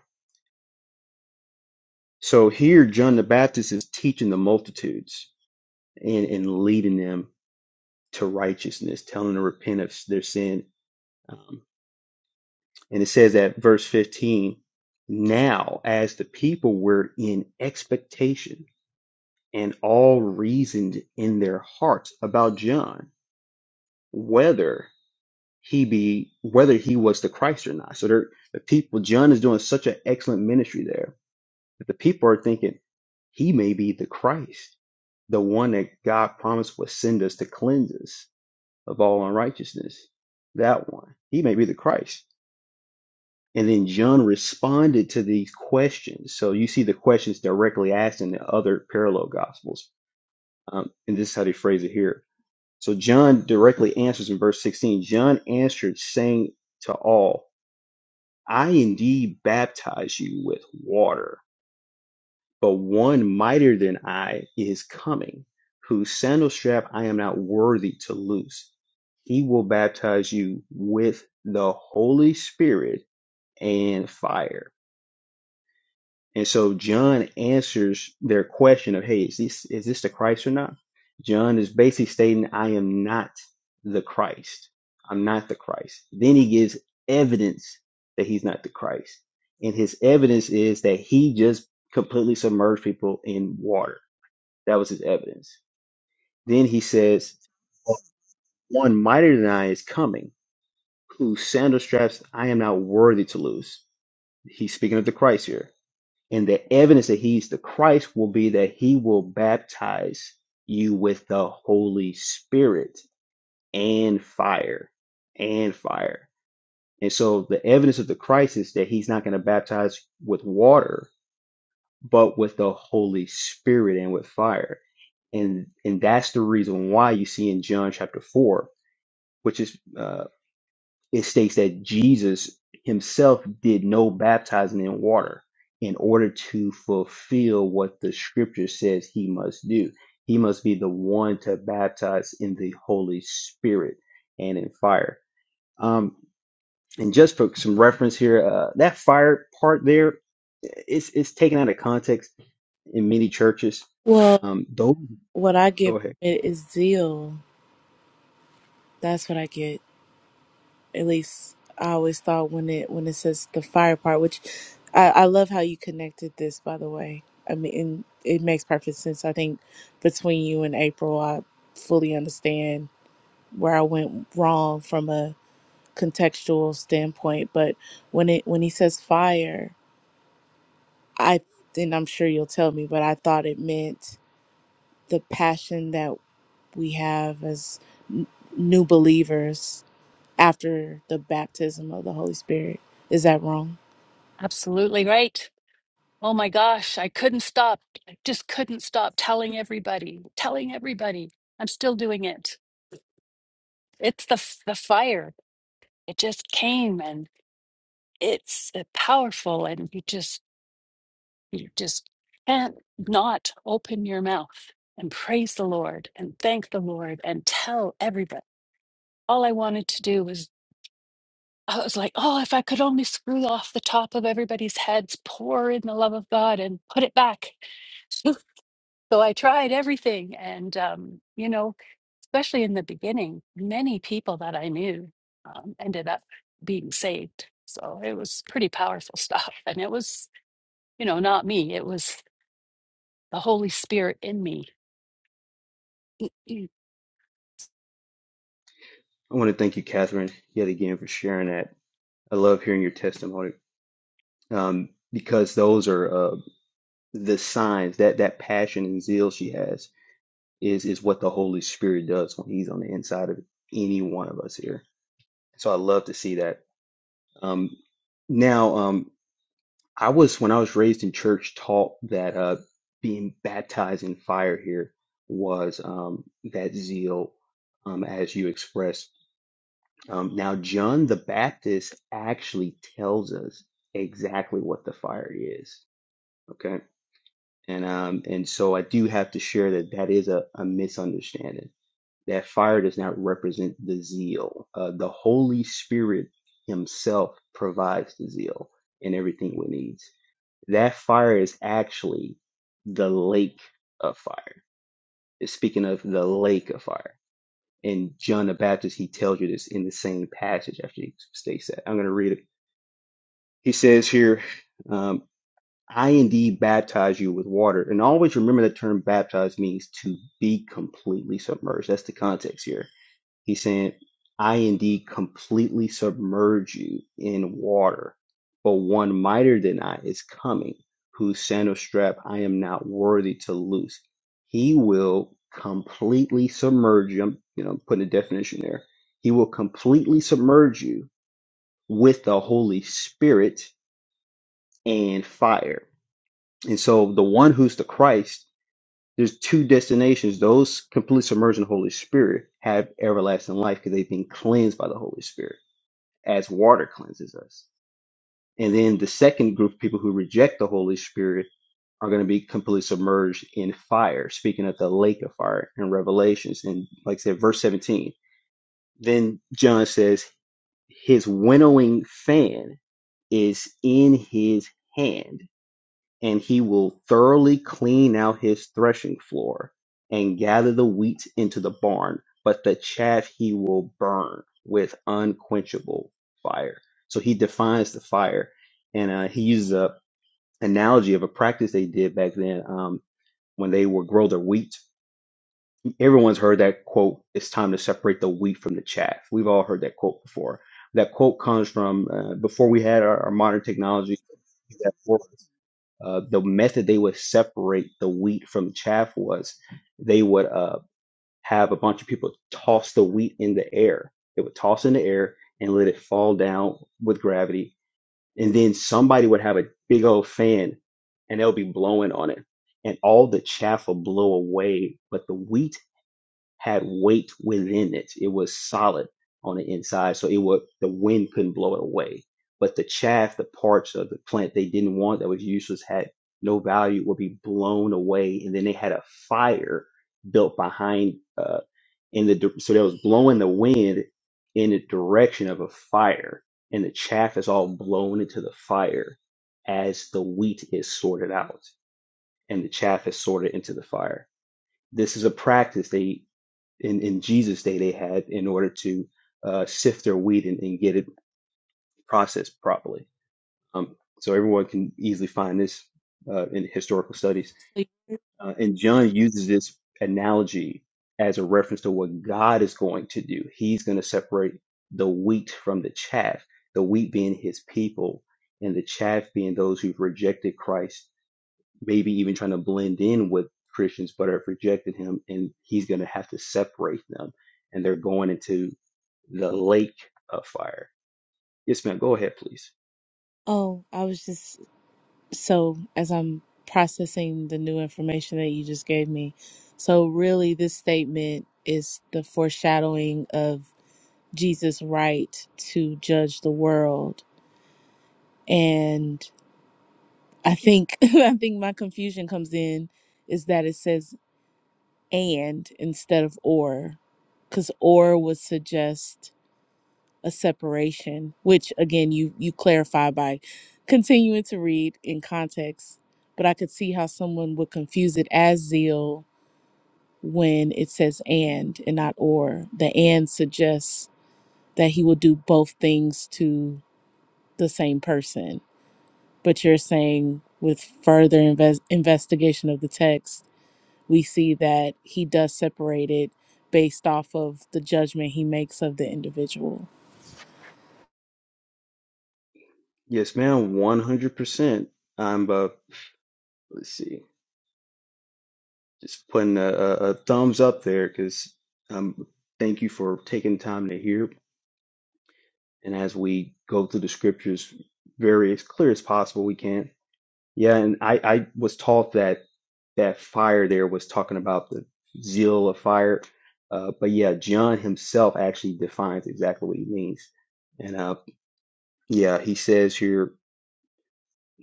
Speaker 6: So here, John the Baptist is teaching the multitudes and, and leading them to righteousness, telling them to repent of their sin um, And it says at verse 15, now as the people were in expectation and all reasoned in their hearts about John, whether he be whether he was the Christ or not. So they're, the people, John is doing such an excellent ministry there that the people are thinking he may be the Christ, the one that God promised would send us to cleanse us of all unrighteousness. That one, he may be the Christ. And then John responded to these questions. So you see the questions directly asked in the other parallel gospels. Um, and this is how they phrase it here. So John directly answers in verse 16 John answered, saying to all, I indeed baptize you with water, but one mightier than I is coming, whose sandal strap I am not worthy to loose. He will baptize you with the Holy Spirit and fire And so John answers their question of, hey, is this is this the Christ or not? John is basically stating, I am not the Christ. I'm not the Christ. Then he gives evidence that he's not the Christ. And his evidence is that he just completely submerged people in water. That was his evidence. Then he says, One mightier than I is coming, whose sandal straps I am not worthy to loose. He's speaking of the Christ here. And the evidence that he's the Christ will be that he will baptize you with the Holy Spirit and fire and fire. And so the evidence of the Christ is that he's not going to baptize with water, but with the Holy Spirit and with fire. And and that's the reason why you see in John chapter four, which is uh, it states that Jesus himself did no baptizing in water in order to fulfill what the scripture says he must do. He must be the one to baptize in the Holy Spirit and in fire. Um, and just for some reference here, uh, that fire part there, it's, it's taken out of context in many churches.
Speaker 3: Well,
Speaker 6: Um, those,
Speaker 3: what I
Speaker 6: go
Speaker 3: get
Speaker 6: ahead.
Speaker 3: from it is zeal. That's what I get. At least I always thought when it when it says the fire part, which I, I love how you connected this by the way. I mean and it makes perfect sense. I think between you and April I fully understand where I went wrong from a contextual standpoint. But when it when he says fire I and I'm sure you'll tell me, but I thought it meant the passion that we have as new believers after the baptism of the Holy Spirit. Is that wrong?
Speaker 5: Absolutely right. Oh my gosh, I couldn't stop. I just couldn't stop telling everybody, telling everybody. I'm still doing it. It's the f- the fire. It just came and it's uh, powerful and you just you just can't not open your mouth and praise the Lord and thank the Lord and tell everybody. All I wanted to do was I was like, oh, if I could only screw off the top of everybody's heads, pour in the love of God and put it back. so I tried everything. And, um, you know, especially in the beginning, many people that I knew um, ended up being saved. So it was pretty powerful stuff. And it was, you know, not me, it was the Holy Spirit in me.
Speaker 6: I want to thank you, Catherine, yet again for sharing that. I love hearing your testimony um, because those are uh, the signs that that passion and zeal she has is is what the Holy Spirit does when He's on the inside of any one of us here. So I love to see that. Um, now, um, I was when I was raised in church taught that uh, being baptized in fire here was um, that zeal, um, as you expressed. Um, now, John the Baptist actually tells us exactly what the fire is. Okay. And um, and so I do have to share that that is a, a misunderstanding. That fire does not represent the zeal. Uh, the Holy Spirit Himself provides the zeal and everything we need. That fire is actually the lake of fire. Speaking of the lake of fire, and John the Baptist, he tells you this in the same passage after he states that. I'm going to read it. He says here, um, I indeed baptize you with water. And always remember the term baptize means to be completely submerged. That's the context here. He's saying, I indeed completely submerge you in water, but one mightier than I is coming, whose sandal strap I am not worthy to loose. He will completely submerge you. I'm, you know, putting a definition there. He will completely submerge you with the Holy Spirit and fire and so the one who's the Christ, there's two destinations. Those completely submerged in the Holy Spirit have everlasting life because they've been cleansed by the Holy Spirit as water cleanses us. And then the second group of people who reject the Holy Spirit are going to be completely submerged in fire, speaking of the lake of fire in Revelations. And like I said, verse 17, then John says, his winnowing fan is in his hand and he will thoroughly clean out his threshing floor and gather the wheat into the barn, but the chaff he will burn with unquenchable fire. So he defines the fire, and uh, he uses a analogy of a practice they did back then um, when they would grow their wheat. Everyone's heard that quote: "It's time to separate the wheat from the chaff." We've all heard that quote before. That quote comes from uh, before we had our, our modern technology uh, the method they would separate the wheat from chaff was they would uh, have a bunch of people toss the wheat in the air. They would toss in the air and let it fall down with gravity. And then somebody would have a big old fan and they'll be blowing on it. And all the chaff will blow away, but the wheat had weight within it. It was solid on the inside, so it would the wind couldn't blow it away. But the chaff, the parts of the plant they didn't want that was useless, had no value, would be blown away. And then they had a fire built behind uh, in the di- so that was blowing the wind in the direction of a fire, and the chaff is all blown into the fire as the wheat is sorted out, and the chaff is sorted into the fire this is a practice. they in, in Jesus' day they had in order to uh, sift their wheat and, and get it processed properly. Um, so everyone can easily find this uh, in historical studies. Uh, and John uses this analogy as a reference to what God is going to do. He's going to separate the wheat from the chaff, the wheat being his people, and the chaff being those who've rejected Christ maybe even trying to blend in with Christians but have rejected him, and he's going to have to separate them, and they're going into the lake of fire. Yes, ma'am. Go ahead, please.
Speaker 3: Oh, I was just so as I'm processing the new information that you just gave me. So really this statement is the foreshadowing of Jesus' right to judge the world. And I think I think my confusion comes in is that it says and instead of or cuz or would suggest a separation which again you you clarify by continuing to read in context but I could see how someone would confuse it as zeal when it says and and not or the and suggests that he will do both things to the same person but you're saying with further inves- investigation of the text we see that he does separate it based off of the judgment he makes of the individual.
Speaker 6: Yes, ma'am. One hundred percent. I'm. Uh, let's see. Just putting a, a, a thumbs up there because um, thank you for taking time to hear. And as we go through the scriptures, very as clear as possible, we can. Yeah, and I, I was taught that that fire there was talking about the zeal of fire. Uh, but yeah, John himself actually defines exactly what he means. And uh, yeah, he says here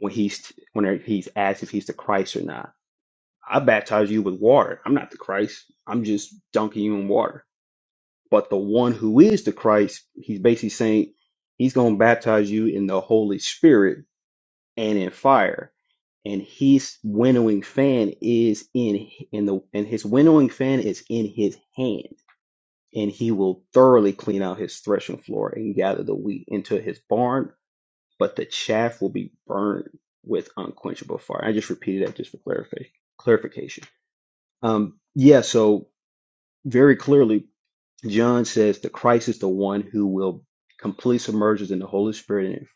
Speaker 6: when he's when he's asked if he's the Christ or not. I baptize you with water. I'm not the Christ. I'm just dunking you in water. But the one who is the Christ, he's basically saying he's going to baptize you in the Holy Spirit and in fire and his winnowing fan is in in the and his winnowing fan is in his hand and he will thoroughly clean out his threshing floor and gather the wheat into his barn but the chaff will be burned with unquenchable fire i just repeated that just for clarification clarification um yeah so very clearly john says the christ is the one who will completely submerge us in the holy spirit and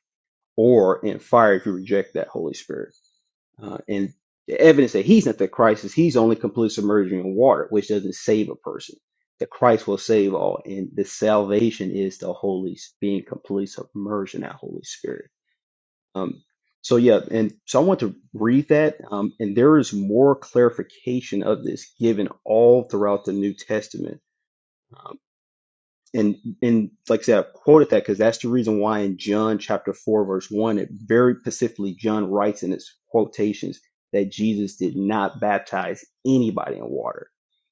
Speaker 6: or in fire if you reject that holy spirit Uh, and the evidence that he's not the Christ is he's only completely submerged in water, which doesn't save a person. The Christ will save all, and the salvation is the Holy S- being completely submerged in that Holy Spirit. Um, so yeah, and so I want to read that, um, and there is more clarification of this given all throughout the New Testament. um, and and like I said, I quoted that because that's the reason why in John chapter four verse one, it very specifically John writes in its quotations that Jesus did not baptize anybody in water.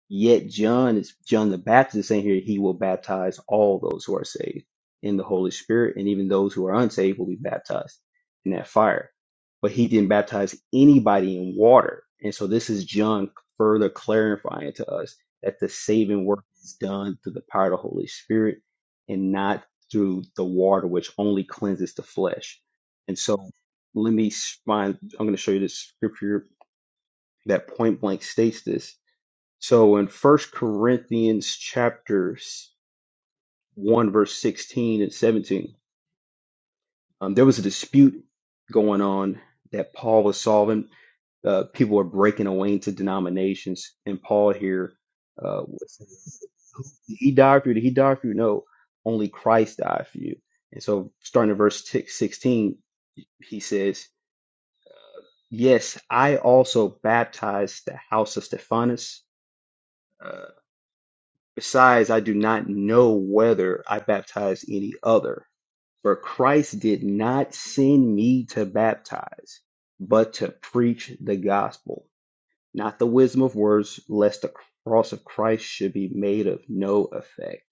Speaker 6: Yet John is John the Baptist is saying here he will baptize all those who are saved in the Holy Spirit, and even those who are unsaved will be baptized in that fire. But he didn't baptize anybody in water, and so this is John further clarifying to us that the saving work it's done through the power of the Holy Spirit and not through the water, which only cleanses the flesh. And so let me find, I'm going to show you this scripture that point blank states this. So in First Corinthians chapter s- 1, verse 16 and 17, um, there was a dispute going on that Paul was solving uh, people are breaking away into denominations. And Paul here, uh, was he died for you. Did he die for you? No, only Christ died for you. And so, starting at verse 16, he says, Yes, I also baptized the house of Stephanus. Uh, besides, I do not know whether I baptized any other. For Christ did not send me to baptize, but to preach the gospel Not the wisdom of words, lest the cross of Christ should be made of no effect.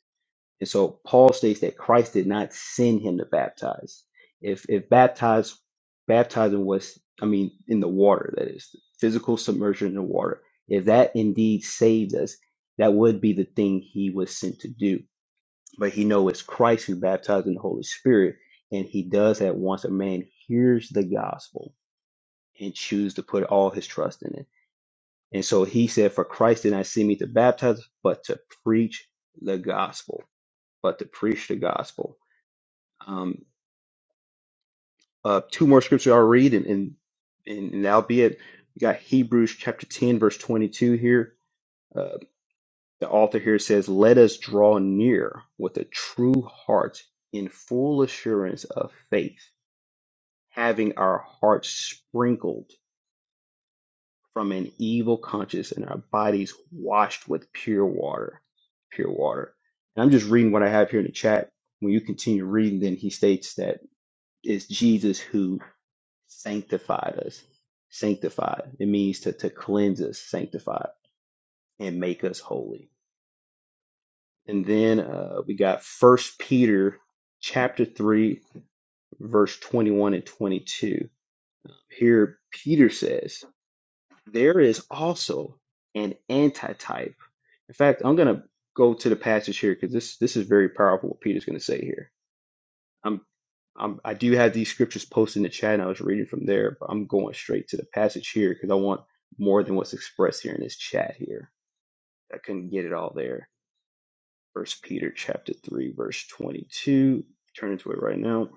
Speaker 6: And so Paul states that Christ did not send him to baptize. If if baptize baptizing was I mean in the water, that is physical submersion in the water, if that indeed saved us, that would be the thing he was sent to do. But he knows it's Christ who baptized in the Holy Spirit, and he does that once a man hears the gospel and chooses to put all his trust in it. And so he said, For Christ did not send me to baptize, but to preach the gospel, but to preach the gospel. Um, uh, two more scriptures I'll read, and, and, and, and that'll be it. we got Hebrews chapter 10, verse 22 here. Uh, the author here says, Let us draw near with a true heart in full assurance of faith, having our hearts sprinkled from an evil conscience and our bodies washed with pure water. Pure water. And I'm just reading what I have here in the chat. When you continue reading, then he states that it's Jesus who sanctified us. Sanctified. It means to, to cleanse us, sanctify, and make us holy. And then uh, we got First Peter chapter 3, verse 21 and 22. Here, Peter says, There is also an antitype In fact, I'm going to go to the passage here because this this is very powerful. What Peter's going to say here. I'm, I'm I do have these scriptures posted in the chat. And I was reading from there, but I'm going straight to the passage here because I want more than what's expressed here in this chat here. I couldn't get it all there. First Peter chapter three, verse twenty-two. Turn into it right now.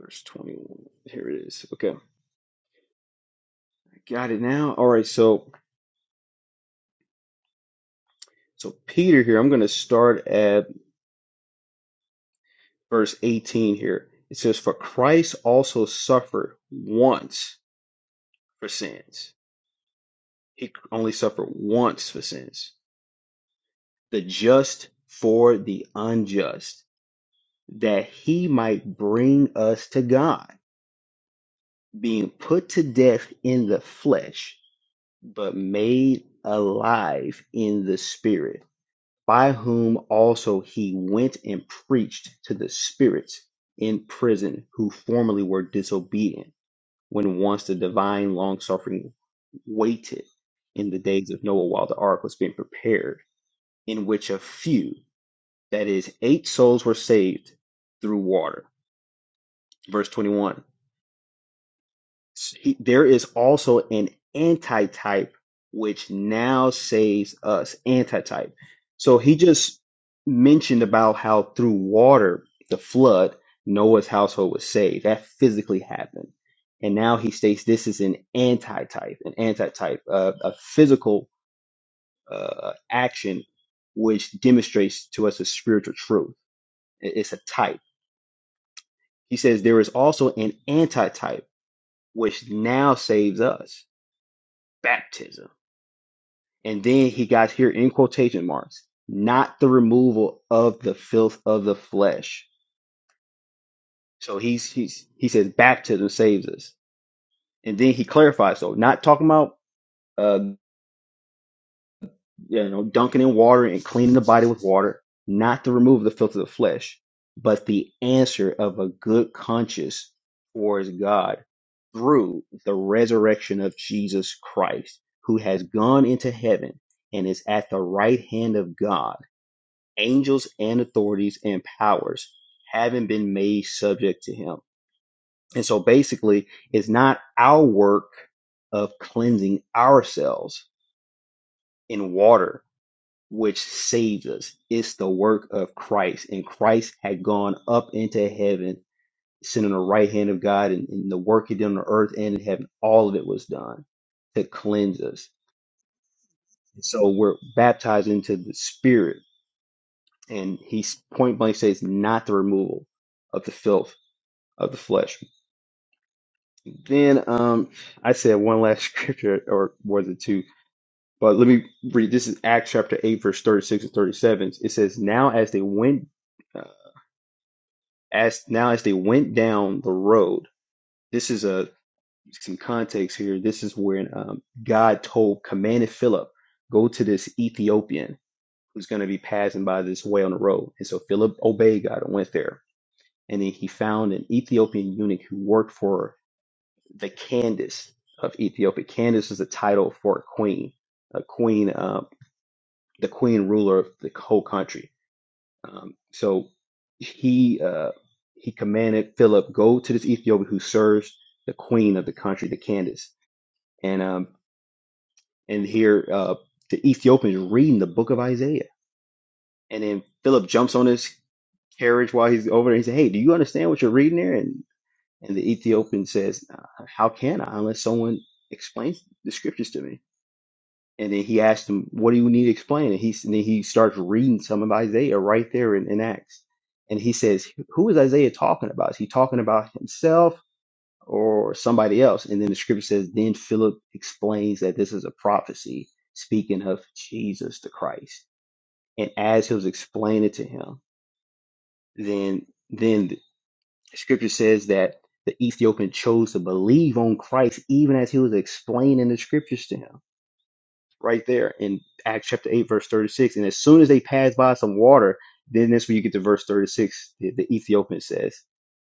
Speaker 6: Verse twenty-one. Here it is. Okay, I got it now. All right. So so Peter here. I'm going to start at. verse 18 here. It says, For Christ also suffered once for sins. He only suffered once for sins, the just for the unjust, that he might bring us to God, being put to death in the flesh, but made alive in the spirit, by whom also he went and preached to the spirits in prison who formerly were disobedient when once the divine long suffering waited in the days of Noah while the ark was being prepared, in which a few, that is, eight souls were saved through water. Verse 21 he- there is also an antitype which now saves us antitype so he just mentioned about how through water the flood noah's household was saved that physically happened and now he states this is an antitype an antitype uh, a physical uh, action which demonstrates to us a spiritual truth I- it's a type he says there is also an antitype which now saves us baptism And then he got here in quotation marks, not the removal of the filth of the flesh. So he's, he's he says baptism saves us. And then he clarifies, so not talking about uh you know dunking in water and cleaning the body with water, not the removal of the filth of the flesh, but the answer of a good conscience towards God through the resurrection of Jesus Christ, who has gone into heaven and is at the right hand of God angels and authorities and powers having been made subject to him. And so basically, it's not our work of cleansing ourselves in water which saves us. It's the work of Christ. And Christ had gone up into heaven, sitting on the right hand of God, and, and the work he did on the earth and in heaven, all of it was done to cleanse us. And so we're baptized into the Spirit. And he point blank says, not the removal of the filth of the flesh. Then um, I said one last scripture, or was it two? But let me read. This is Acts chapter eight, verse thirty-six and thirty-seven. It says, "Now as they went, uh, as now as they went down the road, this is a some context here. This is when um, God told, commanded Philip, go to this Ethiopian who's going to be passing by this way on the road. And so Philip obeyed God and went there. And then he found an Ethiopian eunuch who worked for the Candace of Ethiopia. Candace is the title for a queen, a queen, uh, the queen ruler of the whole country. Um, so he uh, he commanded Philip go to this Ethiopian who serves the queen of the country, the Candace, and um, and here uh, the Ethiopian is reading the book of Isaiah, and then Philip jumps on his carriage while he's over there. He said, "Hey, do you understand what you're reading there?" And and the Ethiopian says, "Uh, "How can I unless someone explains the scriptures to me?" And then he asked him, "What do you need explained?" And he and then he starts reading some of Isaiah right there in, in Acts, and he says, "Who is Isaiah talking about? Is he talking about himself or somebody else?" And then the scripture says, "Then Philip explains that this is a prophecy speaking of Jesus the Christ." And as he was explaining it to him, then then the scripture says that the Ethiopian chose to believe on Christ even as he was explaining the scriptures to him right there in Acts chapter 8, verse 36. And as soon as they passed by some water, then that's when you get to verse 36, the, the Ethiopian says.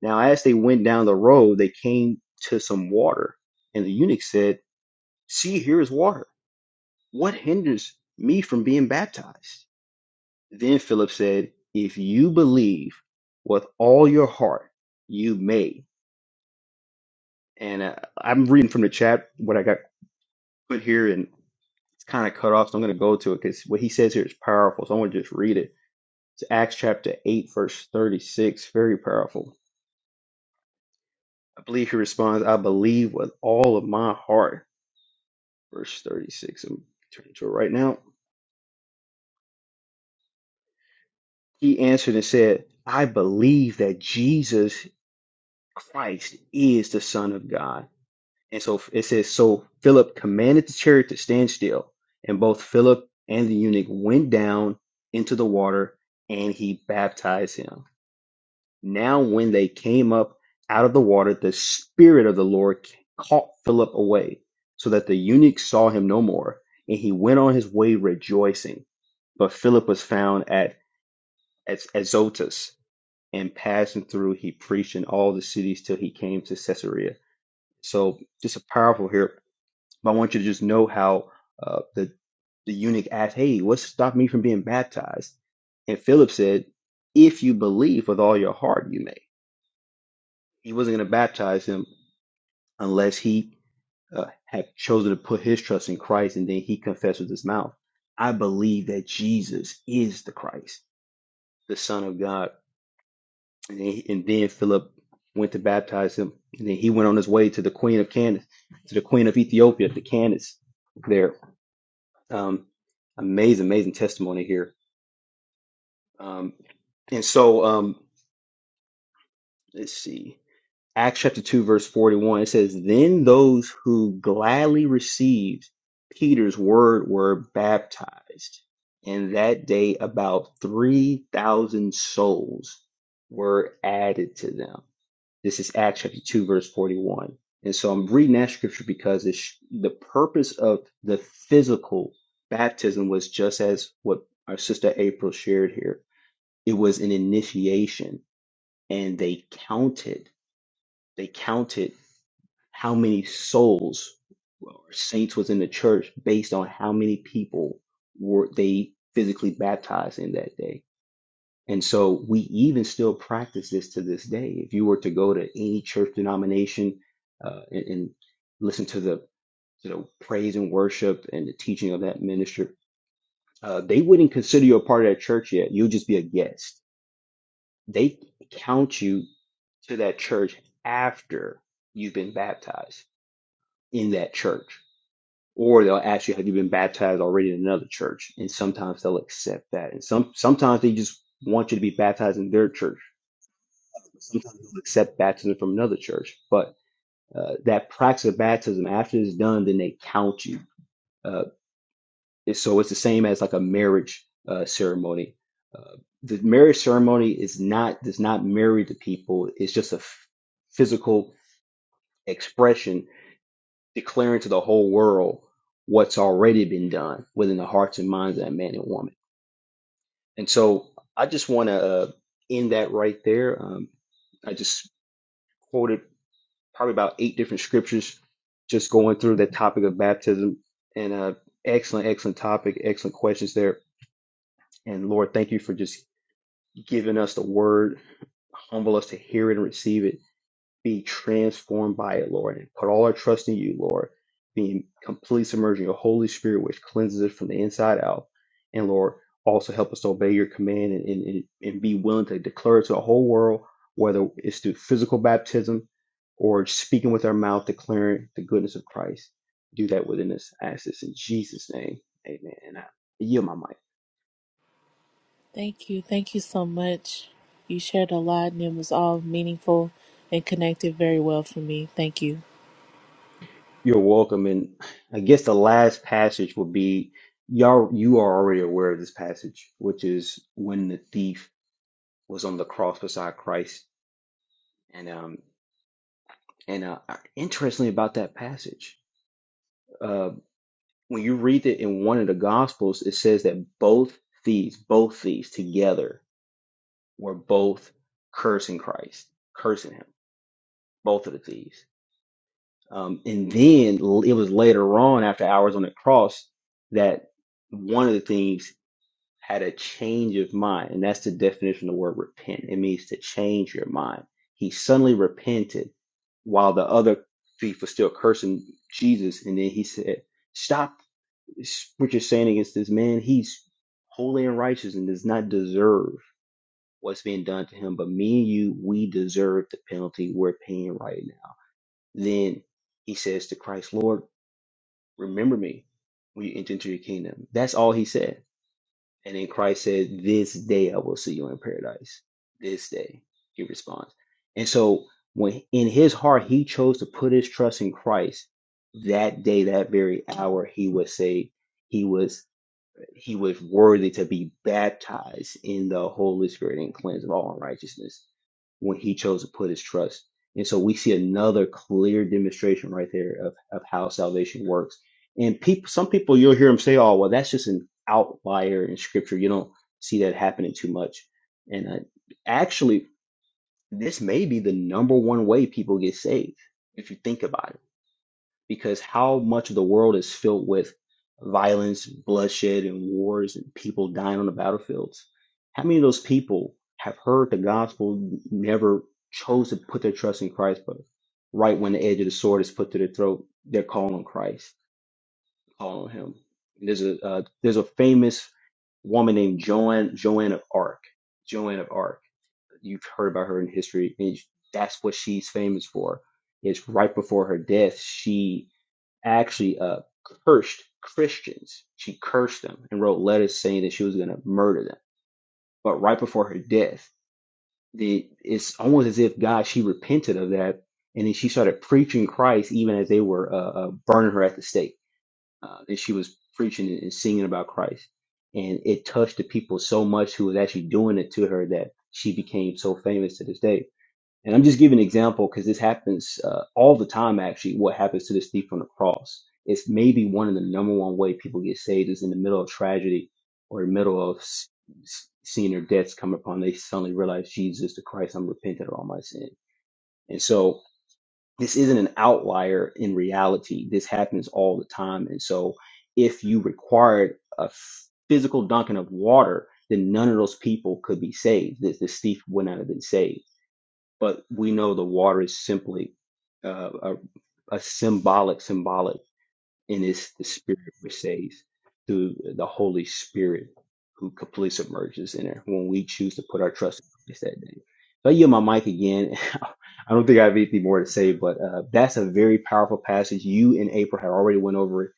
Speaker 6: Now, as they went down the road, they came to some water. And the eunuch said, See, here is water. What hinders me from being baptized? Then Philip said, If you believe with all your heart, you may. And uh, I'm reading from the chat what I got put here, and it's kind of cut off, so I'm going to go to it because what he says here is powerful. So I'm going to just read it. It's Acts chapter 8, verse 36. Very powerful. I believe he responds, I believe with all of my heart. Verse 36. I'm turning to it right now. He answered and said, I believe that Jesus Christ is the Son of God. And so it says, So Philip commanded the chariot to stand still. And both Philip and the eunuch went down into the water and he baptized him. Now, when they came up out of the water, the Spirit of the Lord caught Philip away, so that the eunuch saw him no more, and he went on his way rejoicing. But Philip was found at Az- Azotus, and passing through, he preached in all the cities till he came to Caesarea. So, just a powerful here. But I want you to just know how uh, the the eunuch asked, "Hey, what stopped me from being baptized?" And Philip said, "If you believe with all your heart, you may." He wasn't going to baptize him unless he uh, had chosen to put his trust in Christ and then he confessed with his mouth, I believe that Jesus is the Christ, the Son of God. And, he, and then Philip went to baptize him. And then he went on his way to the Queen of Candace, to the Queen of Ethiopia, to Candace there. Um, amazing, amazing testimony here. Um, and so um, let's see. Acts chapter 2, verse 41, it says, Then those who gladly received Peter's word were baptized, and that day about 3,000 souls were added to them. This is Acts chapter 2, verse 41. And so I'm reading that scripture because it's, sh- the purpose of the physical baptism was just as what our sister April shared here. It was an initiation, and they counted. They counted how many souls or saints was in the church based on how many people were they physically baptized in that day. And so we even still practice this to this day. If you were to go to any church denomination uh, and, and listen to the to the praise and worship and the teaching of that minister, uh, they wouldn't consider you a part of that church yet. You'll just be a guest. They count you to that church after you've been baptized in that church. or they'll ask you have you been baptized already in another church and sometimes they'll accept that and some sometimes they just want you to be baptized in their church sometimes they'll accept baptism from another church but uh, that practice of baptism after it's done then they count you uh, so it's the same as like a marriage uh, ceremony uh, the marriage ceremony is not does not marry the people it's just a f- physical expression declaring to the whole world what's already been done within the hearts and minds of that man and woman. And so I just want to uh, end that right there. Um, I just quoted probably about eight different scriptures just going through that topic of baptism and uh, excellent, excellent topic, excellent questions there. And Lord, thank you for just giving us the word, humble us to hear it and receive it be transformed by it, Lord, and put all our trust in you, Lord, being completely submerged in your Holy Spirit, which cleanses us from the inside out. And Lord, also help us to obey your command and, and, and and be willing to declare it to the whole world, whether it's through physical baptism or speaking with our mouth, declaring the goodness of Christ. Do that within us. I ask this in Jesus' name. Amen. And I yield my mic.
Speaker 3: Thank you. Thank you so much. You shared a lot and it was all meaningful and connected very well for me. Thank you.
Speaker 6: You're welcome. And I guess the last passage would be y'all, you are already aware of this passage, which is when the thief was on the cross beside Christ. And, um, and, uh, interestingly about that passage, uh, when you read it in one of the gospels, it says that both thieves, both thieves together were both cursing Christ, cursing him, both of the thieves. Um, and then it was later on after hours on the cross that one of the thieves had a change of mind. And that's the definition of the word repent. It means to change your mind. He suddenly repented while the other thief was still cursing Jesus. And then he said, Stop what you're saying against this man. He's holy and righteous and does not deserve what's being done to him. But me and you, we deserve the penalty we're paying right now. Then he says to Christ, Lord, remember me when you enter into your kingdom. That's all he said and then Christ said, This day I will see you in paradise. This day, he responds. And so when in his heart he chose to put his trust in Christ, that day, that very hour, he was saved. He was he was worthy to be baptized in the Holy Spirit and cleansed of all unrighteousness when he chose to put his trust. And so we see another clear demonstration right there of, of how salvation works. And people, some people you'll hear them say, "Oh, well, that's just an outlier in Scripture. You don't see that happening too much." And uh, actually, this may be the number one way people get saved if you think about it because how much of the world is filled with violence, bloodshed, and wars, and people dying on the battlefields? How many of those people have heard the gospel, never chose to put their trust in Christ, but right when the edge of the sword is put to their throat, they're calling on Christ, calling on Him. And there's a uh, there's a famous woman named Joan Joan of Arc, Joan of Arc. You've heard about her in history, and that's what she's famous for. It's right before her death, she actually uh, cursed Christians. She cursed them and wrote letters saying that she was going to murder them. But right before her death, the, it's almost as if God, she repented of that. And then she started preaching Christ even as they were uh, uh, burning her at the stake. Uh, and she was preaching and singing about Christ. And it touched the people so much who was actually doing it to her that she became so famous to this day and I'm just giving an example because this happens uh, all the time, actually, what happens to this thief on the cross. It's maybe one of the number one way people get saved is in the middle of tragedy or in the middle of s- s- seeing their debts come upon. They suddenly realize, Jesus the Christ, I'm repentant of all my sin. And so this isn't an outlier in reality. This happens all the time. And so if you required a f- physical dunking of water, then none of those people could be saved. This, this thief would not have been saved but we know the water is simply uh, a, a symbolic, symbolic, and it's the Spirit which saves through the Holy Spirit who completely submerges in there when we choose to put our trust in Christ that day. So I yield my mic again. I don't think I have anything more to say, but uh, that's a very powerful passage. You and April had already went over it.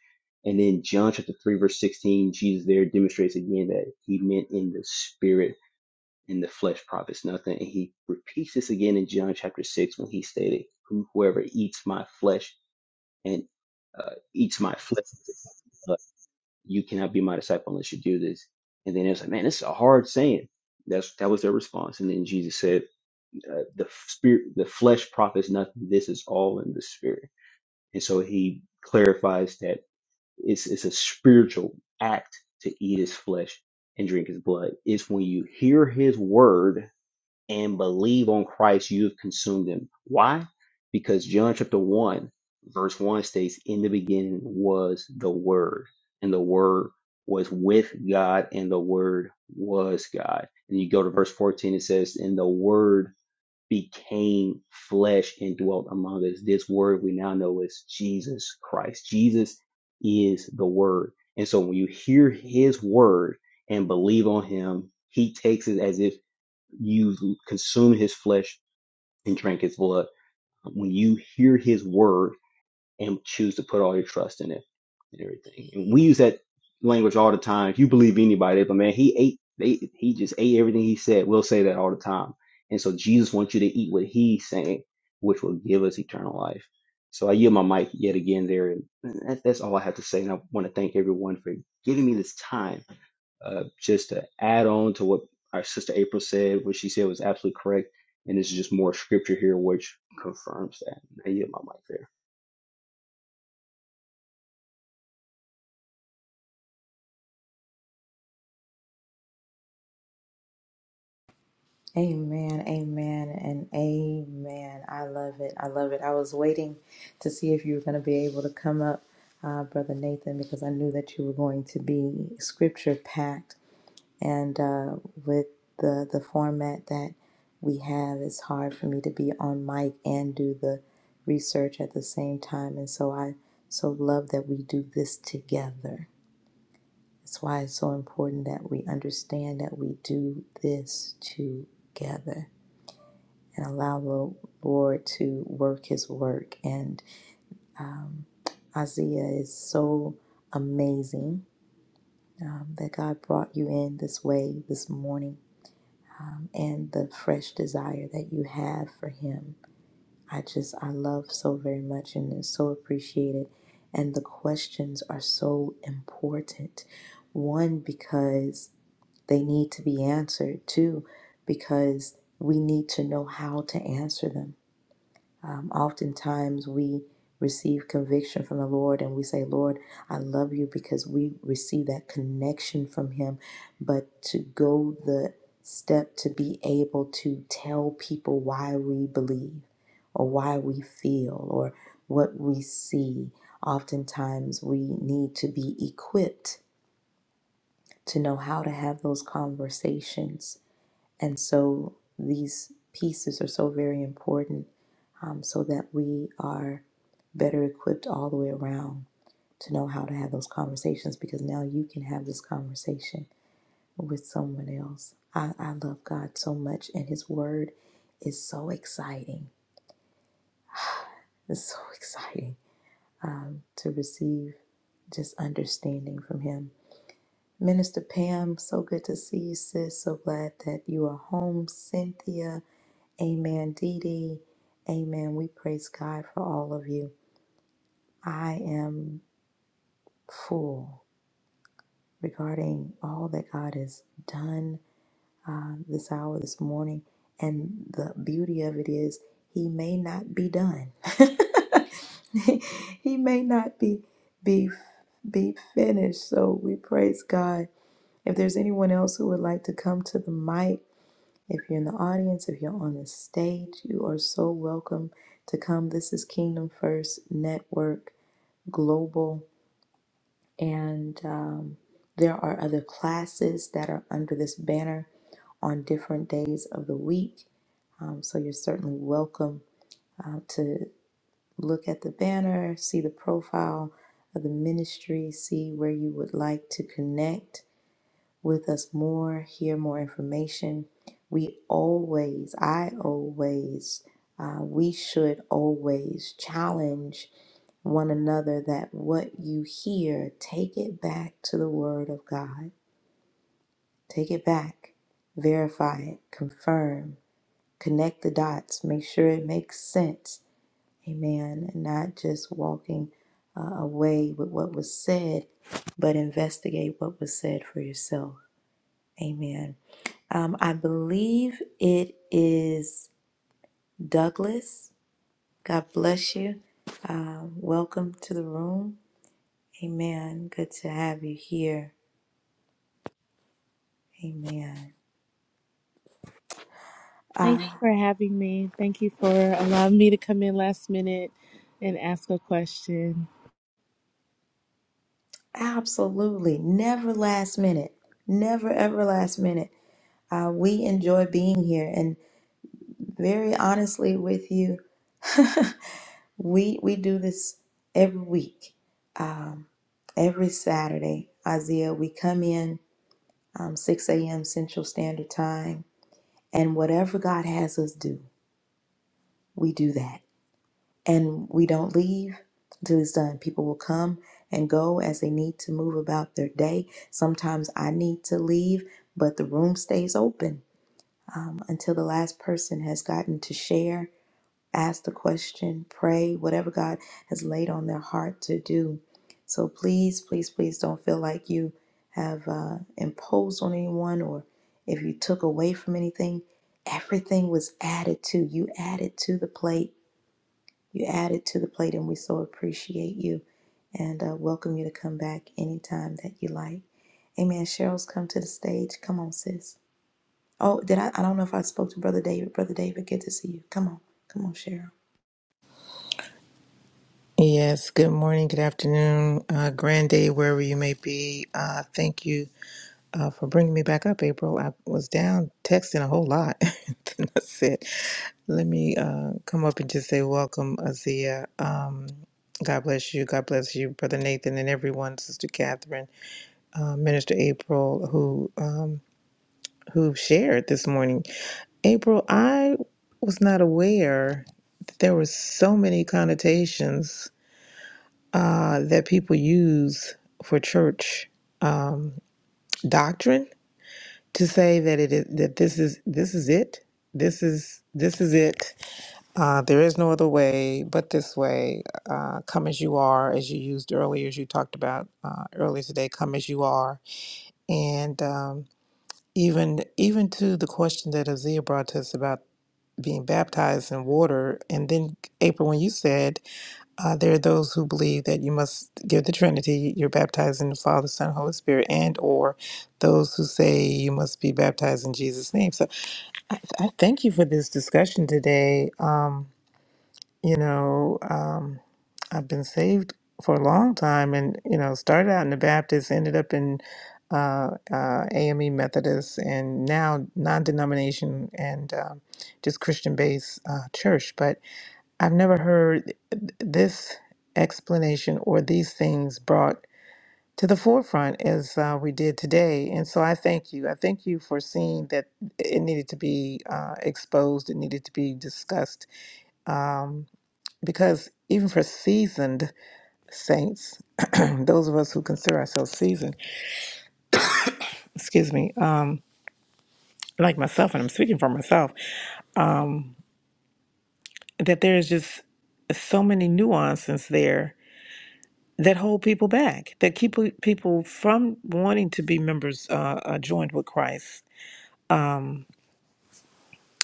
Speaker 6: And then John chapter 3, verse 16, Jesus there demonstrates again that he meant in the spirit in the flesh profits nothing. And he repeats this again in John chapter 6 when he stated, Whoever eats my flesh and uh, eats my flesh, uh, you cannot be my disciple unless you do this. And then it's like, man, this is a hard saying. That's that was their response. And then Jesus said, uh, the spirit, the flesh profits nothing. This is all in the spirit. And so he clarifies that it's it's a spiritual act to eat his flesh and drink his blood. It's when you hear his word and believe on Christ, you have consumed them. Why? Because John chapter 1, verse 1 states, In the beginning was the Word, and the Word was with God, and the Word was God. And you go to verse 14, it says, And the Word became flesh and dwelt among us. This Word we now know is Jesus Christ. Jesus is the Word. And so when you hear His Word and believe on Him, He takes it as if you consume his flesh and drink his blood when you hear his word and choose to put all your trust in it and everything and we use that language all the time if you believe anybody but man he ate they, he just ate everything he said we'll say that all the time and so jesus wants you to eat what he's saying which will give us eternal life so i yield my mic yet again there and that, that's all i have to say and i want to thank everyone for giving me this time uh, just to add on to what our sister April said, what she said was absolutely correct, and this is just more scripture here which confirms that. I yield my mic there.
Speaker 1: Amen, amen, and amen. I love it. I love it. I was waiting to see if you were going to be able to come up, uh, Brother Nathan, because I knew that you were going to be scripture packed. And uh, with the, the format that we have, it's hard for me to be on mic and do the research at the same time. And so I so love that we do this together. That's why it's so important that we understand that we do this together and allow the Lord to work his work. And um, Isaiah is so amazing um, that God brought you in this way this morning um, and the fresh desire that you have for him. I just, I love so very much and is so appreciated. And the questions are so important. One, because they need to be answered. Two, because we need to know how to answer them Um, oftentimes we receive conviction from the Lord and we say, Lord, I love you because we receive that connection from Him. But to go the step to be able to tell people why we believe or why we feel or what we see, oftentimes we need to be equipped to know how to have those conversations and so these pieces are so very important um, so that we are better equipped all the way around to know how to have those conversations because now you can have this conversation with someone else. I, I love God so much, and His Word is so exciting. It's so exciting um, to receive just understanding from Him. Minister Pam, so good to see you, sis. So glad that you are home. Cynthia, Amen, Dee Dee. Amen. We praise God for all of you. I am full regarding all that God has done uh, this hour, this morning. And the beauty of it is, He may not be done. he he may not be be be finished. So we praise God. If there's anyone else who would like to come to the mic, If you're in the audience, if you're on the stage, you are so welcome to come. This is Kingdom First Network Global, and um, there are other classes that are under this banner on different days of the week. Um, so you're certainly welcome uh, to look at the banner, see the profile of the ministry, see where you would like to connect with us more, hear more information. We always, I always, uh, we should always challenge one another that what you hear, take it back to the Word of God. Take it back, verify it, confirm, connect the dots, make sure it makes sense. Amen. And not just walking uh, away with what was said, but investigate what was said for yourself. Amen. Um, I believe it is Douglas. God bless you. Um, welcome to the room. Amen. Good to have you here. Amen.
Speaker 3: Thank
Speaker 1: Uh,
Speaker 3: you for having me. Thank you for allowing me to come in last minute and ask a question.
Speaker 1: absolutely. Never last minute. Never, ever last minute. Uh, we enjoy being here. And very honestly with you, we, we do this every week, um, every Saturday. Isaiah, we come in um, 6 a.m. Central Standard Time. And whatever God has us do, we do that. And we don't leave until it's done. People will come and go as they need to move about their day. Sometimes I need to leave, but the room stays open um, until the last person has gotten to share ask the question, pray, whatever God has laid on their heart to do. So please, please, please don't feel like you have uh, imposed on anyone or if you took away from anything. Everything was added to you, added to the plate. You added to the plate, and we so appreciate you and uh, welcome you to come back anytime that you like. Amen. Cheryl's come to the stage. Come on, sis. Oh, did I? I don't know if I spoke to Brother David. Brother David, good to see you. Come on. Come on, Cheryl.
Speaker 7: Yes, good morning, good afternoon, uh, grand day, wherever you may be. Uh, thank you uh, for bringing me back up, April. I was down texting a whole lot. then I said, let me uh, come up and just say welcome, Azia. Um, God bless you. God bless you, Brother Nathan, and everyone, Sister Catherine, uh, Minister April, who um, who shared this morning. April, I was not aware that there were so many connotations uh, that people use for church um, doctrine to say that it is that this is this is it. This is this is it. Uh, there is no other way but this way. Uh, come as you are, as you used earlier, as you talked about uh, earlier today. Come as you are, and um, even even to the question that Azia brought to us about being baptized in water, and then April, when you said uh, there are those who believe that you must give the Trinity. You're baptized in the Father, Son, Holy Spirit, and or those who say you must be baptized in Jesus' name. So I, I thank you for this discussion today. Um, you know, um, I've been saved for a long time, and you know, started out in the Baptist, ended up in uh, uh, AME Methodist, and now non-denomination and um, just Christian-based uh, church, but I've never heard th- this explanation or these things brought to the forefront as uh, we did today. And so I thank you. I thank you for seeing that it needed to be uh, exposed, it needed to be discussed. Um, because even for seasoned saints, those of us who consider ourselves seasoned, excuse me, um, like myself, and I'm speaking for myself, that there is just so many nuances there that hold people back, that keep people from wanting to be members uh, uh, joined with Christ,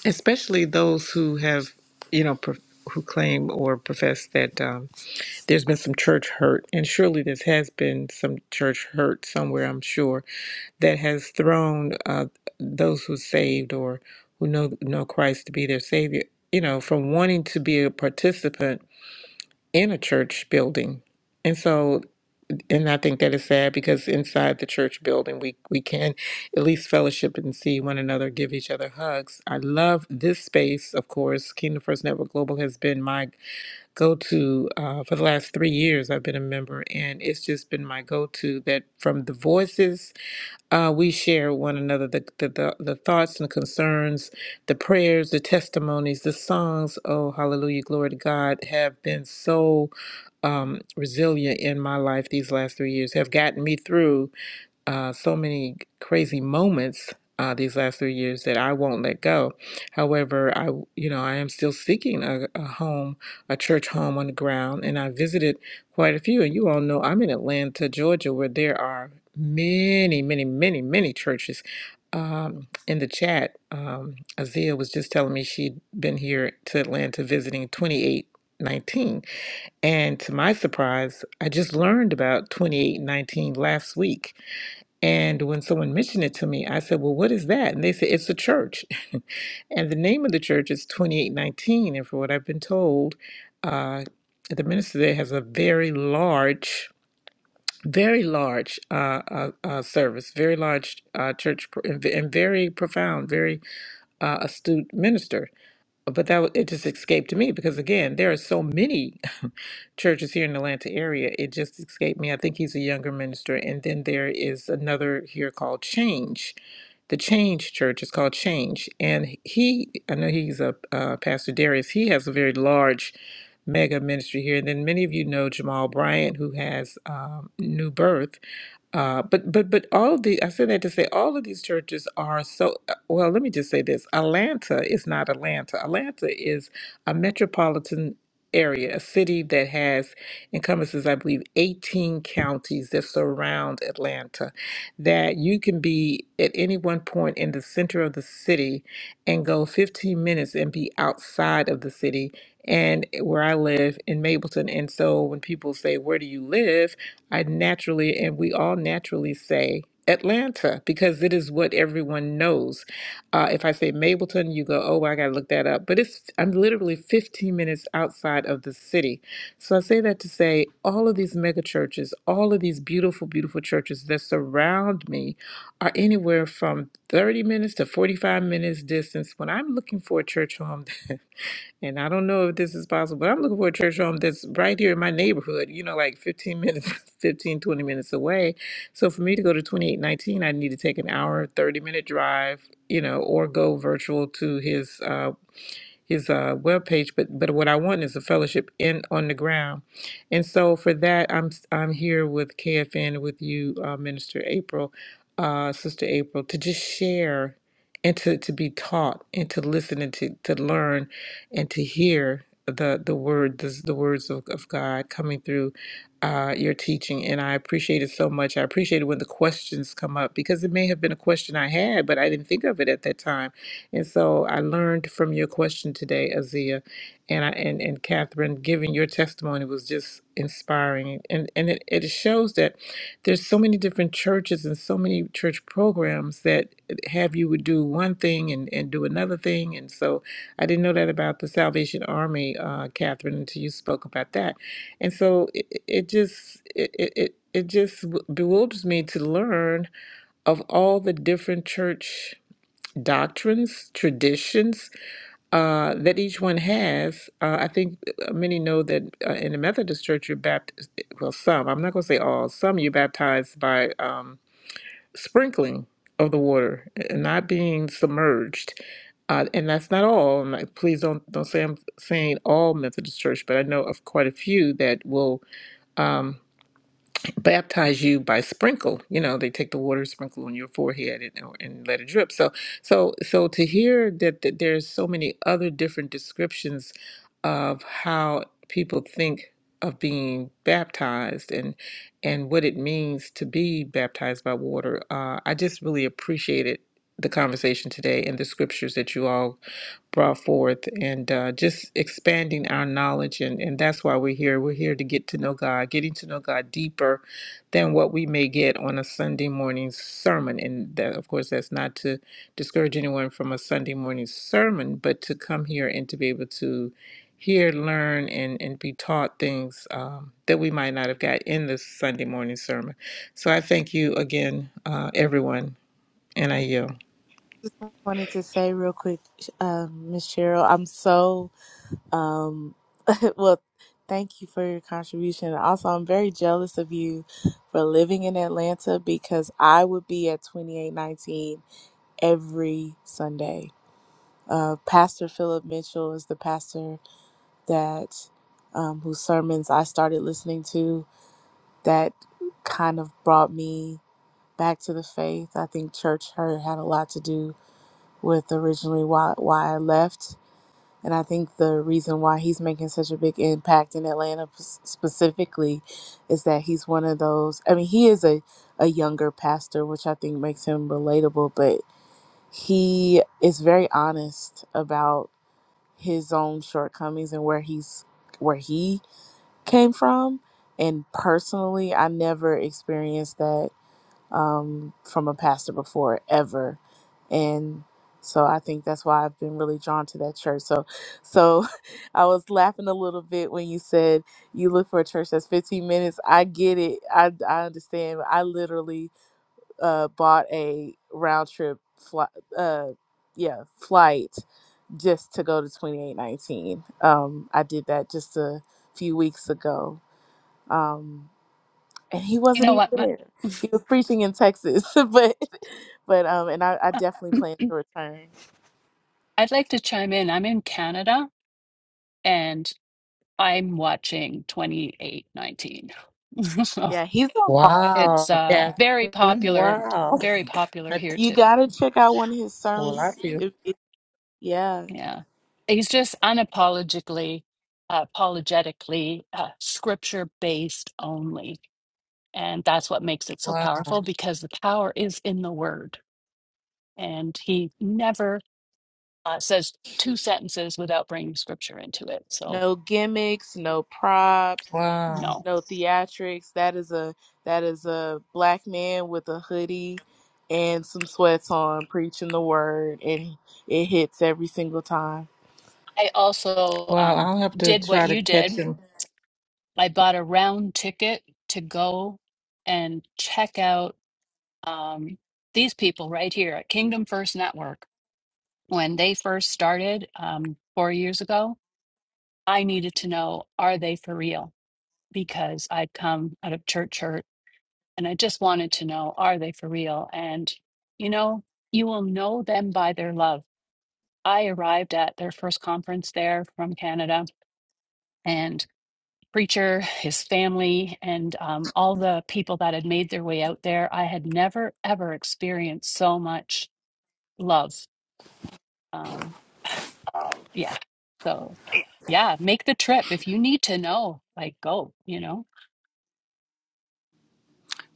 Speaker 7: especially those who have, you know, pro- who claim or profess that um, there's been some church hurt, and surely there has been some church hurt somewhere, I'm sure, that has thrown uh, those who saved or who know know Christ to be their Savior, you know, from wanting to be a participant in a church building. And so and I think that is sad because inside the church building, we we can at least fellowship and see one another, give each other hugs. I love this space, of course. Kingdom First Network Global has been my go-to uh, for the last three years. I've been a member, and it's just been my go-to. That from the voices uh, we share one another the, the, the, the thoughts and concerns, the prayers, the testimonies, the songs. Oh, hallelujah, glory to God, have been so um, resilient in my life these last three years, have gotten me through uh, so many crazy moments uh, these last three years that I won't let go. However, I you know I am still seeking a, a home, a church home on the ground, and I visited quite a few. And you all know I'm in Atlanta, Georgia, where there are many, many, many, many churches. Um, in the chat, um, Azia was just telling me she'd been here to Atlanta visiting 2819. And to my surprise, I just learned about 2819 last week and when someone mentioned it to me, I said, Well, what is that? And they said, It's a church. and the name of the church is 2819. And from what I've been told, uh, the minister there has a very large, very large uh, uh, uh, service, very large uh, church, pr- and, ve- and very profound, very uh, astute minister but that wa- it just escaped me because again there are so many churches here in the atlanta area it just escaped me i think he's a younger minister and then there is another here called change the change church is called change and he i know he's a uh, pastor darius he has a very large mega ministry here and then many of you know jamal bryant who has um, new birth uh, but but but all of the I said that to say all of these churches are so well, let me just say this Atlanta is not Atlanta. Atlanta is a metropolitan area, a city that has encompasses, I believe, 18 counties that surround Atlanta. That you can be at any one point in the center of the city and go 15 minutes and be outside of the city. And where I live in Mapleton. And so when people say, Where do you live? I naturally, and we all naturally say, Atlanta, because it is what everyone knows. Uh, if I say Mableton, you go, oh, I got to look that up. But it's I'm literally 15 minutes outside of the city. So I say that to say all of these mega churches, all of these beautiful, beautiful churches that surround me are anywhere from 30 minutes to 45 minutes distance. When I'm looking for a church home, And I don't know if this is possible, but I'm looking for a church home that's right here in my neighborhood, you know, like 15 minutes, 15 20 minutes away. So for me to go to 2819, I need to take an hour, 30 minute drive, you know, or go virtual to his uh, his uh, webpage. But but what I want is a fellowship in on the ground, and so for that I'm i I'm here with KFN with you, uh, Minister April, uh, Sister April, to just share and to, to be taught and to listen and to, to learn and to hear the the word the, the words of, of God coming through uh, your teaching and I appreciate it so much. I appreciate it when the questions come up because it may have been a question I had, but I didn't think of it at that time and so I learned from your question today, Azia, and I and, and Catherine, giving your testimony was just inspiring. And and it, it shows that there's so many different churches and so many church programs that have you would do one thing and, and do another thing. And so I didn't know that about the Salvation Army, uh, Catherine, until you spoke about that. And so it, it it just it, it, it it just bewilders me to learn of all the different church doctrines, traditions uh, that each one has. Uh, I think uh, many know that uh, in the Methodist Church, you're baptized, well, some, I'm not going to say all, some you're baptized by um, sprinkling of the water, and not being submerged. Uh, and that's not all. And I, please don't don't say I'm saying all Methodist Church, but I know of quite a few that will. um, baptize you by sprinkle you know they take the water sprinkle on your forehead and, and let it drip so so so to hear that, that there's so many other different descriptions of how people think of being baptized and and what it means to be baptized by water uh, i just really appreciated the conversation today and the scriptures that you all brought forth and uh, just expanding our knowledge and, and that's why we're here we're here to get to know god getting to know god deeper than what we may get on a sunday morning sermon and that of course that's not to discourage anyone from a sunday morning sermon but to come here and to be able to hear learn and, and be taught things um, that we might not have got in this sunday morning sermon so i thank you again uh, everyone and i yield
Speaker 3: Just wanted to say real quick, um, Miss Cheryl, I'm so Um, well, thank you for your contribution. Also, I'm very jealous of you for living in Atlanta because I would be at 2819 every Sunday. Uh, pastor Philip Mitchell is the pastor that um, whose sermons I started listening to that kind of brought me back to the faith. I think church hurt had a lot to do with originally why why I left. And I think the reason why he's making such a big impact in Atlanta p- specifically is that he's one of those. I mean, he is a, a younger pastor, which I think makes him relatable, but he is very honest about his own shortcomings and where he's where he came from. And personally, I never experienced that um, from a pastor before ever, and so I think that's why I've been really drawn to that church. So, so I was laughing a little bit when you said you look for a church that's 15 minutes. I get it. I I understand. I literally uh, bought a round trip flight. Uh, yeah, flight just to go to 2819. Um, I did that just a few weeks ago. Um, and he
Speaker 5: You
Speaker 3: wasn't
Speaker 5: know
Speaker 3: even
Speaker 5: what? My,
Speaker 3: there. He was preaching in Texas, but but um, and I, I definitely plan to return.
Speaker 5: I'd like to chime in. I'm in Canada and. I'm watching 2819.
Speaker 3: Yeah, he's on fire.
Speaker 7: Wow,
Speaker 5: It's uh
Speaker 7: Catherine.
Speaker 5: very
Speaker 3: Yeah.
Speaker 5: popular,
Speaker 7: Wow.
Speaker 5: very popular
Speaker 7: I,
Speaker 5: here
Speaker 3: You
Speaker 5: too.
Speaker 3: gotta check out one of his
Speaker 7: well, I
Speaker 3: sermons.
Speaker 7: feel
Speaker 3: It- it- yeah,
Speaker 5: Yeah. He's just unapologetically uh, apologetically uh, scripture based only. And that's what makes it so
Speaker 7: wow,
Speaker 5: powerful because the power is in the word. And he never uh, says two sentences without bringing scripture into it. So,
Speaker 3: no gimmicks, no props,
Speaker 7: wow,
Speaker 5: no.
Speaker 3: no theatrics. That is a that is a black man with a hoodie and some sweats on preaching the word, and it hits every single time.
Speaker 5: I also
Speaker 7: wow.
Speaker 5: um,
Speaker 7: I'll have to
Speaker 5: did
Speaker 7: try
Speaker 5: what
Speaker 7: to
Speaker 5: you
Speaker 7: catch
Speaker 5: did
Speaker 7: him.
Speaker 5: I bought a round ticket to go and check out um, these people right here at Kingdom First Network. When they first started um, four years ago, I needed to know are they for real? Because I'd come out of church hurt and I just wanted to know are they for real? And you know, you will know them by their love. I arrived at their first conference there from Canada. and. preacher, his family, and um, all the people that had made their way out there. I had never, ever experienced so much love. Um, yeah. So, yeah, make the trip. If you need to know, like, go, you know.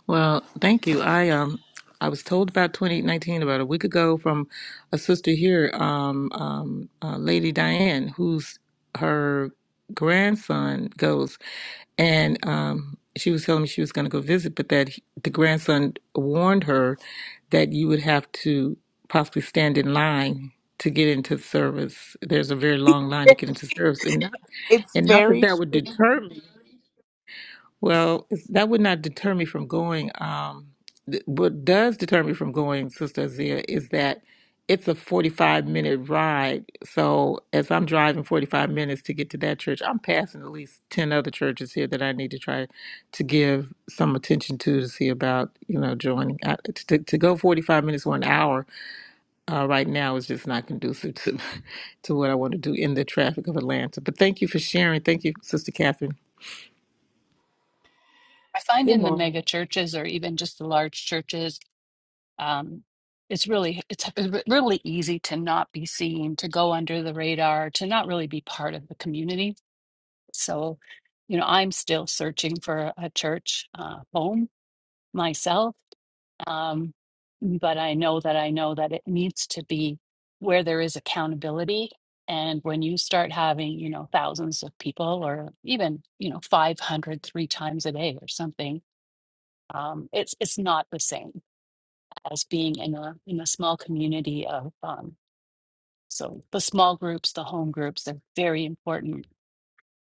Speaker 7: Well, thank you. I um, I was told about 2019 about a week ago from a sister here, um, um, uh, Lady Diane, who's her grandson goes, and um, she was telling me she was going to go visit, but that he- the grandson warned her that you would have to possibly stand in line to get into service. There's a very long line to get into service, and
Speaker 3: It's
Speaker 7: And not that
Speaker 3: very
Speaker 7: that would deter me. Well, it's- that would not deter me from going. Um, th- what does deter me from going, Sister Azia, is that it's a 45 minute ride. So as I'm driving 45 minutes to get to that church, I'm passing at least 10 other churches here that I need to try to give some attention to to see about, you know, joining. I, to, to go 45 minutes or an hour uh, right now is just not conducive to, to what I want to do in the traffic of Atlanta. But thank you for sharing. Thank you, Sister Catherine
Speaker 5: I find
Speaker 8: Good
Speaker 5: in the mega
Speaker 8: morning.
Speaker 5: churches or even just the large churches, um, it's really it's re- really easy to not be seen, to go under the radar, to not really be part of the community. So, you know, I'm still searching for a church uh, home myself. Um, but I know that I know that it needs to be where there is accountability. And when you start having, you know, thousands of people or even, you know, five hundred three times a day or something, um, it's it's not the same as being in a in a small community of um, so the small groups, the home groups, they're very important.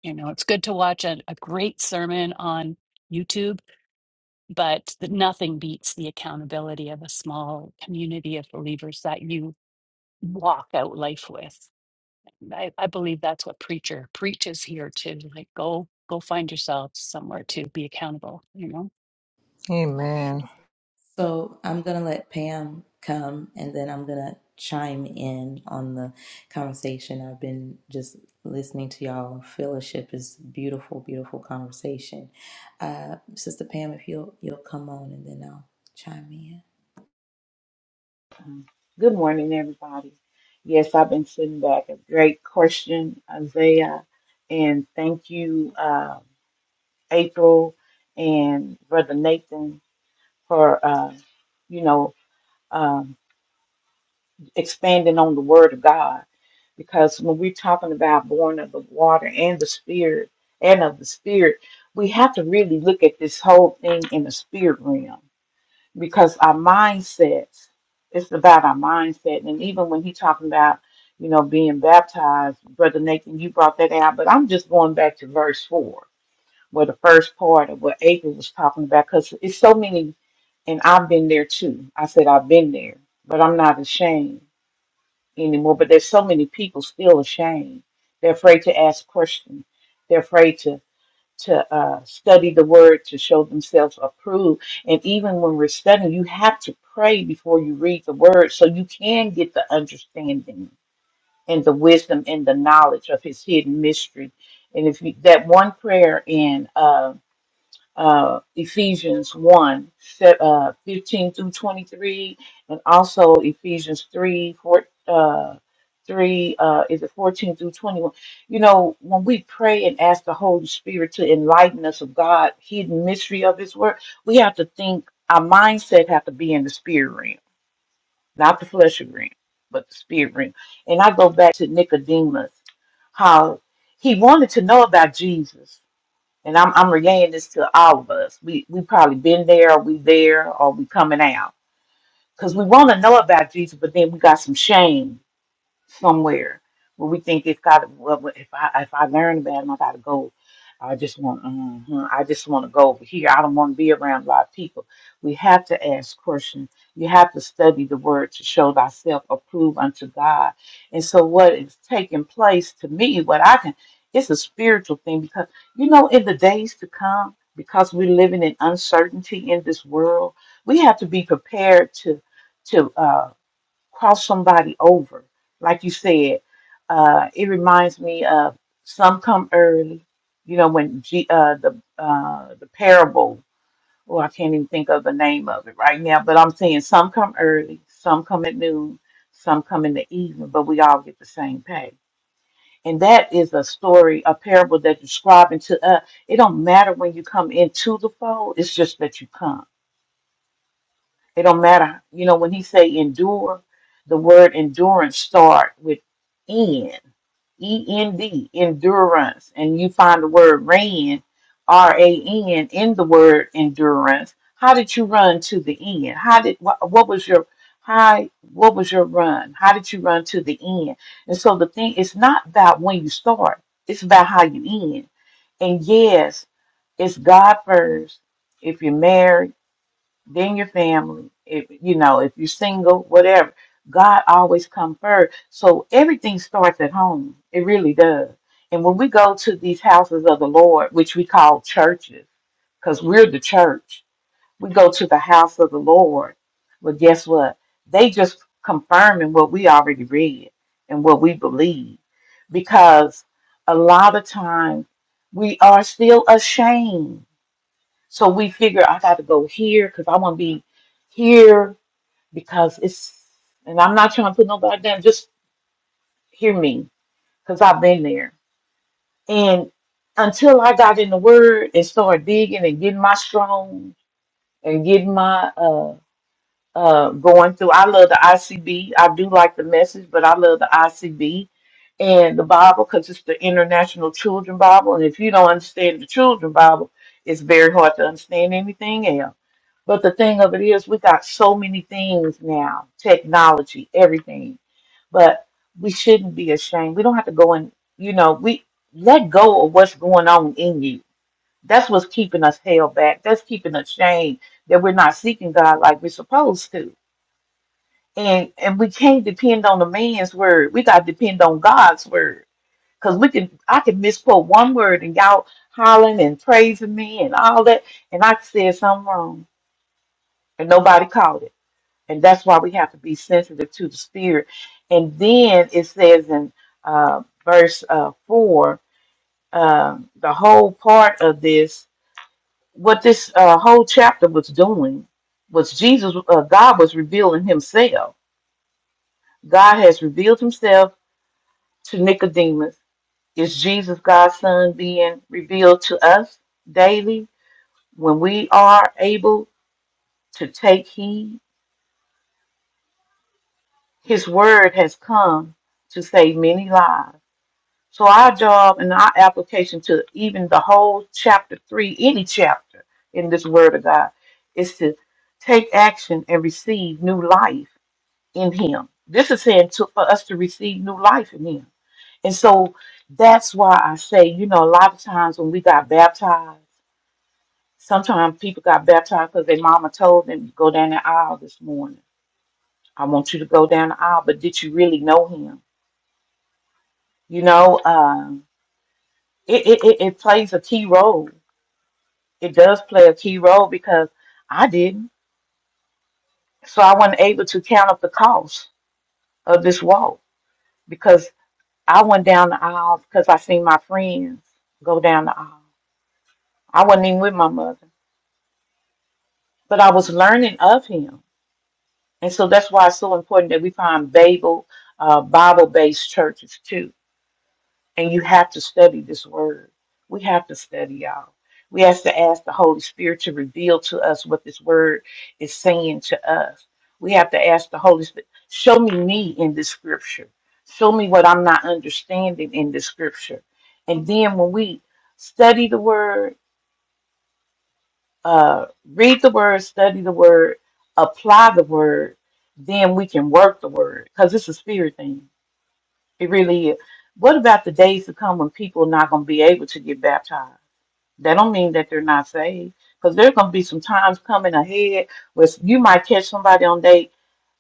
Speaker 5: You know, it's good to watch a, a great sermon on YouTube but th- nothing beats the accountability of a small community of believers that you walk out life with. I, I believe that's what preacher preaches here too. Like go go find yourself somewhere to be accountable, you know?
Speaker 7: Amen.
Speaker 1: So I'm going to let Pam come and then I'm going to chime in on the conversation. I've been just listening to y'all. Fellowship is beautiful, beautiful conversation. Uh, Sister Pam, if you'll, you'll come on and then I'll chime in.
Speaker 8: Um, Good morning, everybody. Yes, I've been sitting back. A great question, Isaiah. And thank you, uh, April and Brother Nathan, for, uh, you know, um, expanding on the Word of God. Because when we're talking about born of the water and the Spirit, and of the Spirit, we have to really look at this whole thing in the spirit realm because our mindsets it's about our mindset and even when he talking about you know being baptized brother nathan you brought that out but i'm just going back to verse 4 where the first part of what april was talking about because it's so many and i've been there too i said i've been there but i'm not ashamed anymore but there's so many people still ashamed they're afraid to ask questions they're afraid to to uh, study the word to show themselves approved. And even when we're studying, you have to pray before you read the word so you can get the understanding and the wisdom and the knowledge of his hidden mystery. And if you, that one prayer in uh, uh, Ephesians 1, se- uh, 15 through 23, and also Ephesians 3, 4, uh, 3, uh, is it 14 through 21? You know, when we pray and ask the Holy Spirit to enlighten us of God, hidden mystery of His Word, we have to think, our mindset have to be in the spirit realm, not the flesh realm, but the spirit realm. And I go back to Nicodemus, how he wanted to know about Jesus and I'm I'm relaying this to all of us. We we probably been there, or we there, or we coming out. Because we want to know about Jesus, but then we got some shame somewhere where we think it's got. Well, well, if I if I learn about him, I gotta go. I just want. mhm, I just want to go over here. I don't want to be around a lot of people. We have to ask questions. You have to study the word to show thyself approved unto God. And so, what is taking place to me, what I can, it's a spiritual thing because you know, in the days to come, because we're living in uncertainty in this world, we have to be prepared to to. uh cross somebody over. Like you said, uh, it reminds me of some come early. You know when G, uh, the uh, the parable, Oh, I can't even think of the name of it right now. But I'm saying some come early, some come at noon, some come in the evening, but we all get the same pay. And that is a story, a parable that describing to us. It don't matter when you come into the fold; it's just that you come. It don't matter. You know, when he say endure, the word endurance start with E N, E N D, endurance. And you find the word ran, R A N, in the word endurance. How did you run to the end? How did what, what was your how what was your run? How did you run to the end? And so the thing it's not about when you start, it's about how you end. And yes, it's God first. If you're married then your family. If you know, if you're single, whatever. God always come first. So everything starts at home. It really does. And when we go to these houses of the Lord, which we call churches, because we're the church, we go to the house of the Lord. Well, guess what? They just confirming what we already read and what we believe. Because a lot of times we are still ashamed so we figure I got to go here because I want to be here because it's, and I'm not trying to put nobody down, just hear me because I've been there. And until I got in the Word and started digging and getting my strong and getting my uh. uh, going through. I love the ICB. I do like the message, but I love the ICB and the Bible because it's the International Children Bible. And if you don't understand the Children Bible, it's very hard to understand anything else. But the thing of it is, we got so many things now technology, everything. But we shouldn't be ashamed. We don't have to go and, you know, we let go of what's going on in you. That's what's keeping us held back. That's keeping us shamed that we're not seeking God like we're supposed to and and we can't depend on a man's word. We got to depend on God's word because we can. I can misquote one word and y'all hollering and praising me and all that, and I said something wrong and nobody caught it. And that's why we have to be sensitive to the spirit. And then it says in uh, verse uh, four, uh, the whole part of this, what this uh, whole chapter was doing was Jesus. Uh, God was revealing Himself. God has revealed Himself to Nicodemus, is Jesus God's Son being revealed to us daily when we are able to take heed? His word has come to save many lives. So, our job and our application to even the whole chapter three, any chapter in this word of God, is to take action and receive new life in Him. This is saying to, for us to receive new life in Him And so that's why I say, you know, a lot of times when we got baptized, sometimes people got baptized because their mama told them, go down the aisle this morning. I want you to go down the aisle, but did you really know him? You know, um, it, it, it, it plays a key role. It does play a key role because I didn't. So I wasn't able to count up the cost of this walk because I went down the aisle because I seen my friends go down the aisle. I wasn't even with my mother, but I was learning of him And so that's why it's so important that we find Bible, uh, Bible-based churches too. And you have to study this word. We have to study, y'all. We have to ask the Holy Spirit to reveal to us what this word is saying to us. We have to ask the Holy Spirit, show me me in this scripture. Show me what I'm not understanding in this scripture. And then when we study the word uh, read the word, study the word, apply the word, then we can work the word because it's a spirit thing. It really is. What about the days to come when people are not going to be able to get baptized? That don't mean that they're not saved because there's going to be some times coming ahead where you might catch somebody on their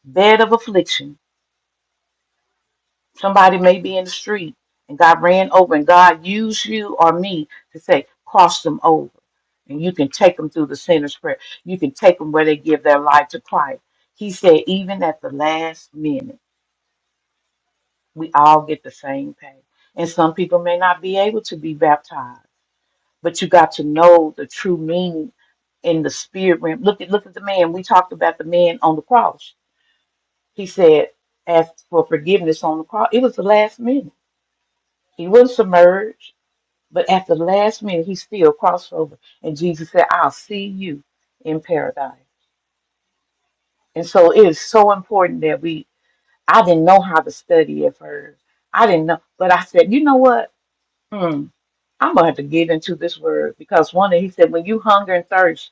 Speaker 8: bed of affliction Somebody may be in the street and God ran over and God used you or me to say, cross them over. And you can take them through the sinner's prayer. You can take them where they give their life to Christ. He said, even at the last minute, we all get the same pay. And some people may not be able to be baptized, but you got to know the true meaning in the spirit realm. Look at look at the man. We talked about the man on the cross. He said, asked for forgiveness on the cross. It was the last minute. He wasn't submerged. But at the last minute, he still crossed over. And Jesus said, I'll see you in paradise. And so it is so important that we, I didn't know how to study at first. I didn't know. But I said, you know what? Hmm, I'm going to have to get into this word because one, day he said, when you hunger and thirst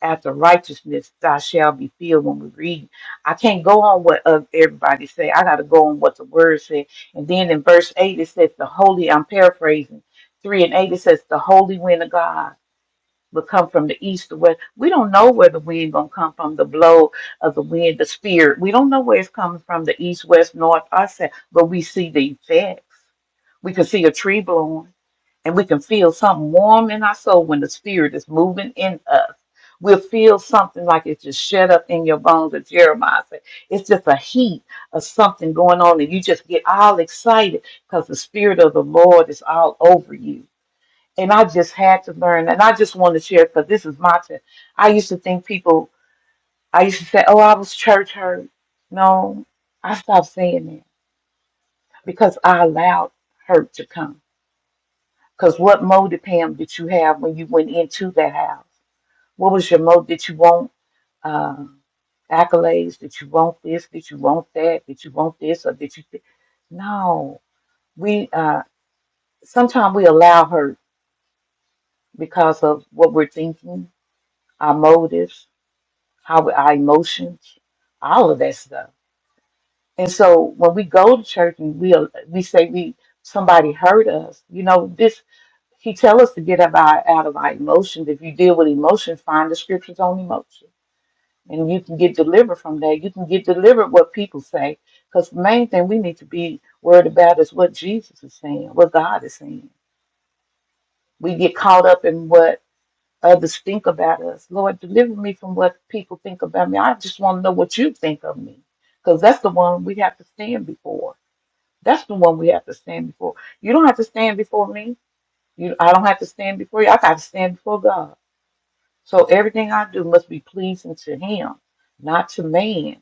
Speaker 8: after righteousness, thou shall be filled when we read. I can't go on what uh, everybody say. I got to go on what the word said. And then in verse 8, it says, the holy, I'm paraphrasing, 3 and 8, it says, the holy wind of God. will come from the east, the west. We don't know where the wind gonna come from, the blow of the wind, the spirit. We don't know where it's coming from, the east, west, north, or south, but we see the effects. We can see a tree blowing and we can feel something warm in our soul when the spirit is moving in us. We'll feel something like it's just shut up in your bones, as Jeremiah said. It's just a heat of something going on, and you just get all excited because the spirit of the Lord is all over you and I just had to learn. And I just want to share because this is my turn. I used to think people, I used to say, oh, I was church hurt. No, I stopped saying that because I allowed hurt to come. Because what motive, Pam, did you have when you went into that house? What was your motive? Did you want uh, accolades? Did you want this? Did you want that? Did you want this? Or did you? Th- no, we uh, sometimes we allow hurt because of what we're thinking, our motives how we- our emotions, all of that stuff. And so when we go to church and we uh, we say we somebody hurt us, you know, this he tell us to get up out, out of our emotions. If you deal with emotions, find the scriptures on emotion, and you can get delivered from that. You can get delivered what people say, because the main thing we need to be worried about is what Jesus is saying, what God is saying. We get caught up in what others think about us. Lord, deliver me from what people think about me. I just want to know what you think of me because that's the one we have to stand before. That's the one we have to stand before. You don't have to stand before me. You, I don't have to stand before you. I got to stand before God. So everything I do must be pleasing to Him, not to man.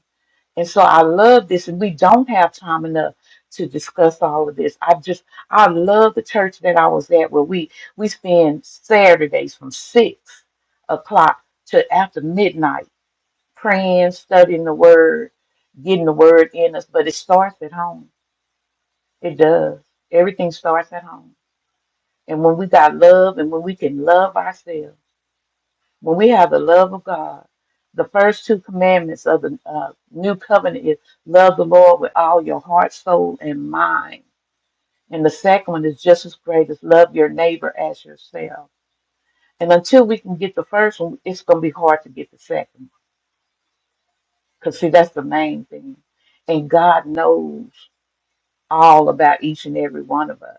Speaker 8: And so I love this, and we don't have time enough to discuss all of this. I just I love the church that I was at where we we spend Saturdays from six o'clock to after midnight praying, studying the word, getting the word in us. But it starts at home. It does. Everything starts at home. And when we got love and when we can love ourselves. When we have the love of God, the first two commandments of the uh, new covenant is love the Lord with all your heart, soul, and mind. And the second one is just as great as love your neighbor as yourself. And until we can get the first one, it's going to be hard to get the second. one. Because, see, that's the main thing. And God knows. all about each and every one of us.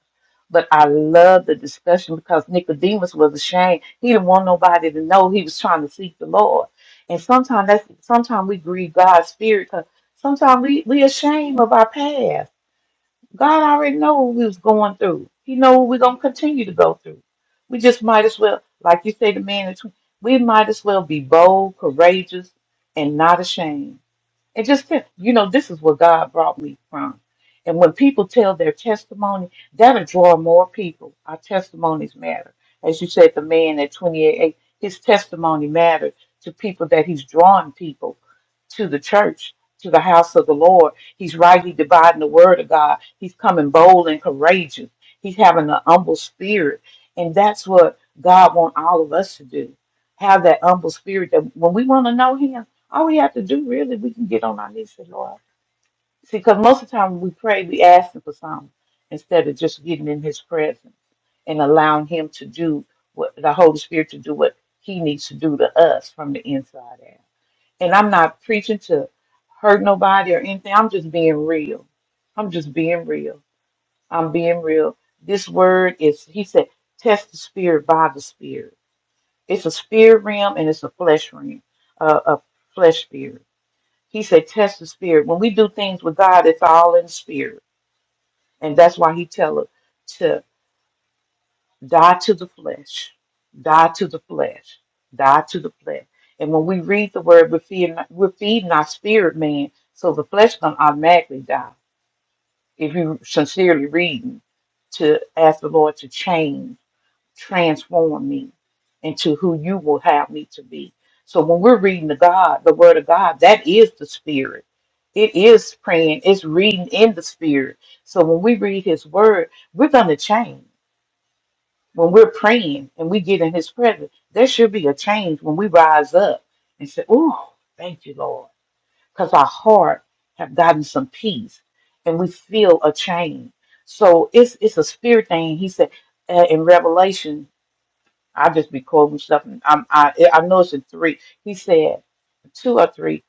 Speaker 8: But I love the discussion because Nicodemus was ashamed. He didn't want nobody to know he was trying to seek the Lord. And sometimes that's sometimes we grieve God's spirit because sometimes we we ashamed of our past. God already know what we was going through. He know what we're gonna continue to go through. We just might as well, like you say, the man. in tw- We might as well be bold, courageous, and not ashamed it just said, you know, this is where God brought me from. And when people tell their testimony, that'll draw more people. Our testimonies matter. As you said, the man at 28, his testimony mattered to people that he's drawing people to the church, to the house of the Lord. He's rightly dividing the word of God. He's coming bold and courageous. He's having an humble spirit. And that's what God wants all of us to do. Have that humble spirit that when we want to know him. All we have to do really, we can get on our knees and say, Lord. See, because most of the time when we pray, we ask Him for something instead of just getting in His presence and allowing Him to do what the Holy Spirit to do what He needs to do to us from the inside out. And I'm not preaching to hurt nobody or anything. I'm just being real. I'm just being real. I'm being real. This word is, He said, test the spirit by the spirit. It's a spirit realm and it's a flesh realm, uh, a flesh spirit. He said, test the spirit. When we do things with God, it's all in the spirit. And that's why he tell us to die to the flesh, die to the flesh, die to the flesh. And when we read the word, we're feeding, we're feeding our spirit man. So the flesh going to automatically die if you sincerely reading to ask the Lord to change. transform me into who you will have me to be. So when we're reading the God, the word of God, that is the spirit. It is praying, it's reading in the spirit. So when we read his word, we're gonna change. When we're praying and we get in his presence, there should be a change when we rise up and say, Oh, thank you, Lord. Because our heart have gotten some peace and we feel a change. So it's it's a spirit thing. He said uh, in Revelation I just be quoting stuff, and I'm, I I know it's in three. He said two or three.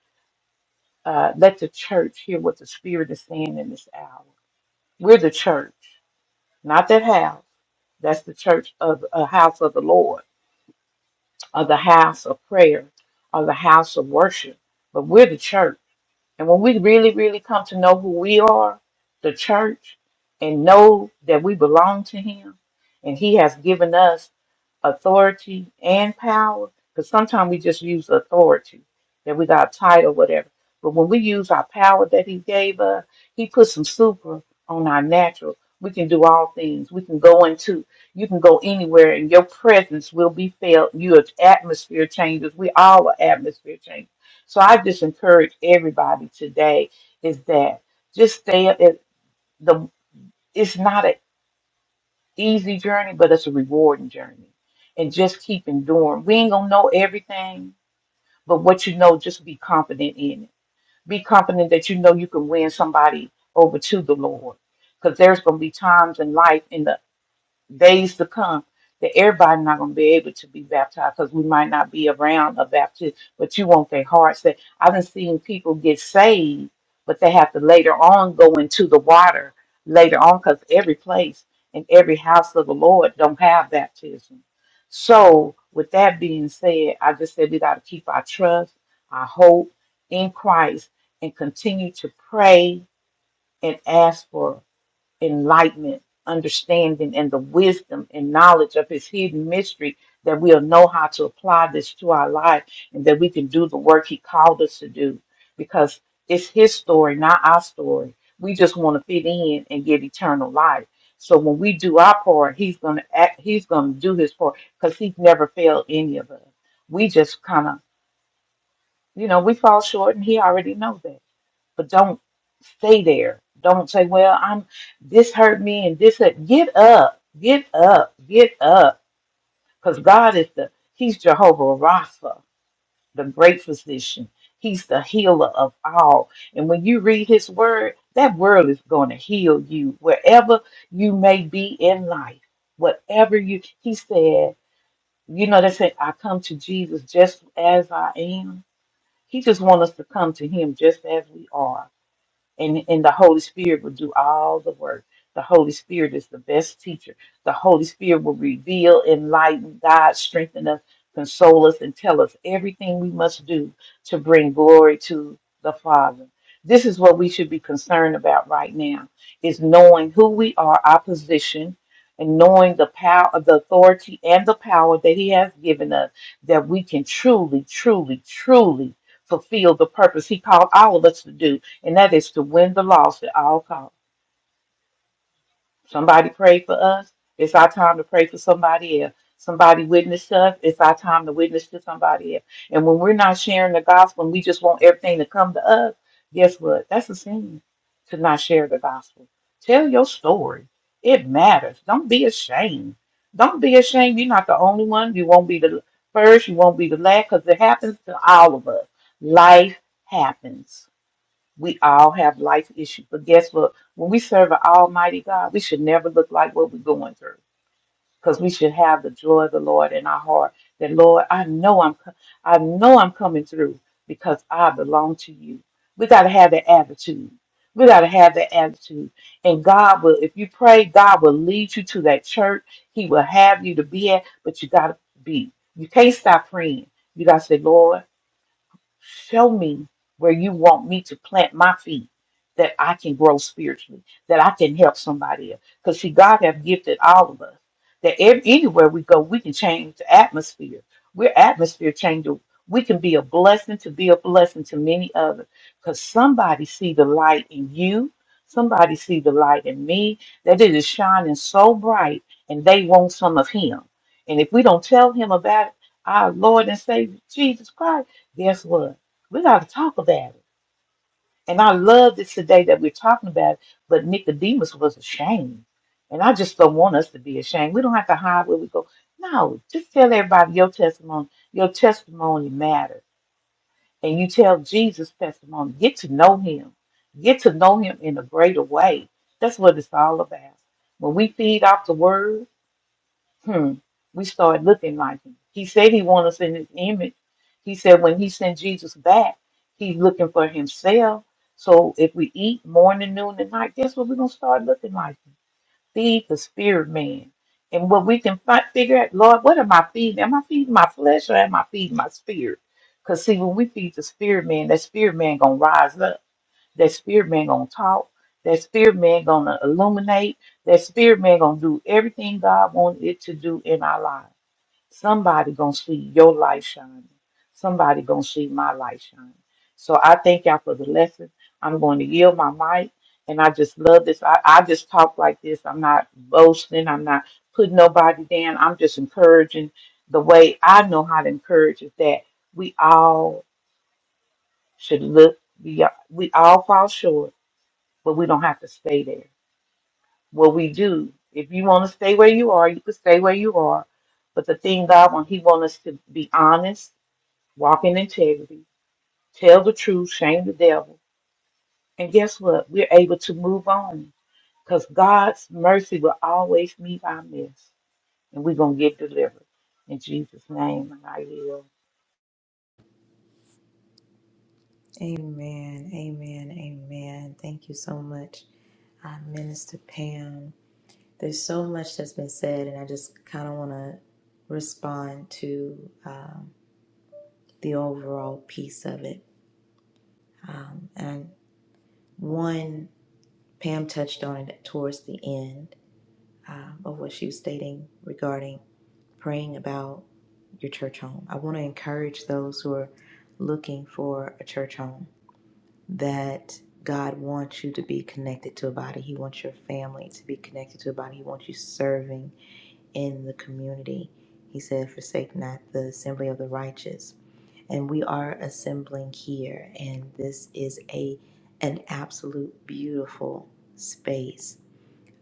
Speaker 8: Uh, let the church hear what the Spirit is saying in this hour. We're the church, not that house. That's the church of a house of the Lord, of the house of prayer, of the house of worship. But we're the church. And when we really, really come to know who we are, the church, and know that we belong to Him, and He has given us authority and power, because sometimes we just use authority that we got a title, whatever. But when we use our power that He gave us, He put some super on our natural. We can do all things. We can go into, you can go anywhere, and your presence will be felt. Your atmosphere changes. We all are atmosphere changes so I just encourage everybody today is that just stay up at the it's not an easy journey, but it's a rewarding journey. And just keep enduring. We ain't gonna know everything, but what you know, just be confident in it. Be confident that you know you can win somebody over to the Lord. Because there's gonna be times in life in the days to come that everybody not going to be able to be baptized because we might not be around a baptist but you want their hearts that i've been seeing people get saved but they have to later on go into the water later on because every place and every house of the lord don't have baptism so with that being said i just said we got to keep our trust our hope in christ and continue to pray and ask for enlightenment, understanding, and the wisdom and knowledge of His hidden mystery that we'll know how to apply this to our life and that we can do the work He called us to do because it's His story, not our story. We just want to fit in and get eternal life. So when we do our part, He's gonna act, He's gonna do His part because He's never failed any of us. We just kind of, you know, we fall short, and He already knows that but don't stay there. Don't say, "Well, I'm this hurt me and this hurt." Get up, get up, get up, because God is the He's Jehovah Rapha, the great physician. He's the healer of all. And when you read His word, that word is going to heal you wherever you may be in life. Whatever you, He said, you know, they say, "I come to Jesus just as I am." He just wants us to come to Him just as we are and, and the Holy Spirit will do all the work. The Holy Spirit is the best teacher. The Holy Spirit will reveal, enlighten, guide, strengthen us, console us, and tell us everything we must do to bring glory to the Father. This is what we should be concerned about right now is knowing who we are, our position, and knowing the power the authority and the power that He has given us, that we can truly, truly, truly fulfill the purpose He called all of us to do and that is to win the loss at all costs. Somebody prayed for us. It's our time to pray for somebody else. Somebody witnessed us. It's our time to witness to somebody else. And when we're not sharing the gospel and we just want everything to come to us, guess what? That's a sin to not share the gospel. Tell your story. It matters. Don't be ashamed. Don't be ashamed. You're not the only one. You won't be the first. You won't be the last because it happens to all of us. Life happens we all have life issues, but guess what? When we serve an Almighty God, we should never look like what we're going through, because we should have the joy of the Lord in our heart. That Lord, I know I'm, co- I know I'm coming through because I belong to you. We got to have that attitude. We got to have that attitude, and God will. If you pray, God will lead you to that church. He will have you to be at, but you got to be. You can't stop praying. You got to say, Lord. Show me where you want me to plant my feet that I can grow spiritually, that I can help somebody else. Because see, God have gifted all of us that ev- anywhere we go, we can change the atmosphere. We're atmosphere changer. We can be a blessing to be a blessing to many others. Because somebody see the light in you. Somebody see the light in me that it is shining so bright and they want some of him. And if we don't tell him about it, our Lord and Savior Jesus Christ, Guess what? We got to talk about it. And I love this today that we're talking about it, but Nicodemus was ashamed. And I just don't want us to be ashamed. We don't have to hide where we go. No, just tell everybody your testimony. Your testimony matters. And you tell Jesus' testimony. Get to know him. Get to know him in a greater way. That's what it's all about. When we feed off the word, hmm, we start looking like him. He said he wants us in his image. He said when he sent Jesus back, he's looking for himself. So if we eat morning, noon, and night, guess what? We're going to start looking like him. Feed the spirit man. And what we can fi- figure out, Lord, what am I feeding? Am I feeding my flesh or am I feeding my spirit? Because see, when we feed the spirit man, that spirit man going to rise up. That spirit man gonna talk. That spirit man gonna illuminate. That spirit man gonna do everything God wanted it to do in our lives. Somebody gonna see your light shining. Somebody gonna see my light shining. So I thank y'all for the lesson. I'm going to yield my mic, and I just love this. I, I just talk like this. I'm not boasting. I'm not putting nobody down. I'm just encouraging. The way I know how to encourage is that we all should look. beyond. We all fall short but we don't have to stay there. What we do, if you want to stay where you are, you can stay where you are. But the thing God wants, He wants us to be honest, walk in integrity, tell the truth, shame the devil. And guess what? We're able to move on because God's mercy will always meet our mess, and we're going to get delivered. In Jesus' name, and I yield.
Speaker 1: Amen, amen, amen. Thank you so much, uh, Minister Pam. There's so much that's been said, and I just kind of want to respond to um, the overall piece of it. Um, and One, Pam touched on it towards the end um, of what she was stating regarding praying about your church home. I want to encourage those who are looking for a church home that God wants you to be connected to a body. He wants your family to be connected to a body. He wants you serving in the community. He said, Forsake not the assembly of the righteous. And we are assembling here, and this is a an absolute beautiful space.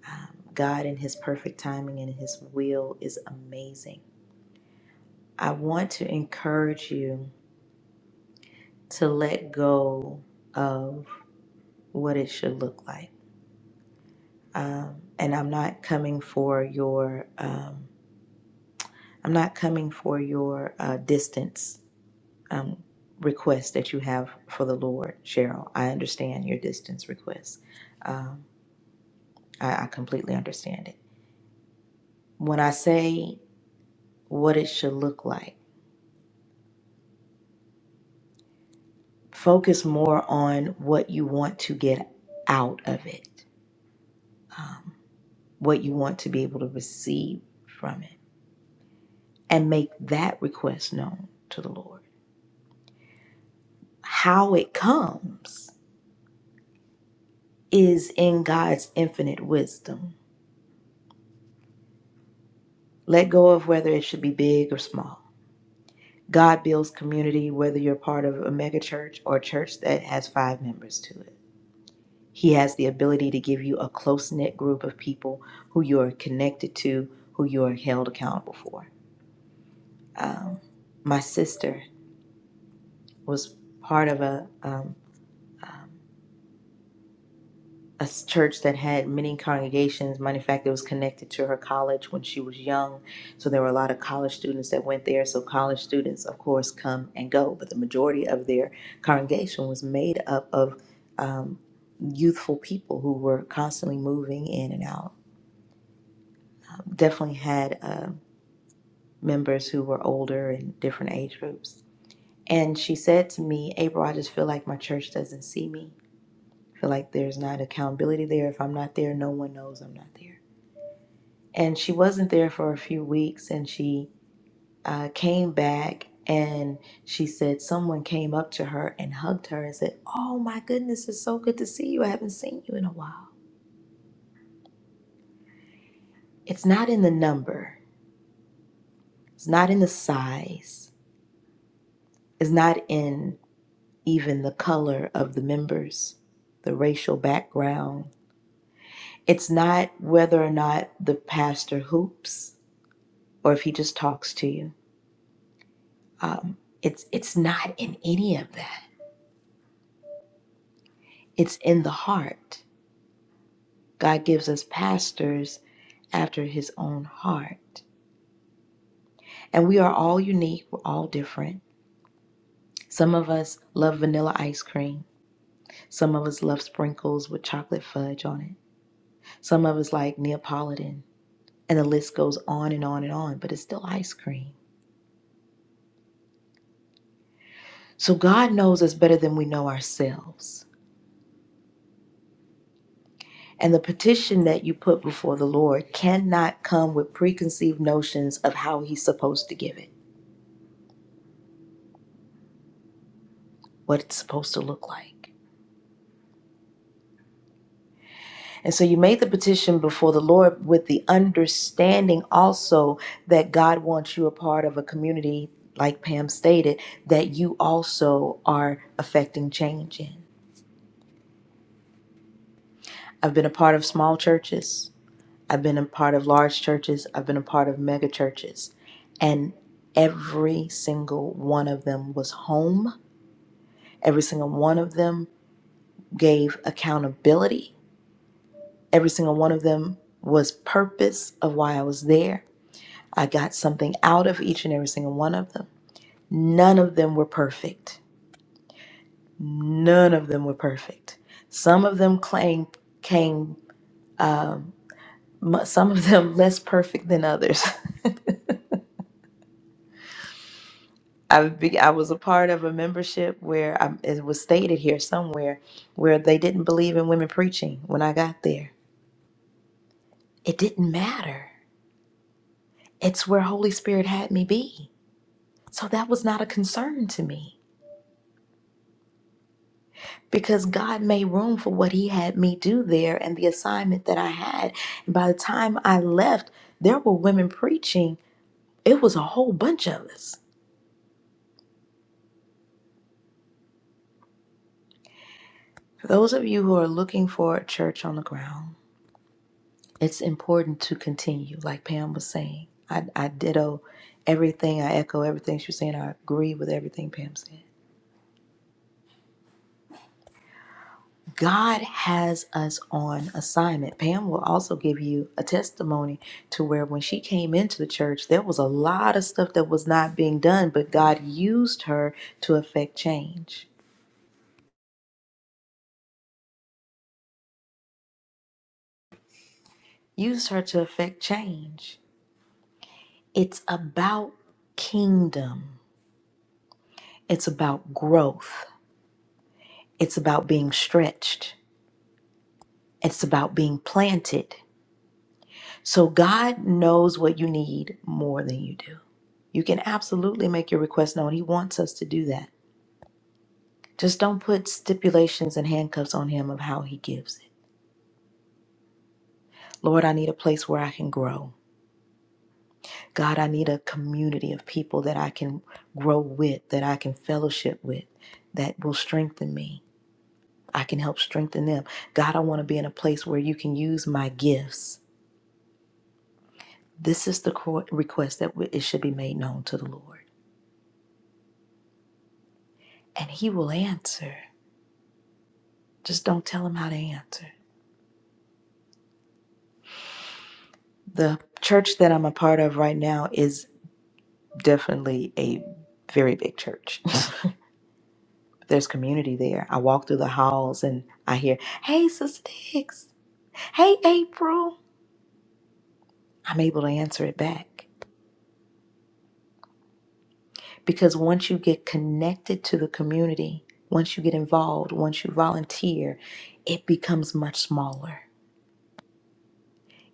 Speaker 1: Um, God in His perfect timing and His will is amazing. I want to encourage you to let go of what it should look like. Um, and I'm not coming for your, um, I'm not coming for your uh, distance um, requests that you have for the Lord, Cheryl. I understand your distance requests. Um, I, I completely understand it. When I say what it should look like, focus more on what you want to get out of it, um, what you want to be able to receive from it, and make that request known to the Lord. How it comes is in God's infinite wisdom. Let go of whether it should be big or small God builds community whether you're part of a mega church or a church that has five members to it. He has the ability to give you a close knit group of people who you are connected to, who you are held accountable for. Um, my sister was part of a um, um, A church that had many congregations. Matter of fact, it was connected to her college when she was young. So there were a lot of college students that went there. So college students, of course, come and go, but the majority of their congregation was made up of um, youthful people who were constantly moving in and out. Definitely had uh, members who were older and different age groups. And she said to me, April, I just feel like my church doesn't see me. I feel like there's not accountability there. If I'm not there, no one knows I'm not there. and she wasn't there for a few weeks and she uh, came back and she said someone came up to her and hugged her and said oh my goodness it's so good to see you i haven't seen you in a while it's not in the number it's not in the size it's not in even the color of the members the racial background it's not whether or not the pastor hoops or if he just talks to you um, it's it's not in any of that It's in the heart. God gives us pastors after his own heart. And we are all unique, we're all different. Some of us love vanilla ice cream. Some of us love sprinkles with chocolate fudge on it. Some of us like Neapolitan. And the list goes on and on and on, but it's still ice cream. So God knows us better than we know ourselves. And the petition that you put before the Lord cannot come with preconceived notions of how He's supposed to give it, what it's supposed to look like. And so you made the petition before the Lord with the understanding also that God wants you a part of a community, like Pam stated, that you also are affecting change in. I've been a part of small churches, I've been a part of large churches, I've been a part of mega churches. And every single one of them was home, every single one of them gave accountability, every single one of them was purpose of why I was there I got something out of each and every single one of them. None of them were perfect. None of them were perfect. Some of them claim came. Um, mu- some of them less perfect than others. I be, I was a part of a membership where I, it was stated here somewhere where they didn't believe in women preaching. When I got there, it didn't matter. It's where Holy Spirit had me be. So that was not a concern to me because God made room for what He had me do there and the assignment that I had. And by the time I left, there were women preaching. It was a whole bunch of us. For those of you who are looking for a church on the ground, it's important to continue, like Pam was saying. I, I ditto everything, I echo everything she was saying, I agree with everything Pam said. God has us on assignment. Pam will also give you a testimony to where when she came into the church, there was a lot of stuff that was not being done, but God used her to affect change. Used her to affect change. It's about kingdom, it's about growth, it's about being stretched, it's about being planted. So God knows what you need more than you do. You can absolutely make your request known. He wants us to do that Just don't put stipulations and handcuffs on him of how he gives it. Lord, I need a place where I can grow. God, I need a community of people that I can grow with, that I can fellowship with, that will strengthen me. I can help strengthen them. God, I want to be in a place where you can use my gifts. This is the cor- request that we- it should be made known to the Lord. And he will answer. Just don't tell him how to answer. The church that I'm a part of right now is definitely a very big church. There's community there. I walk through the halls and I hear, hey, Sister Dix, hey, April. I'm able to answer it back. Because once you get connected to the community, once you get involved, once you volunteer, it becomes much smaller.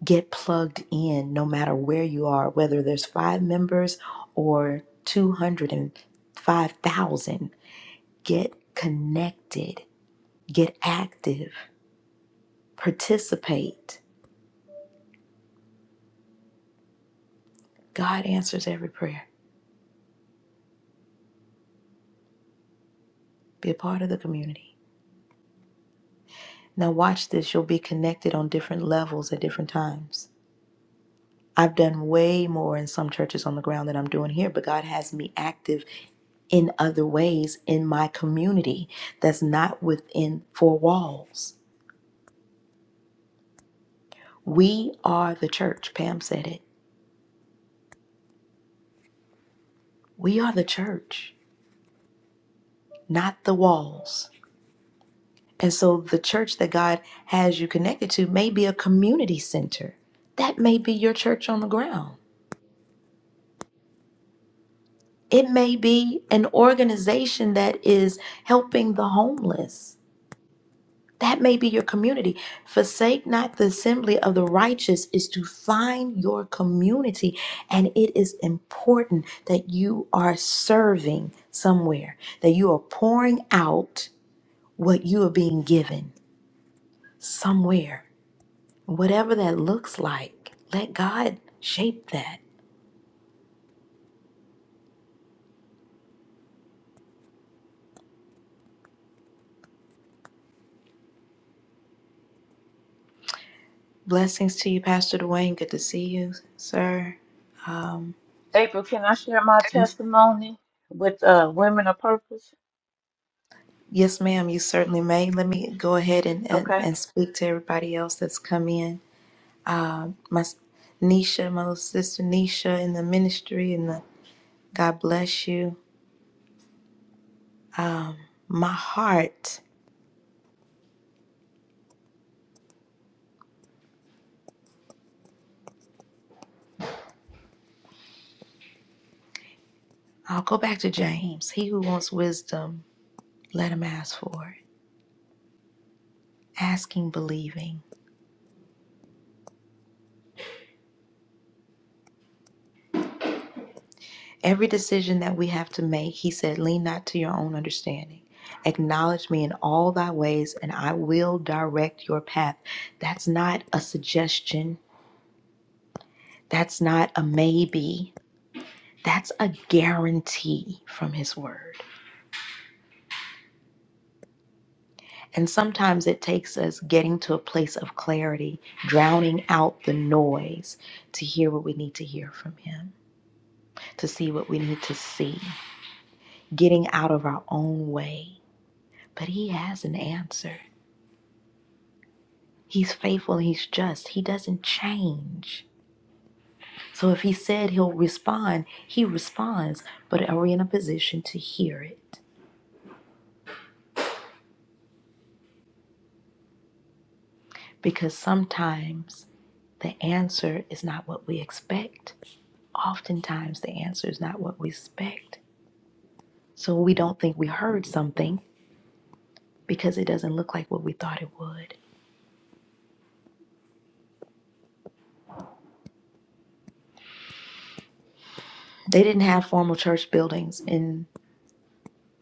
Speaker 1: Get plugged in no matter where you are, whether there's five members or 205,000. Get connected, get active, participate. God answers every prayer. Be a part of the community. Now, watch this. You'll be connected on different levels at different times. I've done way more in some churches on the ground than I'm doing here, but God has me active in other ways in my community that's not within four walls. We are the church. Pam said it. We are the church, not the walls. And so the church that God has you connected to may be a community center. That may be your church on the ground. It may be an organization that is helping the homeless. That may be your community. Forsake not the assembly of the righteous is to find your community. And it is important that you are serving somewhere, that you are pouring out what you are being given somewhere. Whatever that looks like, let God shape that. Blessings to you, Pastor Dwayne. Good to see you, sir.
Speaker 8: April, can I share my testimony with uh, Women of Purpose?
Speaker 1: Yes, ma'am, you certainly may. Let me go ahead and, and,
Speaker 8: Okay.
Speaker 1: and speak to everybody else that's come in. My s- Nisha, my little sister Nisha in the ministry, and the God bless you. My heart, I'll go back to James. He who wants wisdom, let him ask for it. Asking, believing. Every decision that we have to make, he said, lean not to your own understanding. Acknowledge me in all thy ways, and I will direct your path. That's not a suggestion. That's not a maybe, that's a guarantee from His Word. And sometimes it takes us getting to a place of clarity, drowning out the noise to hear what we need to hear from Him, to see what we need to see, getting out of our own way. But He has an answer. He's faithful, He's just, He doesn't change. So if He said He'll respond, He responds. But are we in a position to hear it? Because sometimes the answer is not what we expect. Oftentimes, the answer is not what we expect. So we don't think we heard something because it doesn't look like what we thought it would. They didn't have formal church buildings in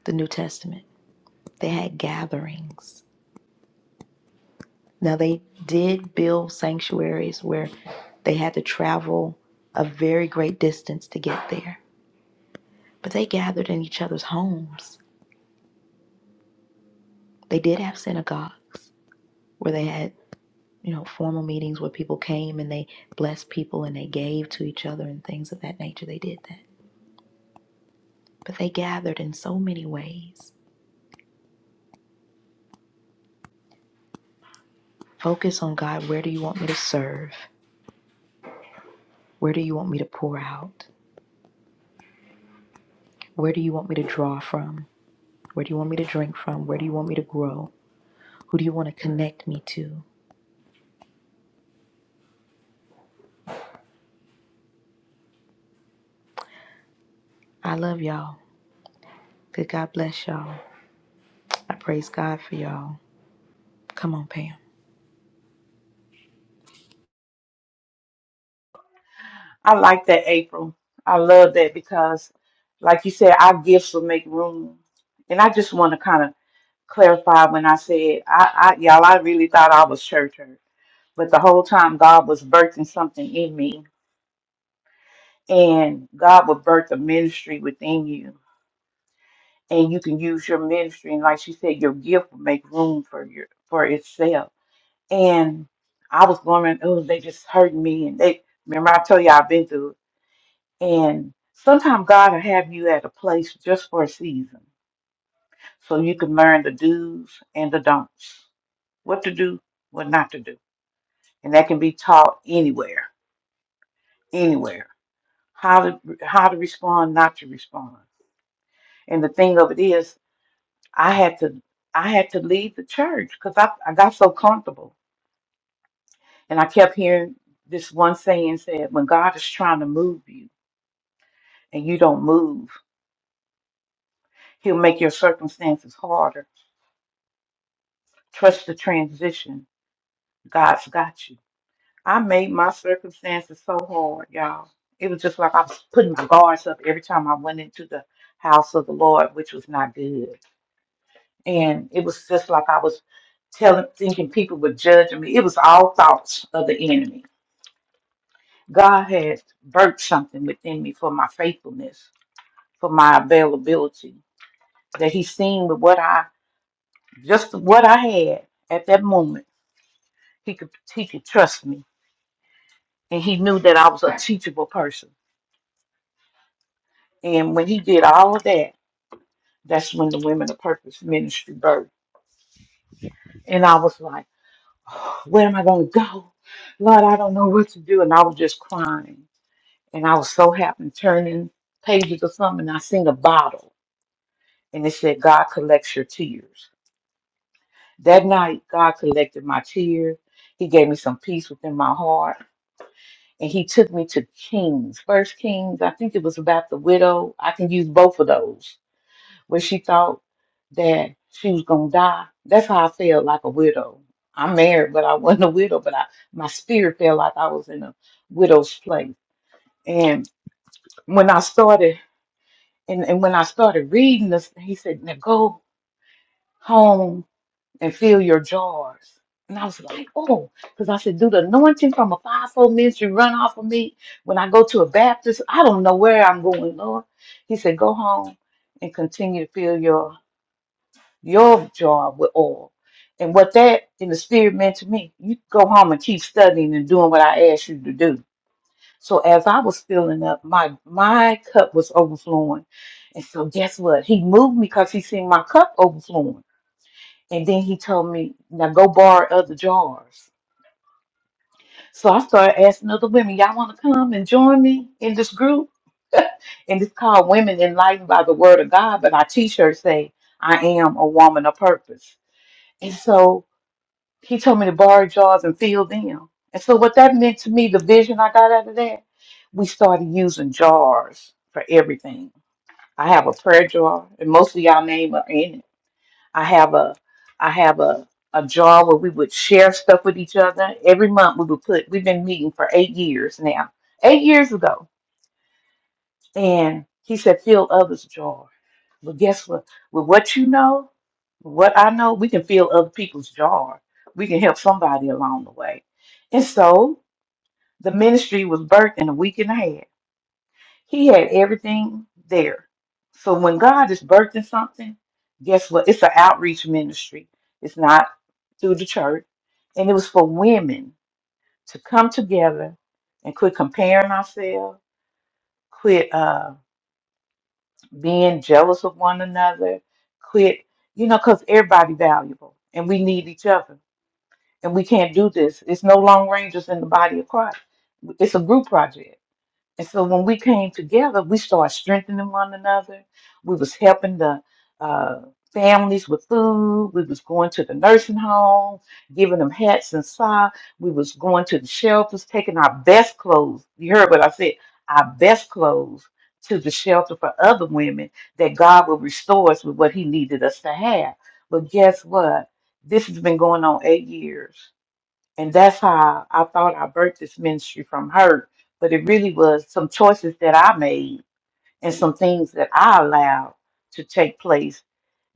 Speaker 1: the New Testament, they had gatherings. Now, they did build sanctuaries where they had to travel a very great distance to get there, but they gathered in each other's homes. They did have synagogues where they had you know, formal meetings where people came and they blessed people and they gave to each other and things of that nature. They did that. But they gathered in so many ways. Focus on God. Where do you want me to serve? Where do you want me to pour out? Where do you want me to draw from? Where do you want me to drink from? Where do you want me to grow? Who do you want to connect me to? I love y'all. Good God bless y'all. I praise God for y'all. Come on, Pam.
Speaker 8: I like that, April. I love that because, like you said, our gifts will make room. And I just want to kind of clarify when I said, I, I, y'all, I really thought I was church hurt, but the whole time God was birthing something in me, and God will birth a ministry within you, and you can use your ministry. And like she said, your gift will make room for your for itself. And I was going, oh, they just hurt me, and they remember I told you I've been through. it And sometimes God will have you at a place just for a season so you can learn the do's and the don'ts, what to do, what not to do. And that can be taught anywhere, anywhere. How to how to respond, not to respond. And the thing of it is, I had to I had to leave the church because I, I got so comfortable. And I kept hearing this one saying said, when God is trying to move you and you don't move, he'll make your circumstances harder. Trust the transition God's got you. I made my circumstances so hard, y'all. It was just like I was putting my guards up every time I went into the house of the Lord, which was not good. And it was just like I was telling, thinking people were judging me. It was all thoughts of the enemy. God had burnt something within me for my faithfulness, for my availability, that He seen with what I just what I had at that moment. He could He could trust me, and He knew that I was a teachable person And when he did all of that, that's when the Women of Purpose ministry birthed. And I was like, "Oh, where am I going to go? Lord, I don't know what to do. And I was just crying. And I was so happy turning pages or something. And I seen a bottle and it said, God collects your tears. That night, God collected my tears. He gave me some peace within my heart. And he took me to Kings, First Kings. I think it was about the widow. I can use both of those where she thought that she was gonna die. That's how I felt like a widow. I'm married, but I wasn't a widow, but I my spirit felt like I was in a widow's place. And when I started and, and when I started reading this, he said, Now go home and fill your jars. And I was like, oh, because I said, do the anointing from a fivefold ministry run off of me when I go to a Baptist? I don't know where I'm going, Lord. He said, go home and continue to fill your your jar with oil. And what that in the spirit meant to me, you go home and keep studying and doing what I asked you to do. So as I was filling up, my my cup was overflowing. And so guess what? He moved me because he seen my cup overflowing. And then he told me, now go borrow other jars. So I started asking other women, y'all want to come and join me in this group? And it's called Women Enlightened by the Word of God. But our t-shirts say, I am a woman of purpose. And so He told me to borrow jars and fill them. And so what that meant to me, the vision I got out of that, we started using jars for everything. I have a prayer jar, and most of y'all name are in it. I have a I have a a jar where we would share stuff with each other. Every month we would put we've been meeting for eight years now. Eight years ago. And he said, fill others' jar. But guess what? With what you know, with what I know, we can fill other people's jar. We can help somebody along the way. And so the ministry was birthed in a week and a half. He had everything there. So when God is birthing something, guess what? It's an outreach ministry. It's not through the church. And it was for women to come together and quit comparing ourselves, quit uh being jealous of one another, quit, you know, because everybody valuable and we need each other. And we can't do this. It's no long rangers in the body of Christ. It's a group project. And so when we came together, we started strengthening one another. We was helping the uh, families with food. We was going to the nursing home, giving them hats and socks. We was going to the shelters, taking our best clothes. You heard what I said, our best clothes to the shelter for other women that God would restore us with what he needed us to have. But guess what? This has been going on eight years. And that's how I thought I birthed this ministry from her. But it really was some choices that I made and some things that I allowed to take place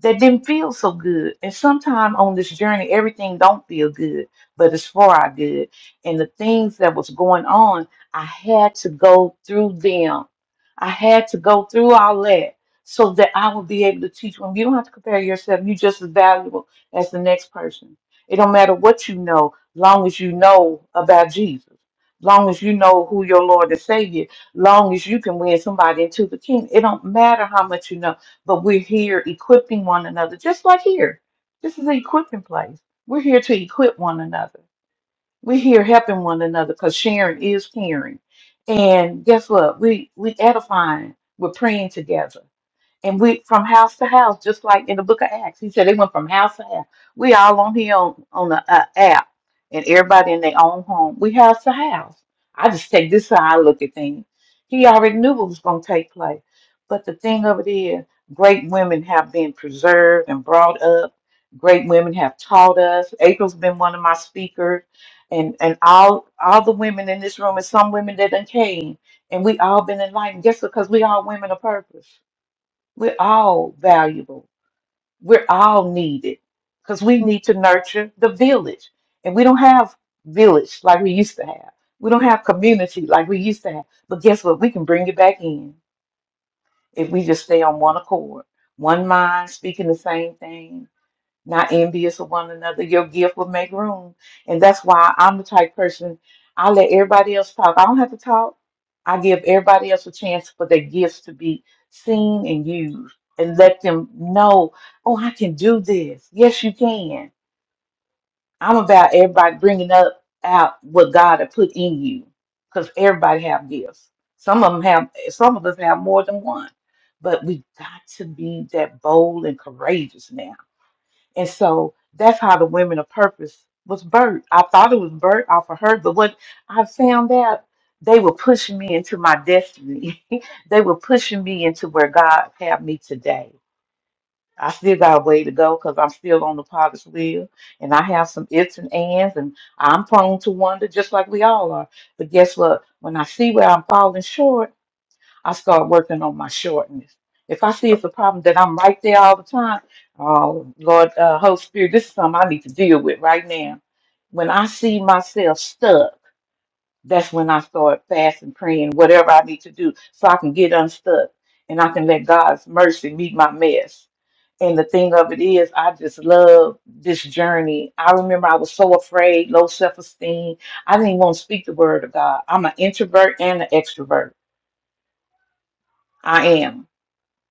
Speaker 8: that didn't feel so good. And sometimes on this journey, everything don't feel good, but it's for our good. And the things that was going on, I had to go through them. I had to go through all that so that I would be able to teach them. You don't have to compare yourself. You're just as valuable as the next person. It don't matter what you know, long as you know about Jesus. Long as you know who your Lord and Savior, long as you can win somebody into the kingdom, it don't matter how much you know but we're here equipping one another, just like here. This is an equipping place. We're here to equip one another. We're here helping one another because sharing is caring. And guess what? We we edifying. We're praying together and went from house to house, just like in the book of Acts. He said they went from house to house. We all on here on, on the uh, app, and everybody in their own home. We house to house. I just take this how I look at things. He already knew what was going to take place. But the thing of it is, great women have been preserved and brought up. Great women have taught us. April's been one of my speakers, and and all all the women in this room, and some women that done came, and we all been enlightened just because we all women of purpose we're all valuable. We're all needed because we need to nurture the village. And we don't have village like we used to have. We don't have community like we used to have. But guess what? We can bring it back in if we just stay on one accord, one mind, speaking the same thing, not envious of one another. Your gift will make room. And that's why I'm the type person I let everybody else talk. I don't have to talk. I give everybody else a chance for their gifts to be seen and used and let them know, oh, I can do this. Yes, you can. I'm about everybody bringing up out what God had put in you because everybody have gifts. Some of them have, some of us have more than one, but we got to be that bold and courageous now and so that's how the Women of Purpose was birthed. I thought it was birthed off of her, but what I found out, they were pushing me into my destiny. they were pushing me into where God had me today. I still got a way to go because I'm still on the potter's wheel and I have some ifs and ands and I'm prone to wonder just like we all are. But guess what? When I see where I'm falling short, I start working on my shortness. If I see it's a problem that I'm right there all the time, oh Lord, uh, Holy Spirit, this is something I need to deal with right now. When I see myself stuck, that's when I start fasting, praying, whatever I need to do, so I can get unstuck and I can let God's mercy meet my mess. And the thing of it is, I just love this journey. I remember I was so afraid, low self esteem. I didn't want to speak the word of God. I'm an introvert and an extrovert. I am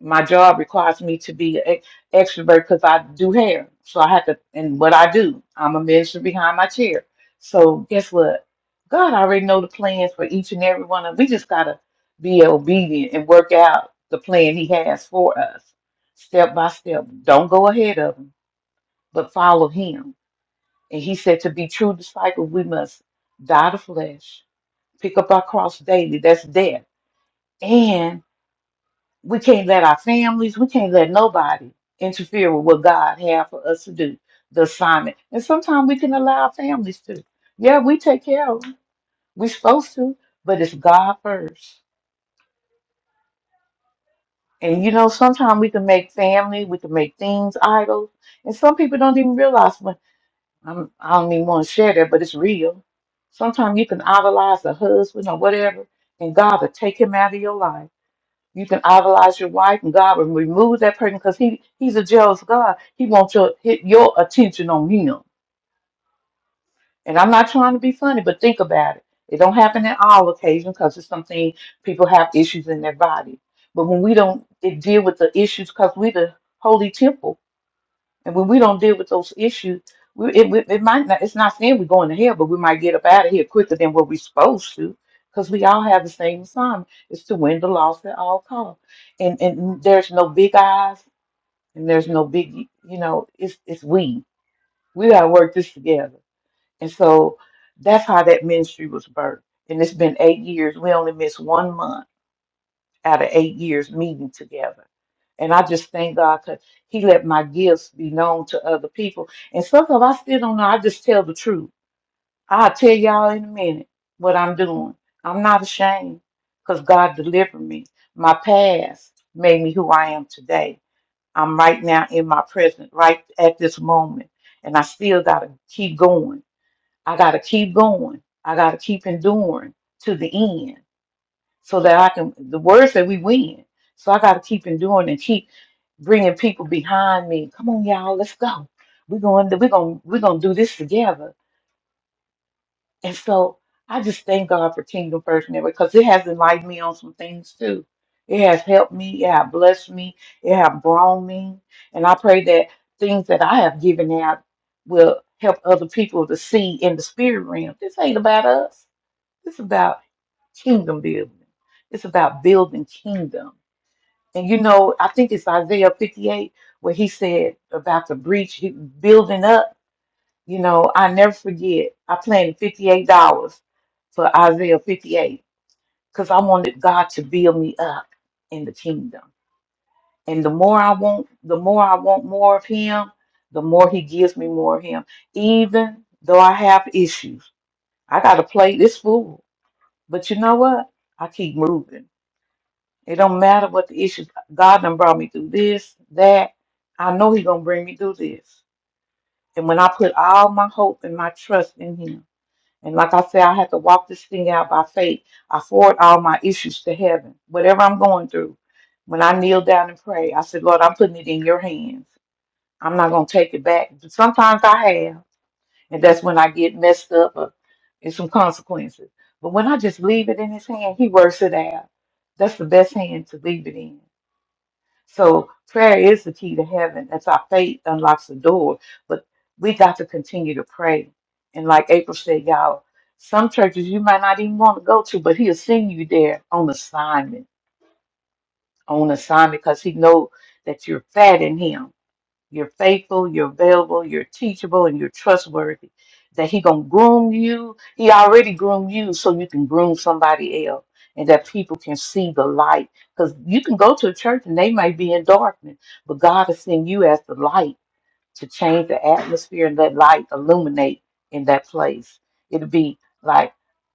Speaker 8: my job requires me to be an extrovert because I do hair. So I have to, and what I do, I'm a minister behind my chair. So guess what? God already know the plans for each and every one of. We just gotta be obedient and work out the plan He has for us, step by step. Don't go ahead of Him, but follow Him. And He said to be true disciples, we must die to flesh, pick up our cross daily. That's death, and we can't let our families, we can't let nobody interfere with what God has for us to do, the assignment. And sometimes we can allow our families to. Yeah, we take care of them. We're supposed to, but it's God first. And you know, sometimes we can make family, we can make things idols. And some people don't even realize when I'm, I don't even want to share that, but it's real. Sometimes you can idolize a husband or whatever, and God will take him out of your life You can idolize your wife, and God will remove that person because he, He's a jealous God. He wants your hit your attention on Him. And I'm not trying to be funny, but think about it. It don't happen in all occasions because it's something people have issues in their body. But when we don't it deal with the issues because we are the holy temple, and when we don't deal with those issues, we, it, we- it might not, it's not saying we're going to hell, but we might get up out of here quicker than what we're supposed to because we all have the same assignment. It's to win the loss at all costs. And, and there's no big eyes and there's no big, you know, it's, it's we. We got to work this together. And so that's how that ministry was birthed. And it's been eight years. We only missed one month out of eight years meeting together. And I just thank God because He let my gifts be known to other people. And some of I still don't know. I just tell the truth. I'll tell y'all in a minute what I'm doing. I'm not ashamed because God delivered me. My past made me who I am today. I'm right now in my present, right at this moment. And I still got to keep going. I got to keep going. I got to keep enduring to the end so that I can. The word said we win, so I got to keep enduring and keep bringing people behind me. Come on, y'all, let's go. We're going. to We're going. We're going to do this together. And so I just thank God for Kingdom First Network because it has enlightened me on some things too. It has helped me. It has blessed me. It has brought me. And I pray that things that I have given out will help other people to see in the spirit realm. This ain't about us. This is about kingdom building. It's about building kingdom. And you know, I think it's Isaiah 58 where he said about the breach, he building up. You know, I never forget. I planned $58 for Isaiah 58 because I wanted God to build me up in the kingdom. And the more I want, the more I want more of him, the more he gives me more of him. Even though I have issues, I got to play this fool. But you know what? I keep moving It don't matter what the issues. God done brought me through this, that. I know He gonna bring me through this. And when I put all my hope and my trust in Him, and like I said, I have to walk this thing out by faith. I forward all my issues to heaven, whatever I'm going through. When I kneel down and pray, I said, Lord, I'm putting it in your hands. I'm not gonna take it back. But sometimes I have, and that's when I get messed up or and some consequences. But when I just leave it in his hand, he works it out. That's the best hand to leave it in. So prayer is the key to heaven. That's our faith unlocks the door. But we got to continue to pray. And like April said, y'all, some churches you might not even want to go to, but he'll send you there on assignment, on assignment, because he know that you're fat in him. You're faithful, you're available, you're teachable, and you're trustworthy. That he gonna groom you. He already groomed you so you can groom somebody else. And that people can see the light. Because you can go to a church and they might be in darkness, but God has seen you as the light to change the atmosphere and let light illuminate in that place. It'd be like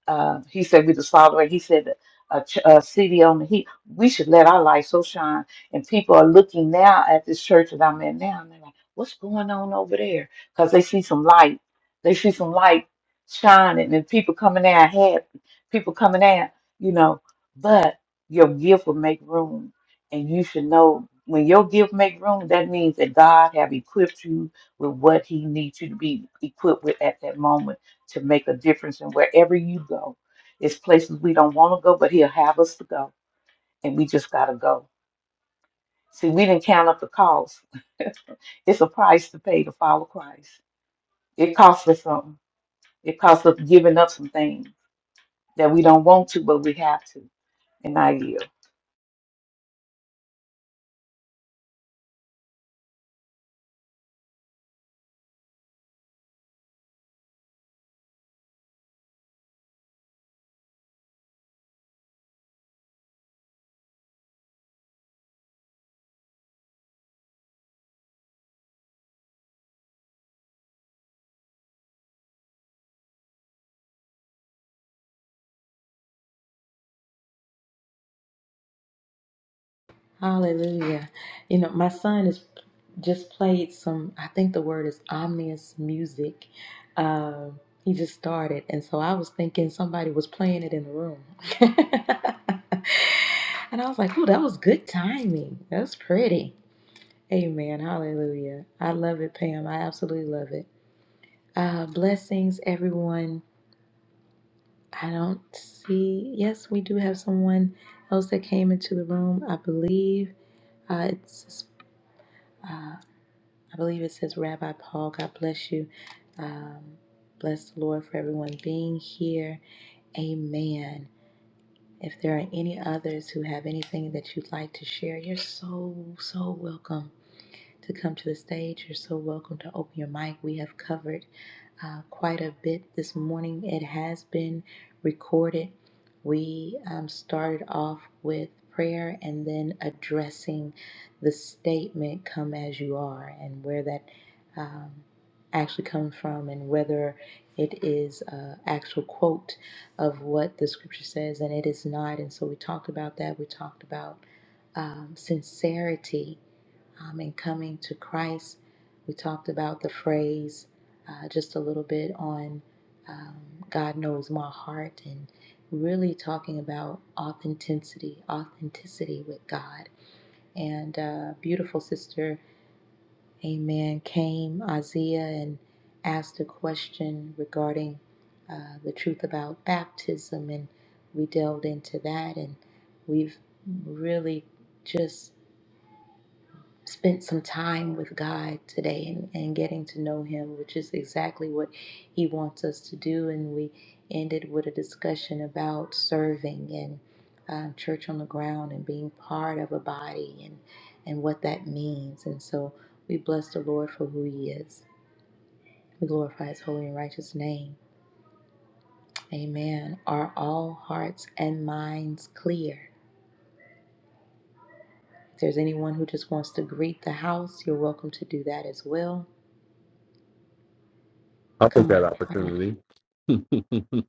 Speaker 8: uh, he said, we the salt of He said, a, ch- a city on the heat. We should let our light so shine. And people are looking now at this church that I'm at now, and they're like, "What's going on over there?" Because they see some light. They see some light shining, and people coming out happy. People coming out, you know. But your gift will make room and you should know when your gift make room that means that god have equipped you with what he needs you to be equipped with at that moment to make a difference and wherever you go it's places we don't want to go but he'll have us to go and we just gotta go see we didn't count up the cost it's a price to pay to follow christ it costs us something it costs us giving up some things that we don't want to but we have to and i yield
Speaker 1: Hallelujah. You know, my son has just played some, I think the word is ominous music. Um, he just started. And so I was thinking somebody was playing it in the room. and I was like, oh, that was good timing. That's pretty. Amen. Hallelujah. I love it, Pam. I absolutely love it. Uh, blessings, everyone. I don't see, yes, we do have someone else that came into the room, I believe. Uh, it's uh, I believe it says Rabbi Paul, God bless you. Um, bless the Lord for everyone being here. Amen. If there are any others who have anything that you'd like to share, you're so, so welcome to come to the stage. You're so welcome to open your mic. We have covered uh, quite a bit this morning. It has been recorded. We um, started off with prayer and then addressing the statement, Come as you are, and where that um, actually comes from, and whether it is an actual quote of what the scripture says, and it is not. And so we talked about that. We talked about um, sincerity um, and coming to Christ. We talked about the phrase uh, just a little bit on um, God knows my heart and really talking about authenticity, authenticity with God. And uh, beautiful sister, amen, came, Isaiah, and asked a question regarding uh, the truth about baptism. And we delved into that and we've really just spent some time with God today and, and getting to know Him, which is exactly what He wants us to do. And we ended with a discussion about serving and um, church on the ground and being part of a body and, and what that means. And so we bless the Lord for who He is. We glorify His holy and righteous name. Amen. Are all hearts and minds clear? If there's anyone who just wants to greet the house, you're welcome to do that as well.
Speaker 4: I'll take
Speaker 1: Come
Speaker 4: that
Speaker 1: on. come on.
Speaker 4: opportunity.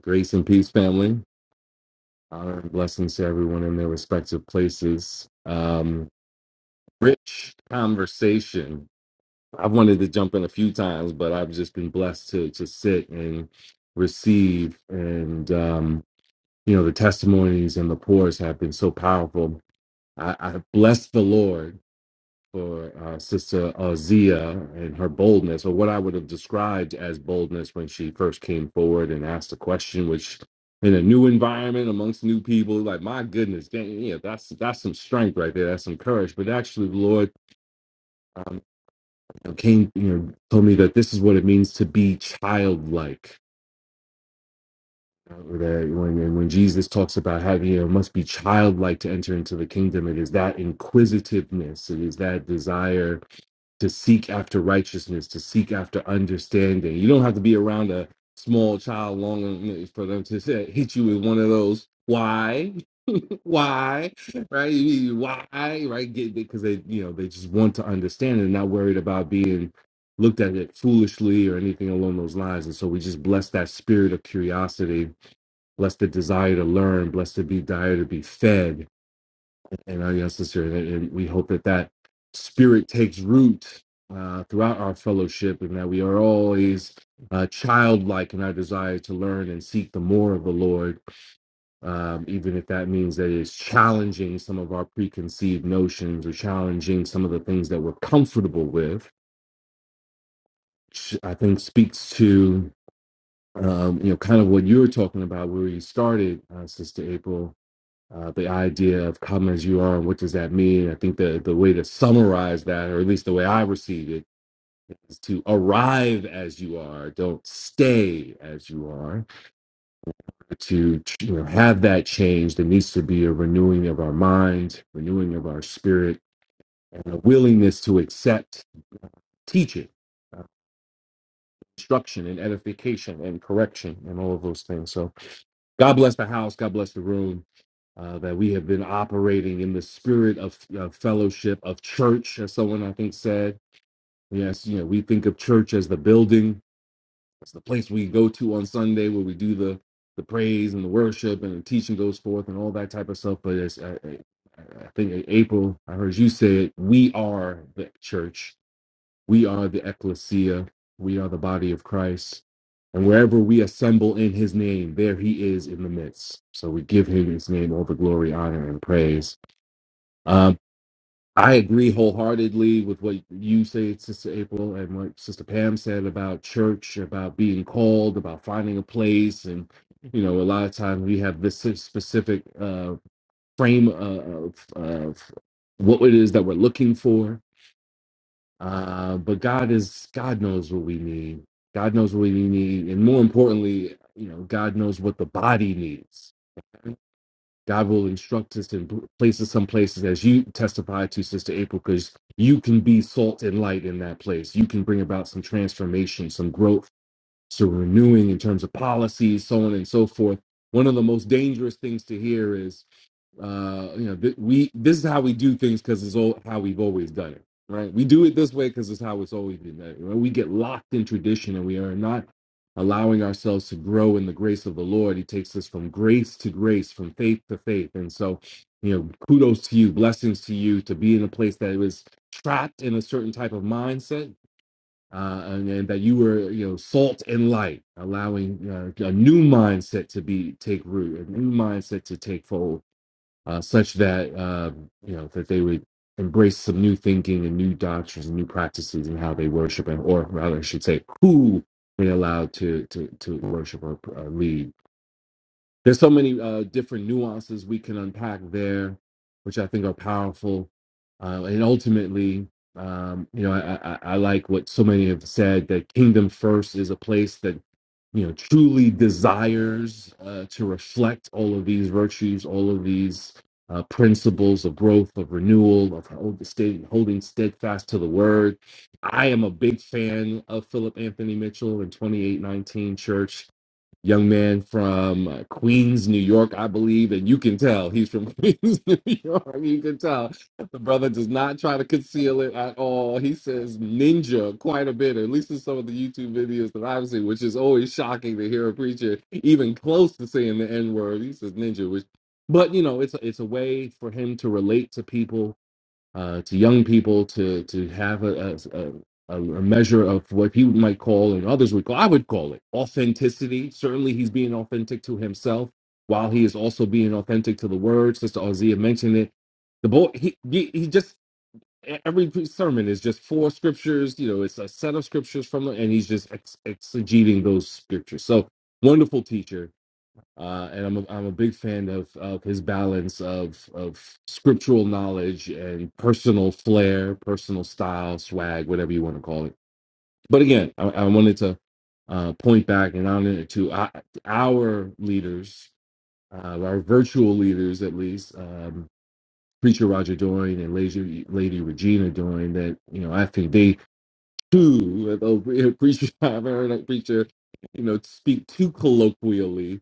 Speaker 4: Grace and peace, family. Honor and blessings to everyone in their respective places. Um, rich conversation. I've wanted to jump in a few times, but I've just been blessed to to sit and receive. And um, you know, the testimonies and the pours have been so powerful. I, I bless the Lord for uh, Sister Azia and her boldness, or what I would have described as boldness when she first came forward and asked the question, which in a new environment amongst new people, like my goodness, dang, yeah, that's that's some strength right there, that's some courage. But actually, the Lord um, you know, came, you know, told me that this is what it means to be childlike. Uh, That when when Jesus talks about having you know, must be childlike to enter into the kingdom, it is that inquisitiveness, it is that desire to seek after righteousness, to seek after understanding. You don't have to be around a small child long for them to say, hit you with one of those why, why, right? You- you- Why, right? Get Because they, you know, they just want to understand and not worried about being looked at it foolishly or anything along those lines. And so we just bless that spirit of curiosity, bless the desire to learn, bless the desire to be fed and our yes this and we hope that that spirit takes root uh, throughout our fellowship and that we are always uh, childlike in our desire to learn and seek the more of the Lord, um, even if that means that it's challenging some of our preconceived notions or challenging some of the things that we're comfortable with. which I think speaks to um, you know kind of what you were talking about where you started, uh, Sister April, uh, the idea of come as you are and what does that mean i think the, the way to summarize that or at least the way i receive it is to arrive as you are don't stay as you are to you know, have that change there needs to be a renewing of our mind renewing of our spirit and a willingness to accept teaching uh, instruction and edification and correction and all of those things so God bless the house. God bless the room. Uh, that we have been operating in the spirit of uh, fellowship of church, as someone I think said. Yes, you know, we think of church as the building. It's the place we go to on Sunday where we do the the praise and the worship and the teaching goes forth and all that type of stuff. But as I, I I think April, I heard you say it, we are the church we are the ecclesia. We are the body of Christ. And wherever we assemble in his name, there he is in the midst. So we give him his name all the glory, honor, and praise. Um, I agree wholeheartedly with what you say, Sister April, and what Sister Pam said about church, about being called, about finding a place. And, you know, a lot of times we have this specific uh, frame uh, of, of what it is that we're looking for uh, but God is God knows what we need. God knows what we need, and more importantly, you know, God knows what the body needs. God will instruct us in pl- places, some places, as you testified to, Sister April, because you can be salt and light in that place. You can bring about some transformation, some growth, some renewing in terms of policies, so on and so forth. One of the most dangerous things to hear is uh you know th- we this is how we do things because it's all how we've always done it right we do it this way because it's how it's always been done right? we get locked in tradition and we are not allowing ourselves to grow in the grace of the lord he takes us from grace to grace from faith to faith and so you know kudos to you blessings to you to be in a place that was trapped in a certain type of mindset uh, and, and that you were, you know, salt and light, allowing uh, a new mindset to be take root, a new mindset to take fold, uh, such that uh, you know that they would embrace some new thinking and new doctrines and new practices in how they worship and or rather I should say who they allowed to to to worship or uh, lead there's so many uh, different nuances we can unpack there, which I think are powerful. Uh, and ultimately, um, you know, I, I, I like what so many have said that Kingdom First is a place that you know truly desires uh, to reflect all of these virtues, all of these uh, principles of growth, of renewal, of hold, stay, holding steadfast to the word. I am a big fan of Philip Anthony Mitchell and 2819 Church young man from uh, Queens, New York, I believe, and you can tell he's from Queens, New York. You can tell the brother does not try to conceal it at all. He says ninja quite a bit, at least in some of the YouTube videos that I've seen, which is always shocking to hear a preacher even close to saying the N word. He says ninja, which, but you know, it's it's a way for him to relate to people uh, to young people to to have a, a, a a measure of what he might call and others would call I would call it authenticity. Certainly, he's being authentic to himself while he is also being authentic to the word. Sister Ozia mentioned it. The boy he he, he just e, every sermon is just four scriptures. You know, it's a set of scriptures from the, and he's just ex- exegeting those scriptures. So wonderful teacher uh, and I'm a, I'm a big fan of of his balance of of scriptural knowledge and personal flair, personal style, swag, whatever you want to call it. But again, I, I wanted to uh, point back and honor to our, our leaders, uh, our virtual leaders at least, um, preacher Roger Doyne and Lady Lady Regina Doyne. That you know, I think they too, though pre- preacher, I've heard a preacher, you know, speak too colloquially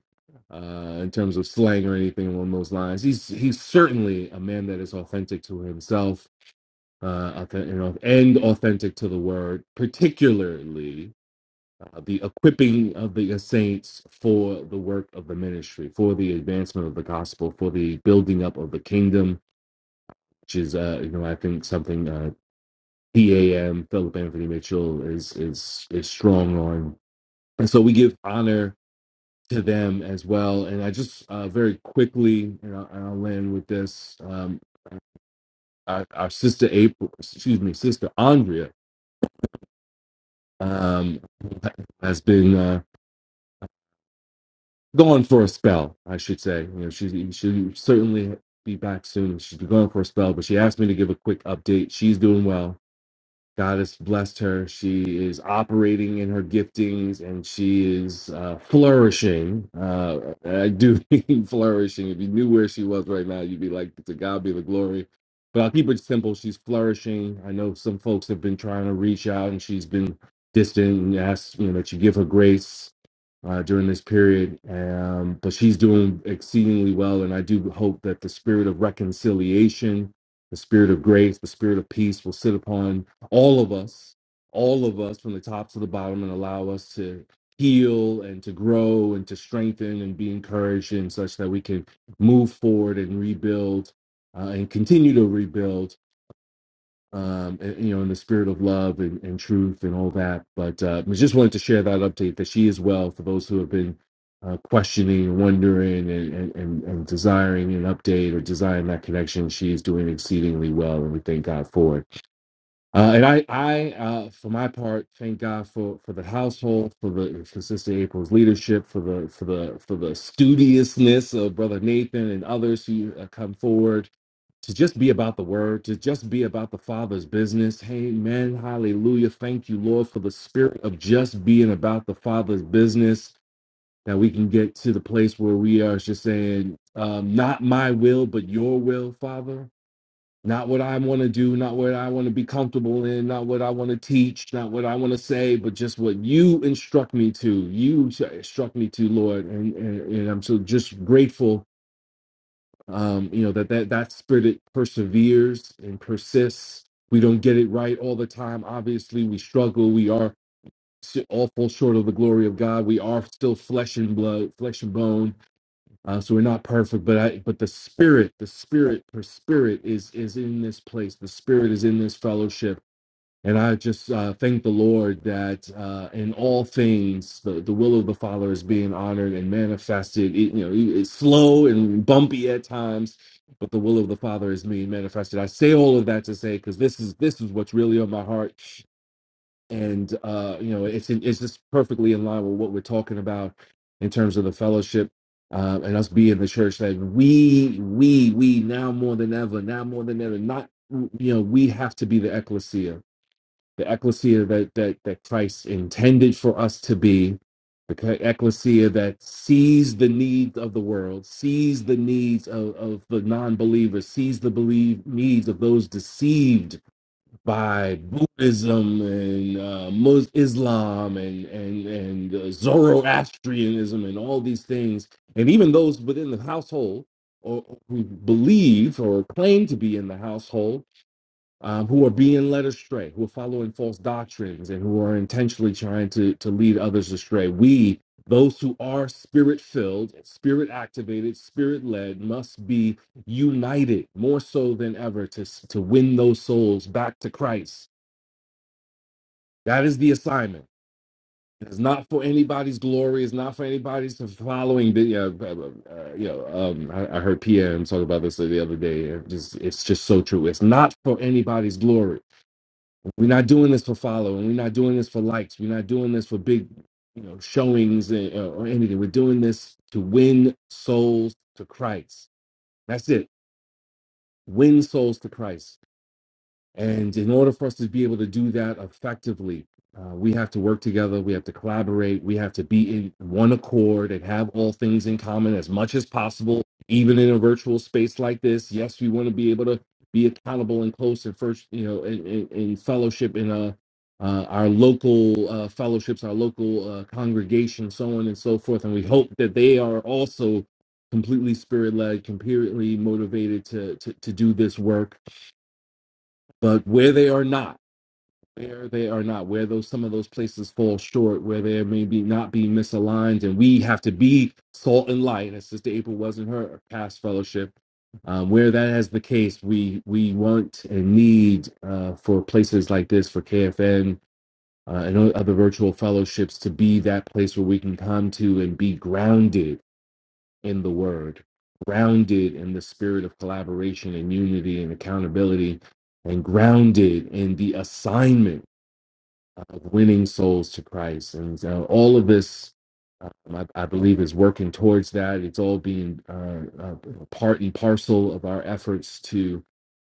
Speaker 4: uh, in terms of slang or anything along those lines. He's he's certainly a man that is authentic to himself, uh, authentic, you know, and authentic to the word, particularly. Uh, the equipping of the saints for the work of the ministry, for the advancement of the gospel, for the building up of the kingdom, which is, uh, you know, I think something uh, PAM, Philip Anthony Mitchell is is is strong on. And so we give honor to them as well. And I just uh, very quickly, and I'll, and I'll land with this. Um, our, our sister April, excuse me, sister Andrea, um, has been uh, gone for a spell, I should say. You know, she she'll certainly be back soon. She's been gone for a spell, but she asked me to give a quick update. She's doing well God has blessed her. She is operating in her giftings and she is uh, flourishing. Uh, I do mean flourishing. If you knew where she was right now, you'd be like, to God be the glory. But I'll keep it simple. She's flourishing. I know some folks have been trying to reach out and she's been distant and asked, you know, that you give her grace uh, during this period. Um, but she's doing exceedingly well. And I do hope that the spirit of reconciliation, the spirit of grace, the spirit of peace will sit upon all of us, all of us from the top to the bottom, and allow us to heal and to grow and to strengthen and be encouraged and such that we can move forward and rebuild uh, and continue to rebuild. Um, and, you know, in the spirit of love and, and truth and all that. But uh, we just wanted to share that update that she is well for those who have been uh, questioning and wondering and, and, and, and desiring an update or desiring that connection. She is doing exceedingly well, and we thank God for it. Uh, and I, I, uh, for my part, thank God for for the household, for the for Sister April's leadership, for the for the for the studiousness of Brother Nathan and others who uh, come forward to just be about the Word, to just be about the Father's business. Amen. Hallelujah. Thank you, Lord, for the spirit of just being about the Father's business. That we can get to the place where we are just saying, um, "Not my will, but Your will, Father." not what I want to do, not what I want to be comfortable in, not what I want to teach, not what I want to say, but just what you instruct me to. You s- instruct me to, Lord, and and, and I'm so just grateful. Um, you know that that that spirit perseveres and persists. We don't get it right all the time. Obviously, we struggle. We are s- all fall short of the glory of God. We are still flesh and blood, flesh and bone uh, so we're not perfect, but I but the spirit, the spirit, the spirit is is in this place. The spirit is in this fellowship, and I just uh, thank the Lord that uh, in all things the, the will of the Father is being honored and manifested. It, you know, it- it's slow and bumpy at times, but the will of the Father is being manifested. I say all of that to say because this is this is what's really on my heart and uh, you know it's it's just perfectly in line with what we're talking about in terms of the fellowship uh, and us being the church that we we we now more than ever now more than ever not you know we have to be the ecclesia the ecclesia that that that Christ intended for us to be the c- ecclesia that sees the needs of the world sees the needs of, of the non-believers sees the believe needs of those deceived by Buddhism and uh, Mus- Islam and and and uh, Zoroastrianism and all these things, and even those within the household or who believe or claim to be in the household um, who are being led astray, who are following false doctrines, and who are intentionally trying to, to lead others astray. We, those who are spirit filled, spirit activated, spirit led, must be united more so than ever to, to win those souls back to Christ. That is the assignment. It's not for anybody's glory. It's not for anybody's following. The, uh, uh, uh, uh, you know, um, I, I heard PM talk about this the other day. It just, it's just so true. It's not for anybody's glory We're not doing this for following. We're not doing this for likes. We're not doing this for big, you know, showings and- or or anything. We're doing this to win souls to Christ. That's it. Win souls to Christ. And in order for us to be able to do that effectively, uh, we have to work together. We have to collaborate. We have to be in one accord and have all things in common as much as possible, even in a virtual space like this. Yes, we want to be able to be accountable and close and first, you know, in, in, in fellowship in uh, uh, our local uh, fellowships, our local uh, congregation, so on and so forth. And we hope that they are also completely spirit led, completely motivated to, to to do this work. But where they are not, where they are not, where those some of those places fall short, where they may be not be misaligned, and we have to be salt and light. As Sister April was in her past fellowship, um, where that is the case, we we want and need uh, for places like this for KFN. Uh, and o- other virtual fellowships to be that place where we can come to and be grounded in the word, grounded in the spirit of collaboration and unity and accountability, and grounded in the assignment of winning souls to Christ. And uh, all of this, um, I, I believe, is working towards that. It's all being uh, uh, part and parcel of our efforts to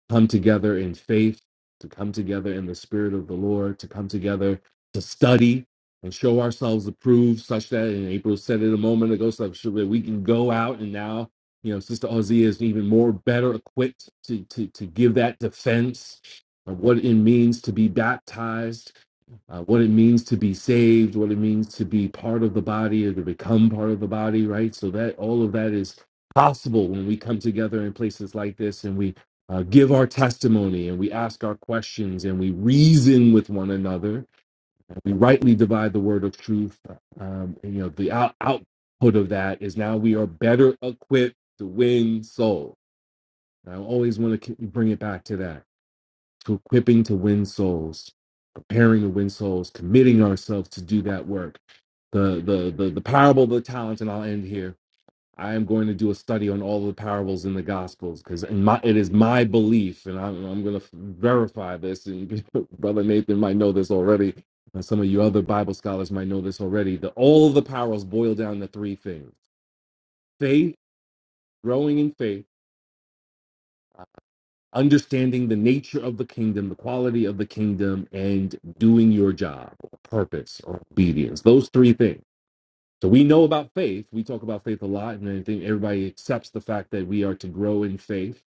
Speaker 4: come together in faith, to come together in the Spirit of the Lord, to come together to study and show ourselves approved, such that, and April said it a moment ago, such that we can go out and now. You know, Sister Ozia is even more better equipped to, to, to give that defense of what it means to be baptized uh, what it means to be saved, what it means to be part of the body or to become part of the body, right? So that all of that is possible when we come together in places like this and we uh, give our testimony and we ask our questions and we reason with one another. We rightly divide the word of truth. Um, and, you know, the out- output of that is now we are better equipped to win souls. I always want to bring it back to that to equipping to win souls, preparing to win souls, committing ourselves to do that work. The the the, the parable of the talents, and I'll end here. I am going to do a study on all the parables in the Gospels because my it is my belief, and I'm I'm going to verify this. And Brother Nathan might know this already, and some of you other Bible scholars might know this already. That all of the parables boil down to three things: faith, growing in faith. understanding the nature of the kingdom, the quality of the kingdom, and doing your job, or purpose, or obedience. Those three things. So we know about faith. We talk about faith a lot, and I think everybody accepts the fact that we are to grow in faith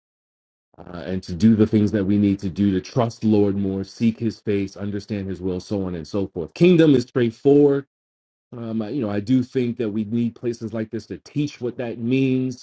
Speaker 4: uh, and to do the things that we need to do to trust the Lord more, seek His face, understand His will, so on and so forth. Kingdom is straightforward. Um, I- you know, I do think that we need places like this to teach what that means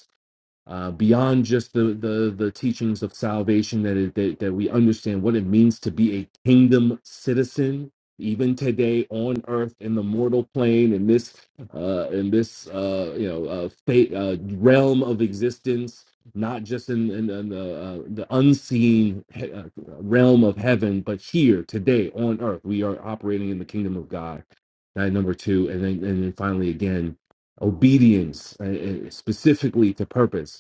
Speaker 4: uh, beyond just the, the the teachings of salvation that, it, that that we understand what it means to be a kingdom citizen even today on earth in the mortal plane in this uh, in this uh, you know uh, fate, uh, realm of existence not just in, in, in the uh, the unseen he- uh, realm of heaven but here today on earth we are operating in the kingdom of God that number two and then and then finally again obedience uh, uh, specifically to purpose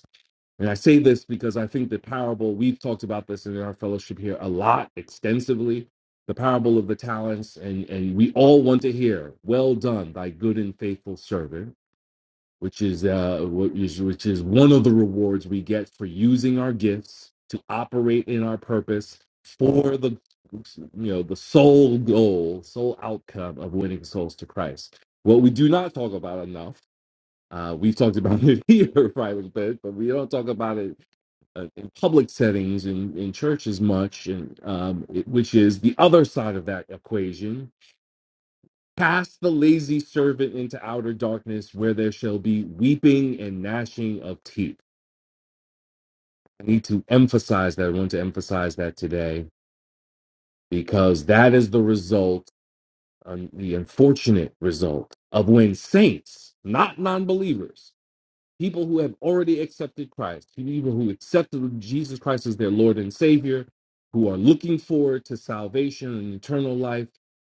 Speaker 4: and I say this because I think the parable, we've talked about this in our fellowship here a lot extensively, the parable of the talents. And, and we all want to hear, well done, thy good and faithful servant, which is, uh, which is, which is one of the rewards we get for using our gifts to operate in our purpose for the, you know, the sole goal, sole outcome of winning souls to Christ. What we do not talk about enough, uh, we've talked about it here, right, but, but we don't talk about it uh, in public settings in, in churches much and um, it- which is the other side of that equation cast the lazy servant into outer darkness where there shall be weeping and gnashing of teeth i need to emphasize that i want to emphasize that today because that is the result um, the unfortunate result of when saints not non-believers people who have already accepted Christ, people who accepted Jesus Christ as their Lord and Savior, who are looking forward to salvation and eternal life,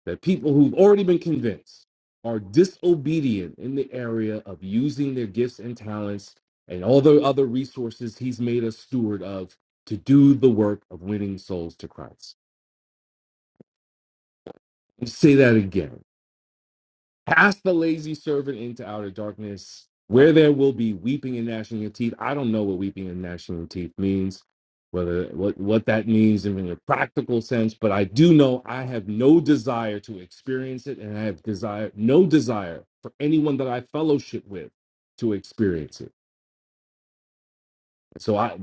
Speaker 4: that people who've already been convinced are disobedient in the area of using their gifts and talents and all the other resources he's made us steward of to do the work of winning souls to Christ. Let me say that again Cast the lazy servant into outer darkness, where there will be weeping and gnashing of teeth. I don't know what weeping and gnashing of teeth means, whether what, what that means in a practical sense, but I do know I have no desire to experience it, and I have desire no desire for anyone that I fellowship with to experience it. So I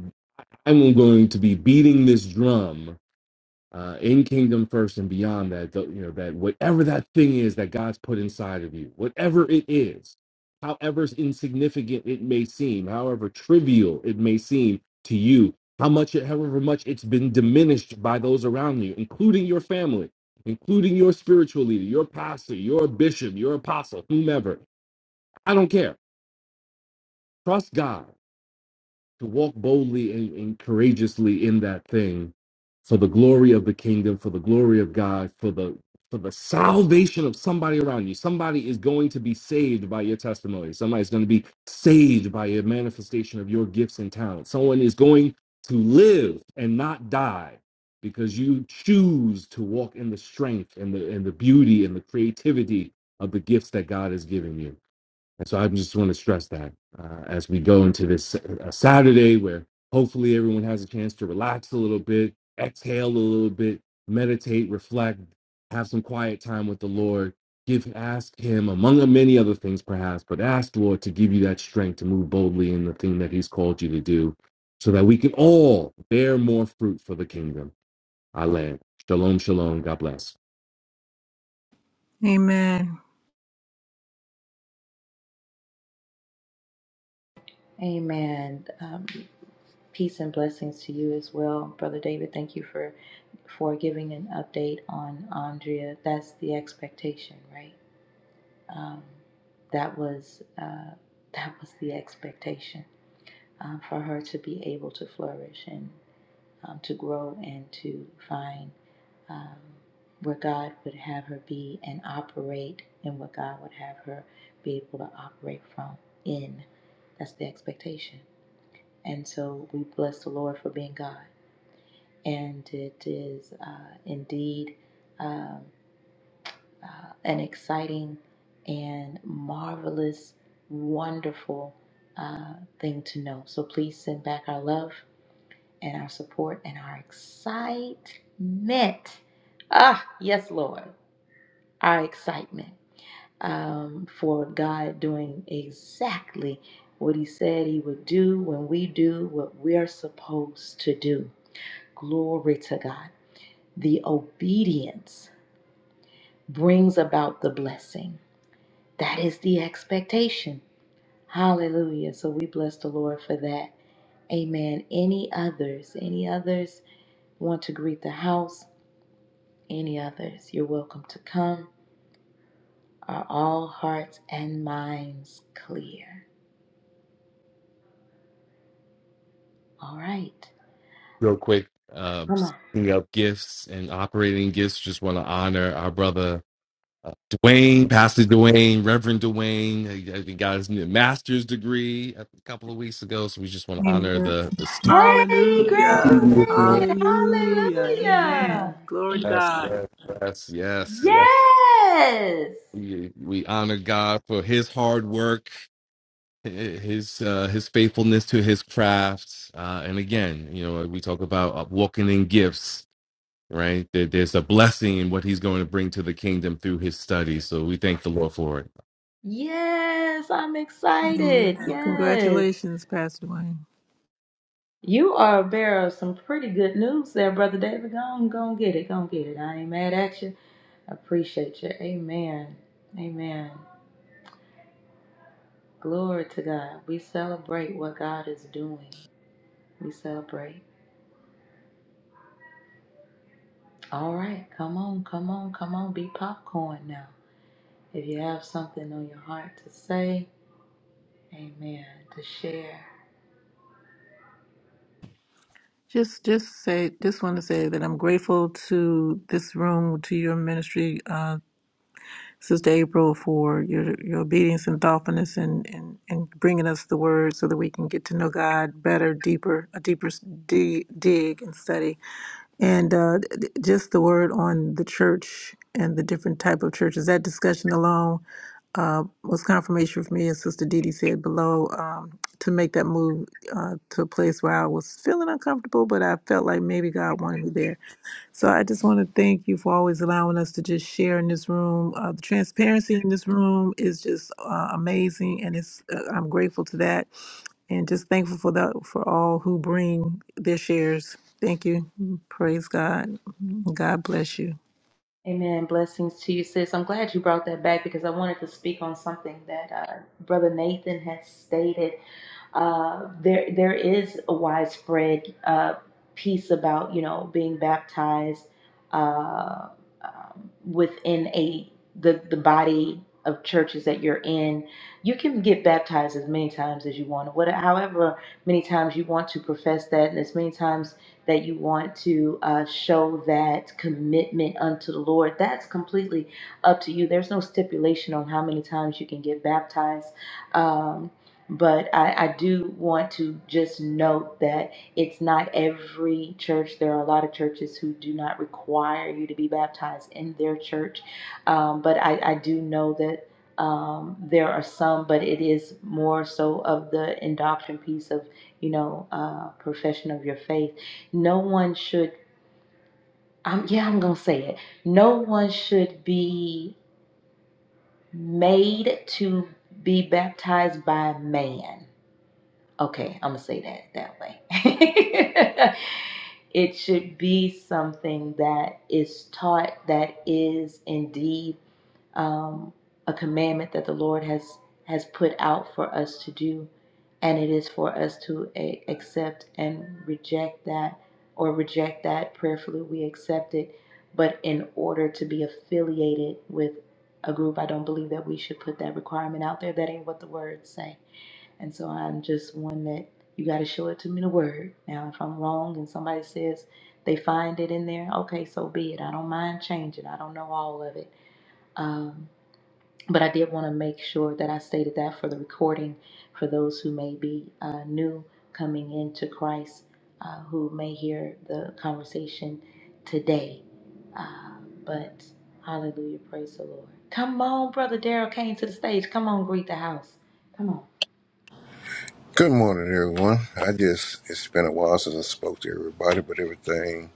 Speaker 4: I'm going to be beating this drum uh, in kingdom first and beyond that th- you know that whatever that thing is that god's put inside of you whatever it is however insignificant it may seem however trivial it may seem to you how much however much it's been diminished by those around you including your family including your spiritual leader your pastor your bishop your apostle whomever i don't care trust god to walk boldly and, and courageously in that thing for the glory of the kingdom for the glory of god for the for the salvation of somebody around you somebody is going to be saved by your testimony somebody's going to be saved by a manifestation of your gifts and talents someone is going to live and not die because you choose to walk in the strength and the and the beauty and the creativity of the gifts that god has given you and so I just want to stress that uh, as we go into this uh, Saturday, where hopefully everyone has a chance to relax a little bit, exhale a little bit, meditate, reflect, have some quiet time with the Lord. Give, ask Him, among many other things perhaps, but ask the Lord to give you that strength to move boldly in the thing that He's called you to do so that we can all bear more fruit for the kingdom. I land. Shalom, shalom. God bless.
Speaker 7: Amen.
Speaker 1: Amen. Um, peace and blessings to you as well, Brother David. Thank you for for giving an update on Andrea. That's the expectation, right? Um, that was uh, that was the expectation um, for her to be able to flourish and um, to grow and to find um, where God would have her be and operate in what God would have her be able to operate from in. That's the expectation. And so we bless the Lord for being God. And it is uh, indeed um, uh, an exciting and marvelous, wonderful uh, thing to know. So please send back our love and our support and our excitement. Ah, yes, Lord, our excitement um, for God doing exactly what He said He would do when we do what we're supposed to do. Glory to God. The obedience brings about the blessing. That is the expectation. Hallelujah. So we bless the Lord for that. Amen. Any others? Any others want to greet the house? Any others? You're welcome to come. Are all hearts and minds clear? All right.
Speaker 4: real quick. Uh,
Speaker 1: Come on.
Speaker 4: speaking of gifts and operating gifts, just want to honor our brother uh, Dwayne, Pastor Dwayne, Reverend Dwayne. He uh, he got his new master's degree a couple of weeks ago, so we just want to honor
Speaker 7: Amen.
Speaker 4: the the student.
Speaker 1: Hey,
Speaker 7: Hallelujah.
Speaker 1: graduated.
Speaker 7: Hallelujah. Amen.
Speaker 1: Hallelujah.
Speaker 7: Glory to
Speaker 4: Yes,
Speaker 7: God.
Speaker 4: yes, yes, yes, yes.
Speaker 1: Yes.
Speaker 4: We, we honor God for His hard work, hi- His uh, His faithfulness to His craft, uh, and again, you know, we talk about uh, walking in gifts right? There, there's a blessing in what he's going to bring to the kingdom through his studies. So we thank the Lord for it.
Speaker 1: Yes, I'm
Speaker 7: Amen.
Speaker 1: excited. Yes.
Speaker 7: Congratulations, Pastor Wayne.
Speaker 1: You are a bearer of some pretty good news there, Brother David. Go on, go and get it. Go and get it. I ain't mad at you. I appreciate you. Amen. Amen. Glory to God. We celebrate what God is doing. We celebrate. All right. Come on, come on, come on. Be popcorn now. If you have something on your heart to say, amen, to share.
Speaker 7: Just just say just want to say that I'm grateful to this room, to your ministry, uh, Sister April, for your your obedience and thoughtfulness and, and, and bringing us the word so that we can get to know God better, deeper, a deeper s- di- dig and study. and uh, th- just the word on the church and the different type of churches. That discussion alone uh, was confirmation for me, as Sister Didi said below, um, to make that move uh, to a place where I was feeling uncomfortable, but I felt like maybe God wanted me there so I just want to thank you for always allowing us to just share in this room. Uh, the transparency in this room is just uh, amazing, and it's uh, I'm grateful to that, and just thankful for that for all who bring their shares. Thank you. Mm-hmm. Praise God. Mm-hmm. God bless you.
Speaker 1: Amen. Blessings to you, sis. I'm glad you brought that back because I wanted to speak on something that uh, Brother Nathan has stated. Uh, there, there is a widespread uh, piece about you know being baptized uh, um, within a the the body of churches that you're in. You can get baptized as many times as you want, what, however many times you want to profess that, and as many times that you want to uh, show that commitment unto the Lord. That's completely up to you. There's no stipulation on how many times you can get baptized. Um, but I, I do want to just note that it's not every church. There are a lot of churches who do not require you to be baptized in their church. Um, but I, I do know that um, there are some, but it is more so of the indoctrination piece of, you know, uh, profession of your faith. No one should, um, yeah, I'm going to say it. No one should be made to be baptized by man Okay, I'm gonna say that that way. it should be something that is taught that is indeed um, a commandment that the Lord has has put out for us to do, and it is for us to a- accept and reject that, or reject that prayerfully. We accept it, but in order to be affiliated with a group, I don't believe that we should put that requirement out there. That ain't what the words say. And so I'm just one that you got to show it to me in the word. Now, if I'm wrong and somebody says they find it in there, okay, so be it. I don't mind changing. I don't know all of it. Um, but I did want to make sure that I stated that for the recording for those who may be uh, new coming into Christ, uh, who may hear the conversation today. Uh, but hallelujah, praise the Lord. Come on, Brother Daryl came to the stage. Come on, greet the house. Come on.
Speaker 9: Good morning, everyone. I just, it's been a while since I spoke to everybody, but everything,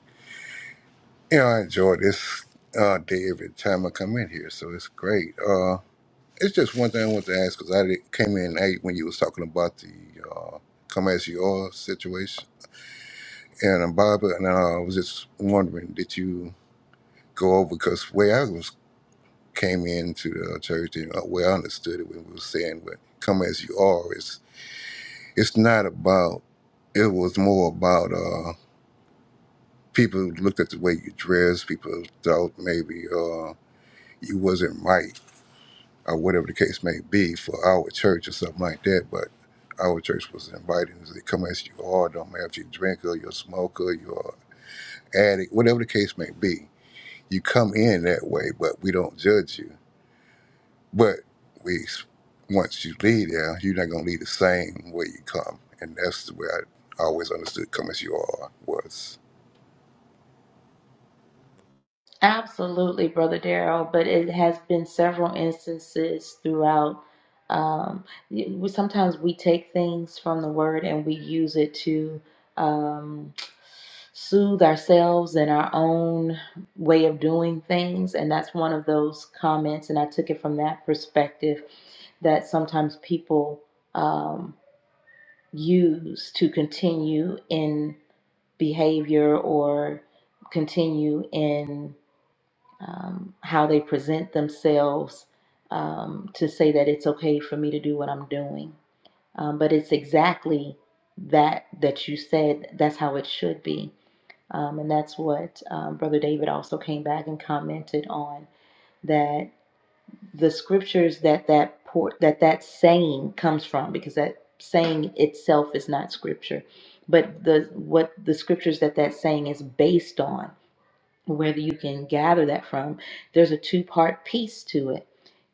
Speaker 9: you know, I enjoy this uh, day every time I come in here, so it's great. Uh, it's just one thing I want to ask because I did, came in late when you was talking about the uh, come as you are situation and uh, Barbara, and uh, I was just wondering, did you go over because way I was came into the church and uh, where I understood it when we were saying, "But come as you are," it's it's not about. It was more about. uh, people looked at the way you dressed. People thought maybe uh, you wasn't right or whatever the case may be for our church or something like that. But our church was inviting us to come as you are. Don't matter if you drink or you're a smoker, you're an addict, whatever the case may be. You come in that way, but we don't judge you. But we, once you leave there, you're not gonna leave the same way you come, and that's the way I always understood "come as you are" was.
Speaker 1: Absolutely, Brother Daryl, but it has been several instances throughout. Um, we, sometimes we take things from the word and we use it to um, soothe ourselves and our own way of doing things. And that's one of those comments, and I took it from that perspective that sometimes people um, use to continue in behavior or continue in um, how they present themselves um, to say that it's okay for me to do what I'm doing. Um, but it's exactly that that you said. That's how it should be, um, and that's what um, Brother David also came back and commented on that the scriptures that that por- that that saying comes from because that saying itself is not scripture, but the what the scriptures that that saying is based on where you can gather that from, there's a two part piece to it.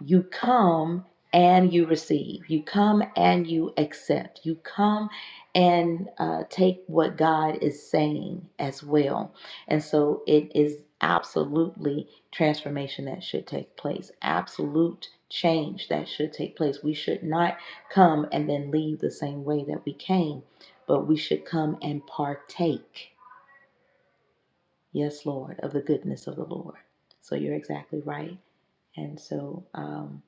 Speaker 1: You come and you receive, you come and you accept, you come and uh, take what God is saying as well. And so it is absolutely transformation that should take place, absolute change that should take place. We should not come and then leave the same way that we came, but we should come and partake yes, Lord, of the goodness of the Lord. So you're exactly right. And so um,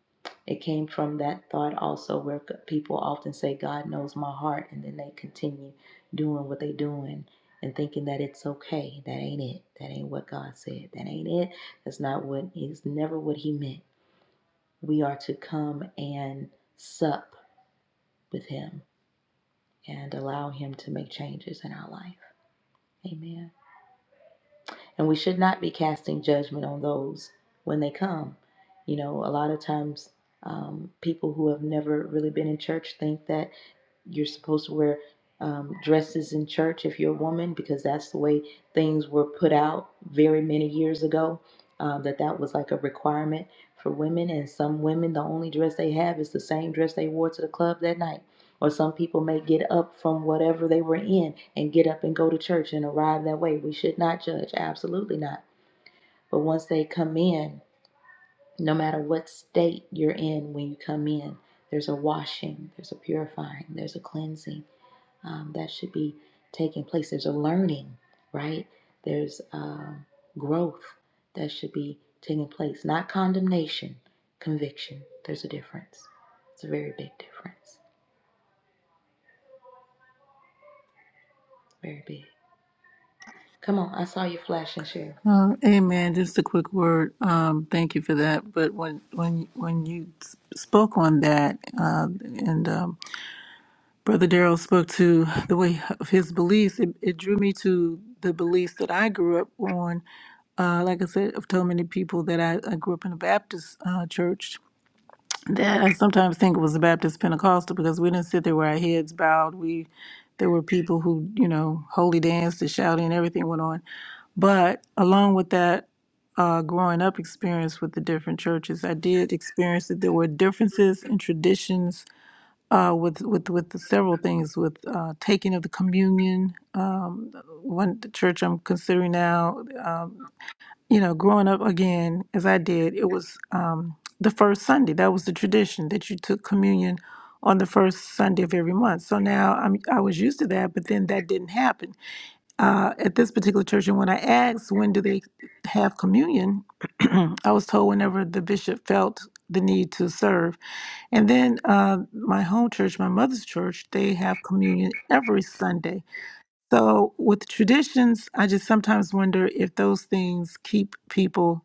Speaker 1: it came from that thought also where c- people often say, God knows my heart, and then they continue doing what they're doing and thinking that it's okay. That ain't it. That ain't what God said. That ain't it. That's not what, it's never what He meant. We are to come and sup with Him and allow Him to make changes in our life. Amen. And we should not be casting judgment on those when they come. You know, a lot of times um, people who have never really been in church think that you're supposed to wear um, dresses in church if you're a woman because that's the way things were put out very many years ago um, that that was like a requirement for women and some women the only dress they have is the same dress they wore to the club that night or some people may get up from whatever they were in and get up and go to church and arrive that way we should not judge absolutely not but once they come in no matter what state you're in when you come in there's a washing there's a purifying there's a cleansing um, that should be taking place. There's a learning, right? There's um, growth that should be taking place, not condemnation, conviction. There's a difference. It's a very big difference. Very big. Come on, I saw you flash and share.
Speaker 7: Uh, amen. Just a quick word. Um, thank you for that. But when when when you s- spoke on that, uh, and um, Brother Darrell spoke to the way of his beliefs. It, it drew me to the beliefs that I grew up on. Uh, like I said, I've told many people that I, I grew up in a Baptist uh, church that I sometimes think it was a Baptist Pentecostal because we didn't sit there with our heads bowed. We there were people who you know holy danced and shouting and everything went on. But along with that, uh, growing up experience with the different churches, I did experience that there were differences in traditions uh, with with with the several things with uh, taking of the communion. Um, one the church I'm considering now, um, you know, growing up again as I did, it was um, the first Sunday. That was the tradition that you took communion on the first Sunday of every month. So now I'm I was used to that, but then that didn't happen uh, at this particular church. And when I asked when do they have communion, I was told whenever the bishop felt the need to serve. And then uh, my home church, my mother's church, they have communion every Sunday. So with traditions, I just sometimes wonder if those things keep people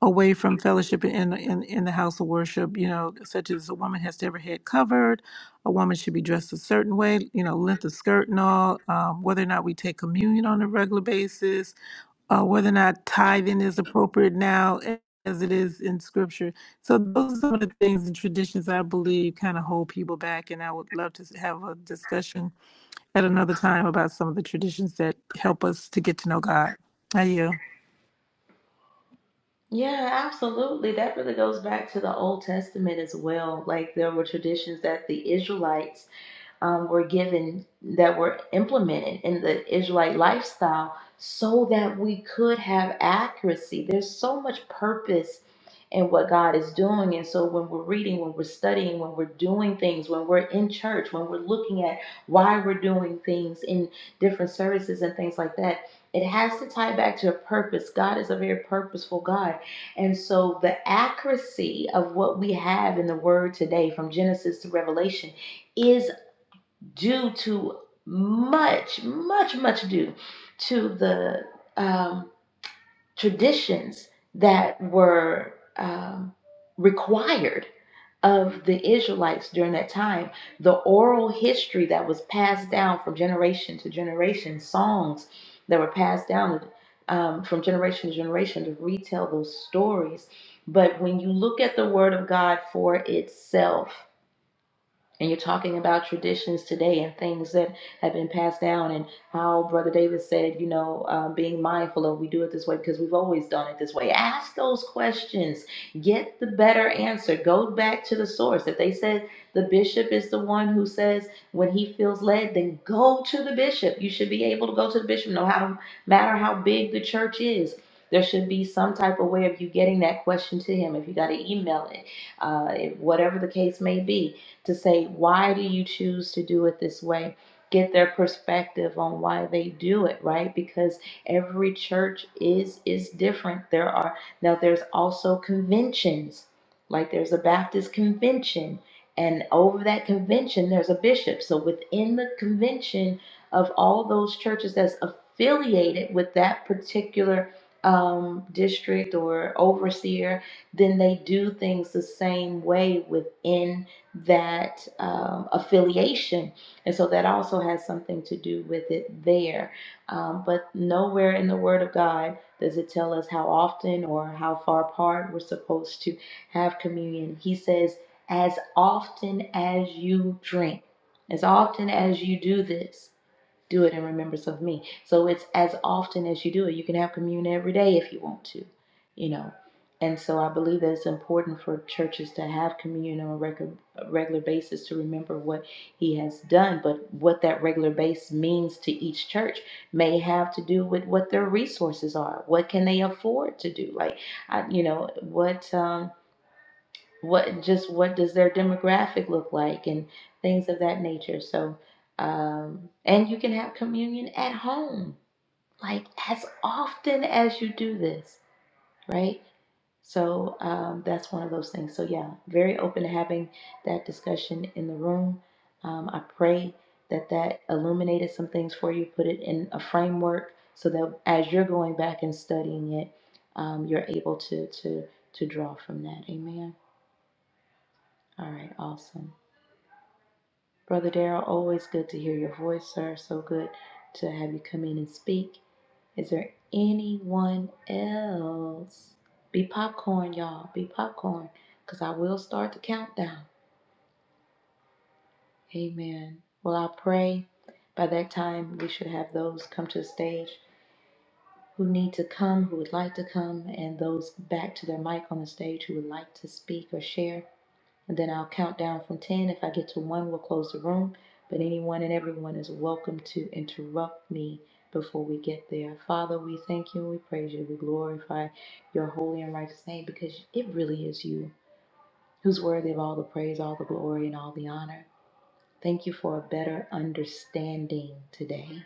Speaker 7: away from fellowship in, in in the house of worship. You know, such as a woman has to have her head covered, a woman should be dressed a certain way. You know, length of skirt and all. Um, whether or not we take communion on a regular basis, uh, whether or not tithing is appropriate now as it is in scripture. So those are some of the things and traditions I believe kind of hold people back. And I would love to have a discussion at another time about some of the traditions that help us to get to know God. How you?
Speaker 1: Yeah, absolutely. That really goes back to the Old Testament as well. Like there were traditions that the Israelites um, were given that were implemented in the Israelite lifestyle so that we could have accuracy. There's so much purpose in what God is doing. And so when we're reading, when we're studying, when we're doing things, when we're in church, when we're looking at why we're doing things in different services and things like that, it has to tie back to a purpose. God is a very purposeful God. And so the accuracy of what we have in the word today from Genesis to Revelation is due to much, much, much due to the um, traditions that were um, required of the Israelites during that time. The oral history that was passed down from generation to generation, songs that were passed down um, from generation to generation to retell those stories. But when you look at the Word of God for itself, and you're talking about traditions today and things that have been passed down and how brother david said you know um, being mindful of we do it this way because we've always done it this way ask those questions get the better answer go back to the source if they said the bishop is the one who says when he feels led then go to the bishop you should be able to go to the bishop no how, matter how big the church is there should be some type of way of you getting that question to him if you got to email it uh, if- whatever the case may be to say, why do you choose to do it this way? Get their perspective on why they do it, right? Because every church is is different. There are now there's also conventions. Like there's a Baptist convention, and over that convention there's a bishop. So within the convention of all those churches that's affiliated with that particular um, district or overseer, then they do things the same way within that um, affiliation. And so that also has something to do with it there. Um, but nowhere in the Word of God does it tell us how often or how far apart we're supposed to have communion. He says, as often as you drink, as often as you do this do it in remembrance of me. So it's as often as you do it. You can have communion every day if you want to, you know. And so I believe that it's important for churches to have communion on a regular regular basis to remember what he has done. But what that regular base means to each church may have to do with what their resources are. What can they afford to do? Like, I, you know, what. Um, what just what does their demographic look like and things of that nature so um and you can have communion at home like as often as you do this right so um, that's one of those things. So yeah, very open to having that discussion in the room. Um, I pray that that illuminated some things for you, put it in a framework, so that as you're going back and studying it, um, you're able to to to draw from that. Amen. All right, awesome. Brother Darrell, always good to hear your voice, sir. So good to have you come in and speak. Is there anyone else? Be popcorn, y'all. Be popcorn, because I will start the countdown. Amen. Well, I pray by that time we should have those come to the stage who need to come, who would like to come, and those back to their mic on the stage who would like to speak or share. And then I'll count down from 10. If I get to 1, we'll close the room. But anyone and everyone is welcome to interrupt me before we get there. Father, we thank you and we praise you. We glorify your holy and righteous name because it really is you who's worthy of all the praise, all the glory, and all the honor. Thank you for a better understanding today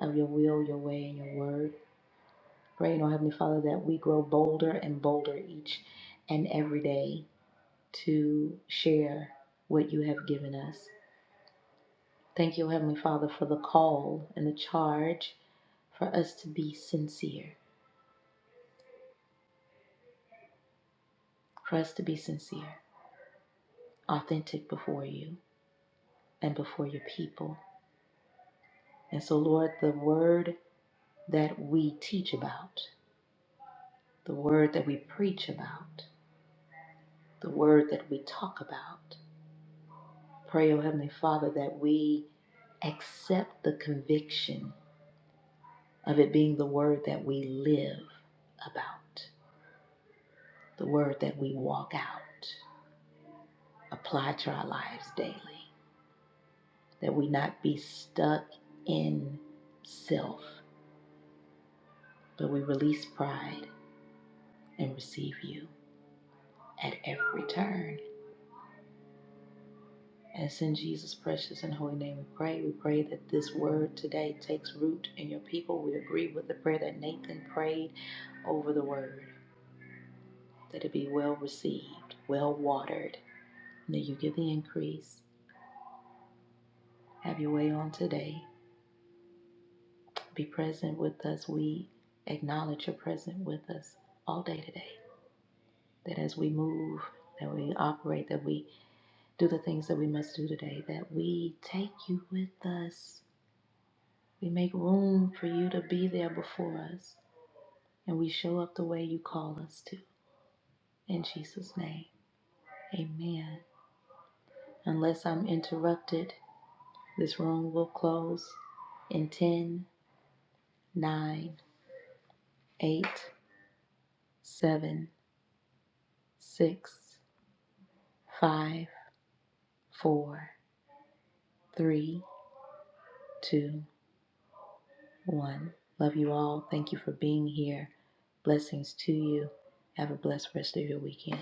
Speaker 1: of your will, your way, and your word. Pray, O Heavenly Father, that we grow bolder and bolder each and every day to share what you have given us. Thank you, Heavenly Father, for the call and the charge for us to be sincere, for us to be sincere, authentic before you and before your people. And so, Lord, the word that we teach about, the word that we preach about, the word that we talk about, pray, O Heavenly Father, that we accept the conviction of it being the word that we live about. the word that we walk out, apply to our lives daily, that we not be stuck in self, but we release pride and receive you at every turn. And it's in Jesus' precious and holy name we pray. We pray that this word today takes root in your people. We agree with the prayer that Nathan prayed over the word, that it be well received, well watered, and that you give the increase. Have your way on today. Be present with us. We acknowledge you're present with us all day today. That as we move, that we operate, that we do the things that we must do today, that we take you with us. We make room for you to be there before us, and we show up the way you call us to. In Jesus' name, amen. Unless I'm interrupted, this room will close in ten, nine, eight, seven, six, five. four, three, two, one. Love you all. Thank you for being here. Blessings to you. Have a blessed rest of your weekend.